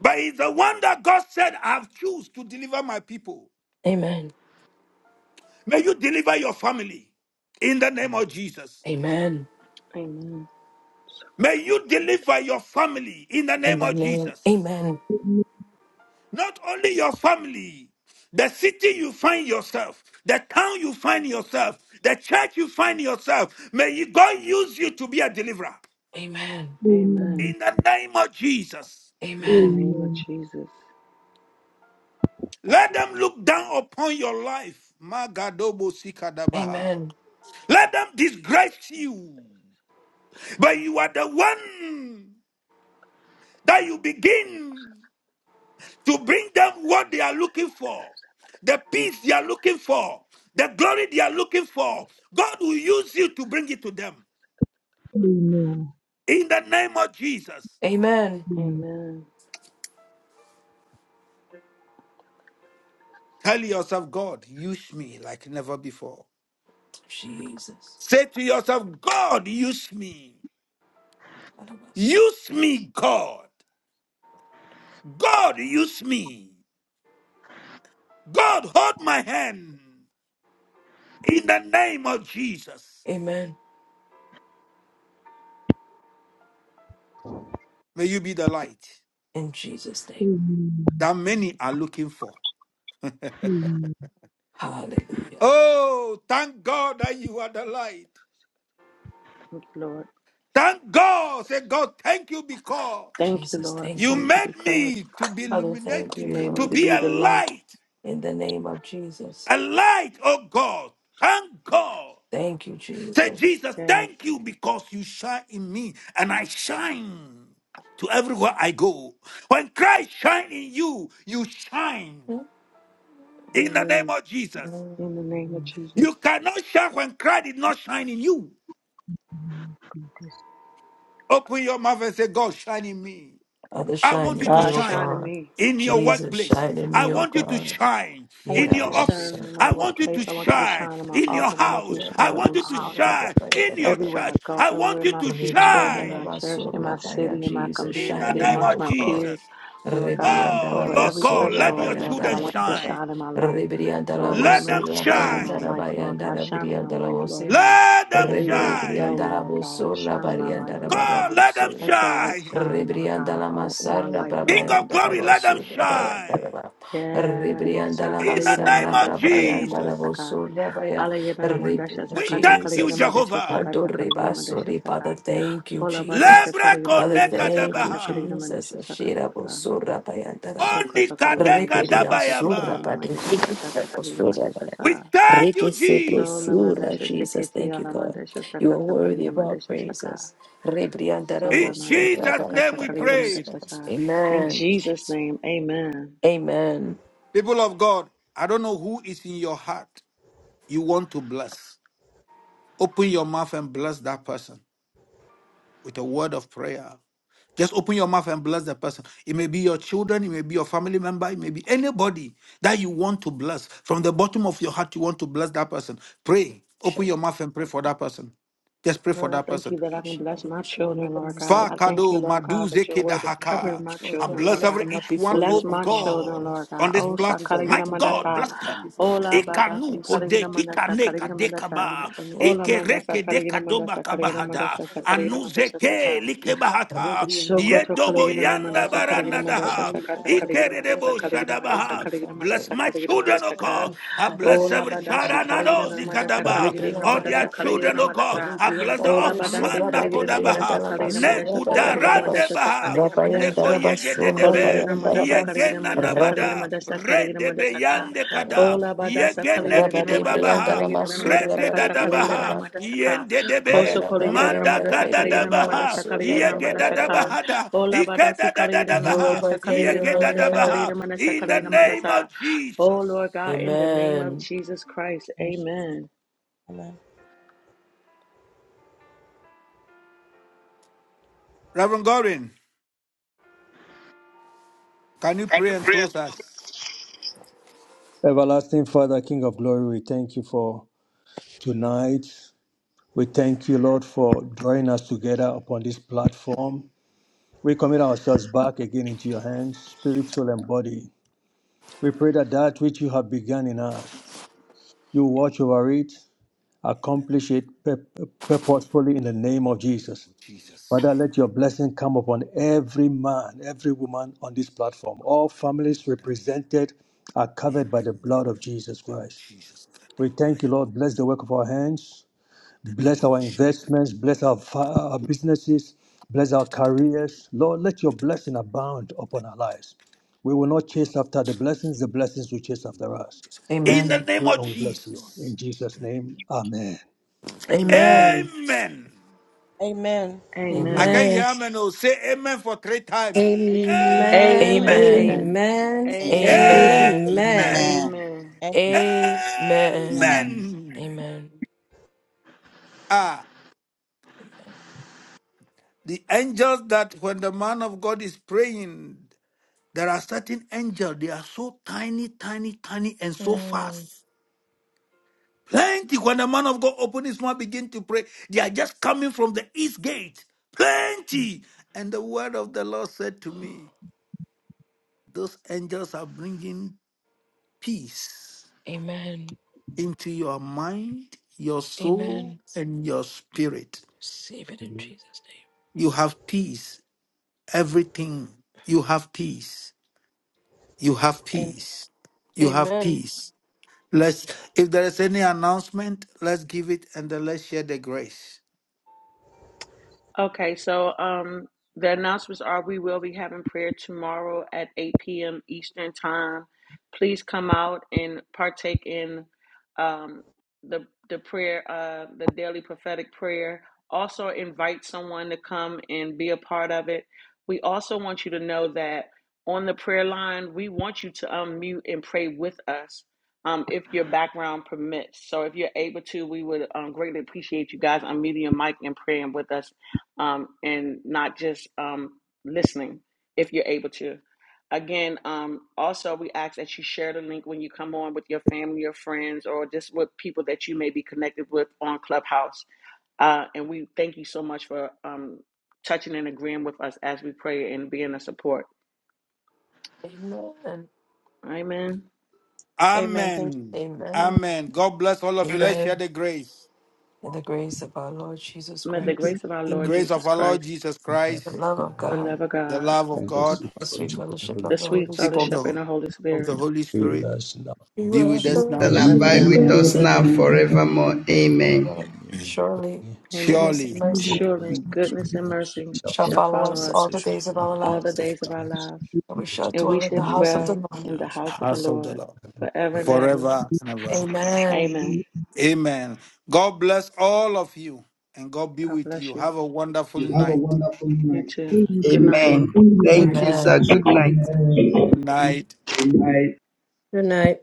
Speaker 4: But he's the one that God said, I've choose to deliver my people.
Speaker 1: Amen.
Speaker 4: May you deliver your family in the name of Jesus.
Speaker 1: Amen.
Speaker 6: Amen.
Speaker 4: May you deliver your family in the
Speaker 1: In
Speaker 4: name
Speaker 1: the
Speaker 4: of
Speaker 1: name,
Speaker 4: Jesus.
Speaker 1: Amen.
Speaker 9: Amen.
Speaker 4: Not only your family, the city you find yourself, the town you find yourself, the church you find yourself. May God use you to be a deliverer
Speaker 1: Amen.
Speaker 6: Amen.
Speaker 9: Amen.
Speaker 4: in the name of Jesus.
Speaker 6: In the
Speaker 1: Amen.
Speaker 6: name of
Speaker 9: Amen.
Speaker 6: Jesus.
Speaker 4: Let them look down upon your life. Magadobo sikadabaha.
Speaker 1: Amen.
Speaker 4: Let them disgrace you. But you are the one that you begin to bring them what they are looking for, the peace they are looking for, the glory they are looking for. God will use you to bring it to them.
Speaker 9: Amen.
Speaker 4: In the name of Jesus,
Speaker 1: Amen.
Speaker 9: Amen.
Speaker 6: Amen.
Speaker 4: tell yourself, God, use me like never before.
Speaker 1: Jesus.
Speaker 4: Say to yourself, God, use me.
Speaker 1: What about son?
Speaker 4: Use me, God. God, use me. God, hold my hand. In the name of Jesus,
Speaker 1: Amen.
Speaker 4: may you be the light
Speaker 1: In Jesus' name.
Speaker 9: Amen.
Speaker 4: that many are looking for.
Speaker 1: Hallelujah.
Speaker 4: Oh, thank God that you are the light.
Speaker 6: Thank you, Lord.
Speaker 4: Thank God. Say, God, thank you because
Speaker 6: Thank you,
Speaker 1: Jesus,
Speaker 6: Lord.
Speaker 1: thank
Speaker 4: you
Speaker 6: Thank
Speaker 1: you.
Speaker 6: you
Speaker 4: made
Speaker 6: because
Speaker 4: me to be
Speaker 1: Father, thank
Speaker 6: you
Speaker 4: illuminated,
Speaker 1: you,
Speaker 6: made
Speaker 4: to
Speaker 6: me
Speaker 1: Lord.
Speaker 6: to
Speaker 4: be
Speaker 6: be
Speaker 4: a
Speaker 6: the light.
Speaker 4: light,
Speaker 1: In the name of Jesus.
Speaker 4: a light, oh God. Thank God.
Speaker 1: Thank you,
Speaker 4: Say,
Speaker 1: Jesus.
Speaker 4: Jesus,
Speaker 6: Yes.
Speaker 4: thank you because you shine in me and I shine to everywhere I go. When Christ shine in you, you shine. in the name
Speaker 6: Amen.
Speaker 4: of Jesus.
Speaker 1: Mm-hmm.
Speaker 6: In the name of Jesus.
Speaker 4: You cannot shine when Christ is not shining you. Open your mouth and say, God, shine in me.
Speaker 1: Father,
Speaker 4: I
Speaker 1: shine
Speaker 4: want you
Speaker 1: in
Speaker 4: to
Speaker 1: me,
Speaker 6: God,
Speaker 1: O
Speaker 4: shine
Speaker 6: shine in
Speaker 1: God.
Speaker 6: me.
Speaker 4: in your
Speaker 1: Jesus,
Speaker 4: workplace.
Speaker 1: shine in
Speaker 4: I
Speaker 1: me, O
Speaker 4: want you to
Speaker 1: God.
Speaker 4: shine
Speaker 6: I
Speaker 4: in
Speaker 6: want you
Speaker 4: your
Speaker 6: to
Speaker 4: office.
Speaker 6: shine in my
Speaker 4: I want you to
Speaker 6: workplace. I want you to
Speaker 4: shine
Speaker 6: shine in my
Speaker 4: in your
Speaker 6: office. I want you
Speaker 4: house.
Speaker 6: to
Speaker 4: I
Speaker 6: shine in
Speaker 4: want you
Speaker 6: my
Speaker 4: to
Speaker 6: house. in
Speaker 4: shine in your
Speaker 6: Everywhere I
Speaker 4: church.
Speaker 6: go,
Speaker 4: I want
Speaker 6: everywhere
Speaker 4: you
Speaker 6: my
Speaker 4: to
Speaker 6: feet tread in my
Speaker 4: shine
Speaker 6: church, in
Speaker 1: Rebriandarabasura
Speaker 6: my city, in my
Speaker 1: Jesus,
Speaker 4: in the
Speaker 1: shine
Speaker 6: community,
Speaker 1: in
Speaker 4: name
Speaker 1: me,
Speaker 4: of
Speaker 6: amongst
Speaker 1: O
Speaker 6: my
Speaker 1: God.
Speaker 6: peers,
Speaker 4: Jesus.
Speaker 6: Lord God,
Speaker 4: Oh,
Speaker 6: over
Speaker 4: Lord
Speaker 6: every
Speaker 4: God,
Speaker 1: Rebriandarabasura
Speaker 4: let your
Speaker 6: threshold, Lord God, I
Speaker 4: children
Speaker 6: want you to
Speaker 1: bayandarababa.
Speaker 4: shine.
Speaker 6: shine in my life. Lord, let
Speaker 4: Let them
Speaker 6: me
Speaker 1: Rebriandarabasura
Speaker 6: shine in my life,
Speaker 4: shine.
Speaker 6: Lord God. Shine in my life, Lord
Speaker 1: bayandarabayandarabriandarabose.
Speaker 6: God.
Speaker 4: Let them
Speaker 6: Everywhere I go,
Speaker 4: shine.
Speaker 1: Reberebrianda
Speaker 6: Lord God,
Speaker 1: Bosora
Speaker 6: shine in my life,
Speaker 1: Barianda
Speaker 6: Lord
Speaker 4: God,
Speaker 6: God.
Speaker 4: let them
Speaker 6: Let
Speaker 1: Barabusoya.
Speaker 6: your light
Speaker 4: shine.
Speaker 6: shine, Lord
Speaker 1: Rebrianda
Speaker 6: God.
Speaker 1: la
Speaker 6: Oh, in my
Speaker 1: Masarra
Speaker 6: life,
Speaker 4: King
Speaker 6: Lord.
Speaker 4: of
Speaker 1: Brabayanda
Speaker 4: glory, let them
Speaker 1: Bosura Bayanda
Speaker 4: shine.
Speaker 1: Raba.
Speaker 6: Yes.
Speaker 1: Rebrianda la
Speaker 4: In the name
Speaker 1: Masarra
Speaker 4: of
Speaker 6: Sakalayidanamanda,
Speaker 1: Brabayanda
Speaker 6: sakalayidanamanda,
Speaker 4: Jesus,
Speaker 6: saka.
Speaker 1: Bosura Baya.
Speaker 6: Alayidanamanda,
Speaker 1: Rebrianda
Speaker 4: we
Speaker 6: shasakata,
Speaker 4: thank you,
Speaker 1: Jesus.
Speaker 6: kalayidanamanda,
Speaker 4: Jehovah.
Speaker 6: shasakata,
Speaker 1: Adore
Speaker 6: kalayidanamanda,
Speaker 1: Basori,
Speaker 6: shasaka.
Speaker 1: Father, thank you,
Speaker 6: Ola badase
Speaker 1: Jesus.
Speaker 4: Lebre
Speaker 6: kaligina
Speaker 1: Father,
Speaker 6: mandasha
Speaker 4: koneka
Speaker 1: thank you,
Speaker 6: sakata
Speaker 4: dabaha.
Speaker 6: kaligina
Speaker 1: Jesus.
Speaker 6: mandasha
Speaker 1: Shira
Speaker 6: sakata.
Speaker 1: Bosura Bayanda Raba.
Speaker 4: Oni
Speaker 6: Sokoto kaligina mandasha
Speaker 1: Reberia
Speaker 6: sakata
Speaker 1: Surra
Speaker 4: dabayaba.
Speaker 6: kaligina mandasha sakata kaligina mandasha
Speaker 1: Barianda
Speaker 4: We
Speaker 6: sa.
Speaker 4: thank you,
Speaker 6: Sola
Speaker 4: Jesus.
Speaker 1: Rekesebrosura,
Speaker 6: mandasha
Speaker 1: Jesus,
Speaker 6: seketi
Speaker 1: thank you,
Speaker 6: ala
Speaker 1: God.
Speaker 6: mandasha
Speaker 1: You are
Speaker 6: sakata
Speaker 1: worthy
Speaker 6: kaligina
Speaker 1: of all
Speaker 6: mandasha saka.
Speaker 1: praises.
Speaker 4: In
Speaker 6: Sola mandasha
Speaker 1: Rebriandarabosura,
Speaker 4: Jesus' name
Speaker 6: sakata
Speaker 4: we
Speaker 6: kaligina
Speaker 4: prayed.
Speaker 6: mandasha
Speaker 1: bandarabosura.
Speaker 6: sa. In
Speaker 1: Amen.
Speaker 6: Jesus' name, amen.
Speaker 1: Amen.
Speaker 4: People of God, I don't know who is in your heart you want to bless. Open your mouth and bless that person. with a word of prayer. Just open your mouth and bless the person. It may be your children, it may be your family member, it may be anybody that you want to bless. From the bottom of your heart, you want to bless that person. Pray. Open
Speaker 1: Shit.
Speaker 4: your mouth and pray for that person. Just pray for
Speaker 6: Lord, I
Speaker 4: that
Speaker 6: thank
Speaker 4: person.
Speaker 6: you that I can bless my children, Lord God.
Speaker 8: Father,
Speaker 6: I
Speaker 8: oh
Speaker 6: thank you,
Speaker 4: Fakado
Speaker 8: God, I
Speaker 6: Lord
Speaker 8: thank
Speaker 6: God,
Speaker 8: you
Speaker 4: maduze
Speaker 6: that
Speaker 8: for
Speaker 6: your
Speaker 8: blessing
Speaker 6: word
Speaker 8: us.
Speaker 6: is
Speaker 4: kedahaka.
Speaker 6: covering my
Speaker 4: I
Speaker 6: children,
Speaker 1: Children, we
Speaker 6: Lord
Speaker 4: bless
Speaker 1: lift
Speaker 6: God.
Speaker 4: every
Speaker 1: them up
Speaker 4: each one,
Speaker 1: before
Speaker 6: Bless
Speaker 1: you,
Speaker 4: oh
Speaker 1: O
Speaker 6: my
Speaker 1: God.
Speaker 6: children,
Speaker 4: God,
Speaker 6: Lord
Speaker 4: on
Speaker 6: God.
Speaker 4: this
Speaker 1: We
Speaker 6: Oh,
Speaker 1: lift them up
Speaker 4: platform.
Speaker 6: sakala
Speaker 4: My
Speaker 6: gina
Speaker 1: and
Speaker 4: God,
Speaker 6: mandasa.
Speaker 4: bless
Speaker 1: elevate them
Speaker 4: them.
Speaker 1: you. We
Speaker 6: Ola badashi
Speaker 4: Ikanu
Speaker 6: kala
Speaker 4: kode
Speaker 8: Thank you,
Speaker 1: you.
Speaker 6: mandasa
Speaker 8: Lord,
Speaker 4: kikane
Speaker 6: kala
Speaker 8: for blessing us.
Speaker 6: mandasa.
Speaker 1: In
Speaker 4: kadekaba.
Speaker 1: the name of
Speaker 6: Ola
Speaker 1: Jesus.
Speaker 6: mandasa
Speaker 4: Ikereke
Speaker 6: kala
Speaker 4: dekadoba
Speaker 6: mandasa kala
Speaker 4: kabahada.
Speaker 8: Thank
Speaker 6: mandasa
Speaker 8: you, Lord, for blessing us. I thank
Speaker 1: Lord
Speaker 8: you,
Speaker 6: sakala
Speaker 1: Jesus,
Speaker 8: Father, oh
Speaker 6: mandasa
Speaker 8: God,
Speaker 1: enjoy
Speaker 4: Anuzeke
Speaker 6: saka.
Speaker 1: them.
Speaker 8: for
Speaker 4: likebahata.
Speaker 1: Ribbon
Speaker 8: blessing
Speaker 1: and them,
Speaker 6: Sokoto
Speaker 8: us.
Speaker 4: Yedobo
Speaker 1: even
Speaker 6: Kolegina
Speaker 8: Oh
Speaker 4: yanda
Speaker 8: my
Speaker 6: Mandasa
Speaker 1: siblings,
Speaker 8: God,
Speaker 6: Kaligina
Speaker 4: baranda
Speaker 8: Lord,
Speaker 1: and
Speaker 6: Mandasa
Speaker 4: daha.
Speaker 1: then I
Speaker 8: God,
Speaker 6: Sakata
Speaker 1: got a
Speaker 8: in the
Speaker 6: Kaligina
Speaker 1: door,
Speaker 8: mighty
Speaker 1: got a
Speaker 6: Mandasa
Speaker 4: Ikerebo
Speaker 8: name
Speaker 1: door,
Speaker 8: of Jesus.
Speaker 6: Kaligina
Speaker 1: and
Speaker 6: Mandasa
Speaker 1: give
Speaker 4: shadabaha.
Speaker 6: Kaligina
Speaker 1: Father
Speaker 8: I
Speaker 4: Bless
Speaker 1: them.
Speaker 6: Mandasa
Speaker 4: my
Speaker 8: thank
Speaker 6: Kaligina
Speaker 4: children,
Speaker 1: Let's
Speaker 8: you,
Speaker 4: oh
Speaker 8: Lord,
Speaker 6: Mandasaka
Speaker 8: for
Speaker 4: God.
Speaker 1: come,
Speaker 4: I
Speaker 8: bless
Speaker 1: Father
Speaker 4: bless
Speaker 1: God,
Speaker 6: Ola
Speaker 4: every
Speaker 1: and I have
Speaker 6: Badashi
Speaker 8: every area
Speaker 6: Kaligina
Speaker 8: of
Speaker 4: child.
Speaker 8: my
Speaker 1: come.
Speaker 8: life
Speaker 6: Mandasa
Speaker 8: in
Speaker 4: Kadaba,
Speaker 8: the
Speaker 6: Kaligina
Speaker 8: mighty
Speaker 4: all
Speaker 8: name
Speaker 4: their
Speaker 6: Mandasa
Speaker 8: of
Speaker 1: Rebriandalaba
Speaker 6: Kaligina
Speaker 4: children,
Speaker 8: Jesus.
Speaker 1: Andrew,
Speaker 4: oh
Speaker 8: oh
Speaker 4: God.
Speaker 6: Mandasa
Speaker 4: I bless the
Speaker 8: I
Speaker 6: Ola
Speaker 1: Rebriandalabo,
Speaker 8: thank
Speaker 4: orphan,
Speaker 8: you
Speaker 1: so
Speaker 6: Badase
Speaker 4: man,
Speaker 1: Rabba
Speaker 8: for
Speaker 1: de
Speaker 6: Kaligina
Speaker 4: Nakodabaha,
Speaker 6: Mandasa
Speaker 8: blessing
Speaker 1: Briandalama,
Speaker 6: Kaligina
Speaker 1: so
Speaker 8: my
Speaker 6: Mandasa
Speaker 1: Rabba
Speaker 8: helping,
Speaker 1: and
Speaker 6: Kaligina
Speaker 1: Daraba,
Speaker 6: Mandasa
Speaker 4: Nekudarandebaha,
Speaker 8: Father,
Speaker 6: Kaligina
Speaker 8: oh
Speaker 1: Rabba
Speaker 8: God,
Speaker 1: and
Speaker 8: in
Speaker 6: Mandasa
Speaker 8: the
Speaker 4: Neko
Speaker 1: Daraba,
Speaker 8: mighty name of
Speaker 1: so Rabba
Speaker 4: Yegedebe,
Speaker 8: Jesus.
Speaker 1: and
Speaker 6: Sa
Speaker 1: Daraba,
Speaker 8: I thank
Speaker 6: Kaligina
Speaker 8: you for
Speaker 6: Mandasa
Speaker 1: Rabba.
Speaker 8: blessing
Speaker 6: Kaligina
Speaker 8: my
Speaker 4: Yegenanabada,
Speaker 8: life.
Speaker 6: Mandasa Kaligina Mandasa Kaligina
Speaker 4: Redebe
Speaker 8: I thank
Speaker 6: Mandasaka
Speaker 8: you for blessing
Speaker 4: Yandekada,
Speaker 8: my
Speaker 6: Ola
Speaker 8: father.
Speaker 6: Badasa
Speaker 8: I
Speaker 6: Kaligina
Speaker 8: thank
Speaker 1: Rabba
Speaker 8: you
Speaker 1: de
Speaker 8: for
Speaker 6: Mandasa
Speaker 8: blessing
Speaker 4: Yegenekidebabaha,
Speaker 8: my
Speaker 1: Briandalama,
Speaker 6: Kaligina
Speaker 8: brother.
Speaker 1: so
Speaker 6: Mandasa
Speaker 1: Rabba de
Speaker 6: Kata
Speaker 8: I thank you
Speaker 6: Kaligina
Speaker 1: Briandalaba,
Speaker 4: Rekedadabaha,
Speaker 8: for blessing
Speaker 6: Mandasaka
Speaker 8: my sister,
Speaker 4: Yendedebe,
Speaker 6: Koso
Speaker 8: Lord
Speaker 1: Marana
Speaker 8: God.
Speaker 6: kolegire na
Speaker 1: Brabayanda
Speaker 8: In the
Speaker 6: madasa
Speaker 8: mighty
Speaker 6: kolegire na
Speaker 8: name of
Speaker 1: Rebrianda
Speaker 4: Mandakadadabaha,
Speaker 6: madasa
Speaker 8: Jesus.
Speaker 1: Sura
Speaker 6: kolegire na
Speaker 8: I
Speaker 6: madasa
Speaker 8: thank you for
Speaker 6: ka.
Speaker 1: Brabayara.
Speaker 8: blessing
Speaker 4: Yegedadabahada,
Speaker 8: my
Speaker 6: Ola
Speaker 8: nephew.
Speaker 6: badasi kolegire na
Speaker 4: Ikedadadabaha,
Speaker 6: madasa
Speaker 8: I
Speaker 6: kolegire
Speaker 1: Yavapakaya
Speaker 6: na
Speaker 8: thank you,
Speaker 6: madasa
Speaker 8: Lord
Speaker 1: Vayara.
Speaker 8: God.
Speaker 4: Yegedadabaha,
Speaker 6: kolegire
Speaker 8: In
Speaker 6: madasa
Speaker 8: the
Speaker 4: in the
Speaker 6: kolegire
Speaker 8: mighty name
Speaker 4: name of
Speaker 6: madasa. Oh
Speaker 4: Jesus.
Speaker 6: Lord God, in the
Speaker 8: of Jesus.
Speaker 6: name of
Speaker 1: Amen.
Speaker 6: Jesus Christ,
Speaker 8: In Jesus.
Speaker 6: Amen,
Speaker 8: Amen.
Speaker 4: Reverend Gorin. Can you
Speaker 1: Can you
Speaker 4: pray and
Speaker 1: pray?
Speaker 4: close us?
Speaker 10: Everlasting Father, King of glory, we thank you for tonight. We thank you, Lord, for drawing us together upon this platform. We commit ourselves back again into your hands, spirit, soul, and body. We pray that that which you have begun in us, you watch over it, accomplish it pur- purposefully in the name of Jesus.
Speaker 4: In the name
Speaker 10: Father,
Speaker 4: of Jesus, amen.
Speaker 10: let your blessing come upon every man, every woman on this platform. All families
Speaker 4: That-
Speaker 10: represented are covered
Speaker 4: In
Speaker 10: by
Speaker 4: the
Speaker 10: the
Speaker 4: name
Speaker 10: blood of Jesus
Speaker 4: of
Speaker 10: Christ.
Speaker 4: Jesus,
Speaker 10: We thank you,
Speaker 4: Kadabaya,
Speaker 10: Lord. Bless the work of our hands. Bless our
Speaker 4: Dadabosha,
Speaker 10: investments. Bless our, fa- our businesses. Bless our careers. Lord, let your blessing abound upon our lives. We will not chase after the blessings, the blessings will chase after us. We
Speaker 4: in the
Speaker 1: Amen.
Speaker 10: thank
Speaker 4: name
Speaker 10: you
Speaker 4: of
Speaker 10: and we bless you. In
Speaker 4: Jesus,
Speaker 10: Jesus' name, amen.
Speaker 8: Amen.
Speaker 1: Amen.
Speaker 6: Amen,
Speaker 4: amen.
Speaker 8: Amen.
Speaker 4: I
Speaker 1: Amen.
Speaker 4: can
Speaker 6: Amen,
Speaker 11: Amen.
Speaker 4: hear amen. Oh, say amen for three times.
Speaker 11: Amen.
Speaker 8: Amen.
Speaker 6: Amen,
Speaker 4: Amen.
Speaker 12: Amen.
Speaker 1: Amen.
Speaker 11: Amen.
Speaker 12: Amen.
Speaker 6: Amen,
Speaker 8: Amen.
Speaker 1: Amen.
Speaker 11: Amen.
Speaker 4: Amen.
Speaker 12: Amen.
Speaker 6: Amen.
Speaker 8: Amen.
Speaker 1: Amen.
Speaker 12: Amen.
Speaker 4: Amen.
Speaker 1: Amen.
Speaker 4: Ah, The angels that when the man of God is praying, there are certain angels, they are so tiny, tiny, tiny, and so
Speaker 1: Mm.
Speaker 4: fast. Plenty. When the man of God opens his mouth, begin to pray, they are just coming from the east gate. Plenty. And the word of the Lord said to me, Those angels are bringing peace
Speaker 1: Amen.
Speaker 4: into your mind, your soul,
Speaker 1: Amen.
Speaker 4: and your spirit.
Speaker 1: Receive it in Jesus' name.
Speaker 4: You have peace. Everything. You have peace. You have peace. You have
Speaker 1: Amen.
Speaker 4: peace. Let's, if there is any announcement, let's give it and then let's share the grace.
Speaker 6: Okay, so um, the announcements are we will be having prayer tomorrow at 8 p.m. Eastern Time. Please come out and partake in um, the the prayer, uh, the daily prophetic prayer. Also, invite someone to come and be a part of it. We also want you to know that on the prayer line, we want you to unmute and pray with us um, if your background permits. So, if you're able to, we would um, greatly appreciate you guys unmuting your mic and praying with us um, and not just um, listening if you're able to. Again, um, also, we ask that you share the link when you come on with your family, or friends, or just with people that you may be connected with on Clubhouse. Uh, and we thank you so much for um, touching and agreeing with us as we pray and being a support.
Speaker 1: Amen.
Speaker 6: Amen.
Speaker 8: Amen.
Speaker 4: Amen.
Speaker 1: Amen.
Speaker 4: Amen. God bless all of you. Let's
Speaker 1: Amen.
Speaker 4: share the grace.
Speaker 1: In the grace of our Lord Jesus
Speaker 6: May the
Speaker 1: Christ,
Speaker 6: grace of our
Speaker 4: The
Speaker 6: Lord
Speaker 4: grace of
Speaker 6: Jesus
Speaker 4: our Lord
Speaker 6: Christ,
Speaker 4: Jesus
Speaker 1: the
Speaker 4: Christ,
Speaker 1: love of
Speaker 6: the
Speaker 1: God
Speaker 6: love of
Speaker 4: the
Speaker 6: God,
Speaker 4: love of God,
Speaker 1: the sweet fellowship
Speaker 6: the
Speaker 1: of the
Speaker 6: sweet
Speaker 1: Holy
Speaker 4: sheep of
Speaker 1: Spirit.
Speaker 6: fellowship and
Speaker 4: the
Speaker 6: the Holy
Speaker 4: of the
Speaker 6: Spirit
Speaker 4: Holy Spirit,
Speaker 1: Be
Speaker 4: be with
Speaker 1: with
Speaker 13: Bless
Speaker 4: us
Speaker 13: you,
Speaker 1: us.
Speaker 6: be
Speaker 4: now.
Speaker 14: and
Speaker 6: with
Speaker 13: man.
Speaker 6: us
Speaker 14: abide
Speaker 6: now
Speaker 14: with
Speaker 6: and
Speaker 14: us now
Speaker 6: forevermore.
Speaker 14: forevermore. Amen.
Speaker 1: Um,
Speaker 13: Amen.
Speaker 4: Amen.
Speaker 1: Surely, goodness
Speaker 6: Amen.
Speaker 1: and
Speaker 4: Surely
Speaker 9: Amen.
Speaker 13: Surely,
Speaker 1: mercy
Speaker 6: Surely
Speaker 13: God's
Speaker 6: goodness and
Speaker 13: goodness
Speaker 6: mercy
Speaker 1: shall
Speaker 6: shall
Speaker 1: follow
Speaker 13: and
Speaker 6: follow
Speaker 1: us all
Speaker 6: us
Speaker 13: mercy
Speaker 1: the
Speaker 13: shall
Speaker 1: days of
Speaker 13: follow
Speaker 1: our
Speaker 13: us
Speaker 6: all the
Speaker 1: lives,
Speaker 4: to
Speaker 6: days
Speaker 4: the
Speaker 6: of our lives,
Speaker 1: and we shall
Speaker 6: and we
Speaker 1: dwell in
Speaker 6: shall
Speaker 1: the
Speaker 9: Amen.
Speaker 13: and
Speaker 1: house
Speaker 13: we
Speaker 1: of the
Speaker 13: shall
Speaker 6: dwell
Speaker 13: dwell
Speaker 1: Lord.
Speaker 6: in
Speaker 13: the
Speaker 6: the house of the
Speaker 4: house
Speaker 13: Lord
Speaker 4: of the
Speaker 6: Lord
Speaker 4: Lord.
Speaker 6: forever and
Speaker 13: forever and
Speaker 6: ever.
Speaker 4: Forever and ever.
Speaker 1: Amen.
Speaker 6: Amen.
Speaker 4: Amen. God bless all of you and God be
Speaker 6: God
Speaker 4: with you.
Speaker 6: bless you.
Speaker 4: Have a wonderful
Speaker 14: Have a
Speaker 4: night.
Speaker 14: wonderful
Speaker 6: You
Speaker 14: night.
Speaker 6: too.
Speaker 9: Amen.
Speaker 6: Good night.
Speaker 14: Amen. Thank you, sir.
Speaker 8: Amen.
Speaker 1: Amen.
Speaker 14: Good night. Good
Speaker 4: Good night.
Speaker 14: night.
Speaker 11: Good night.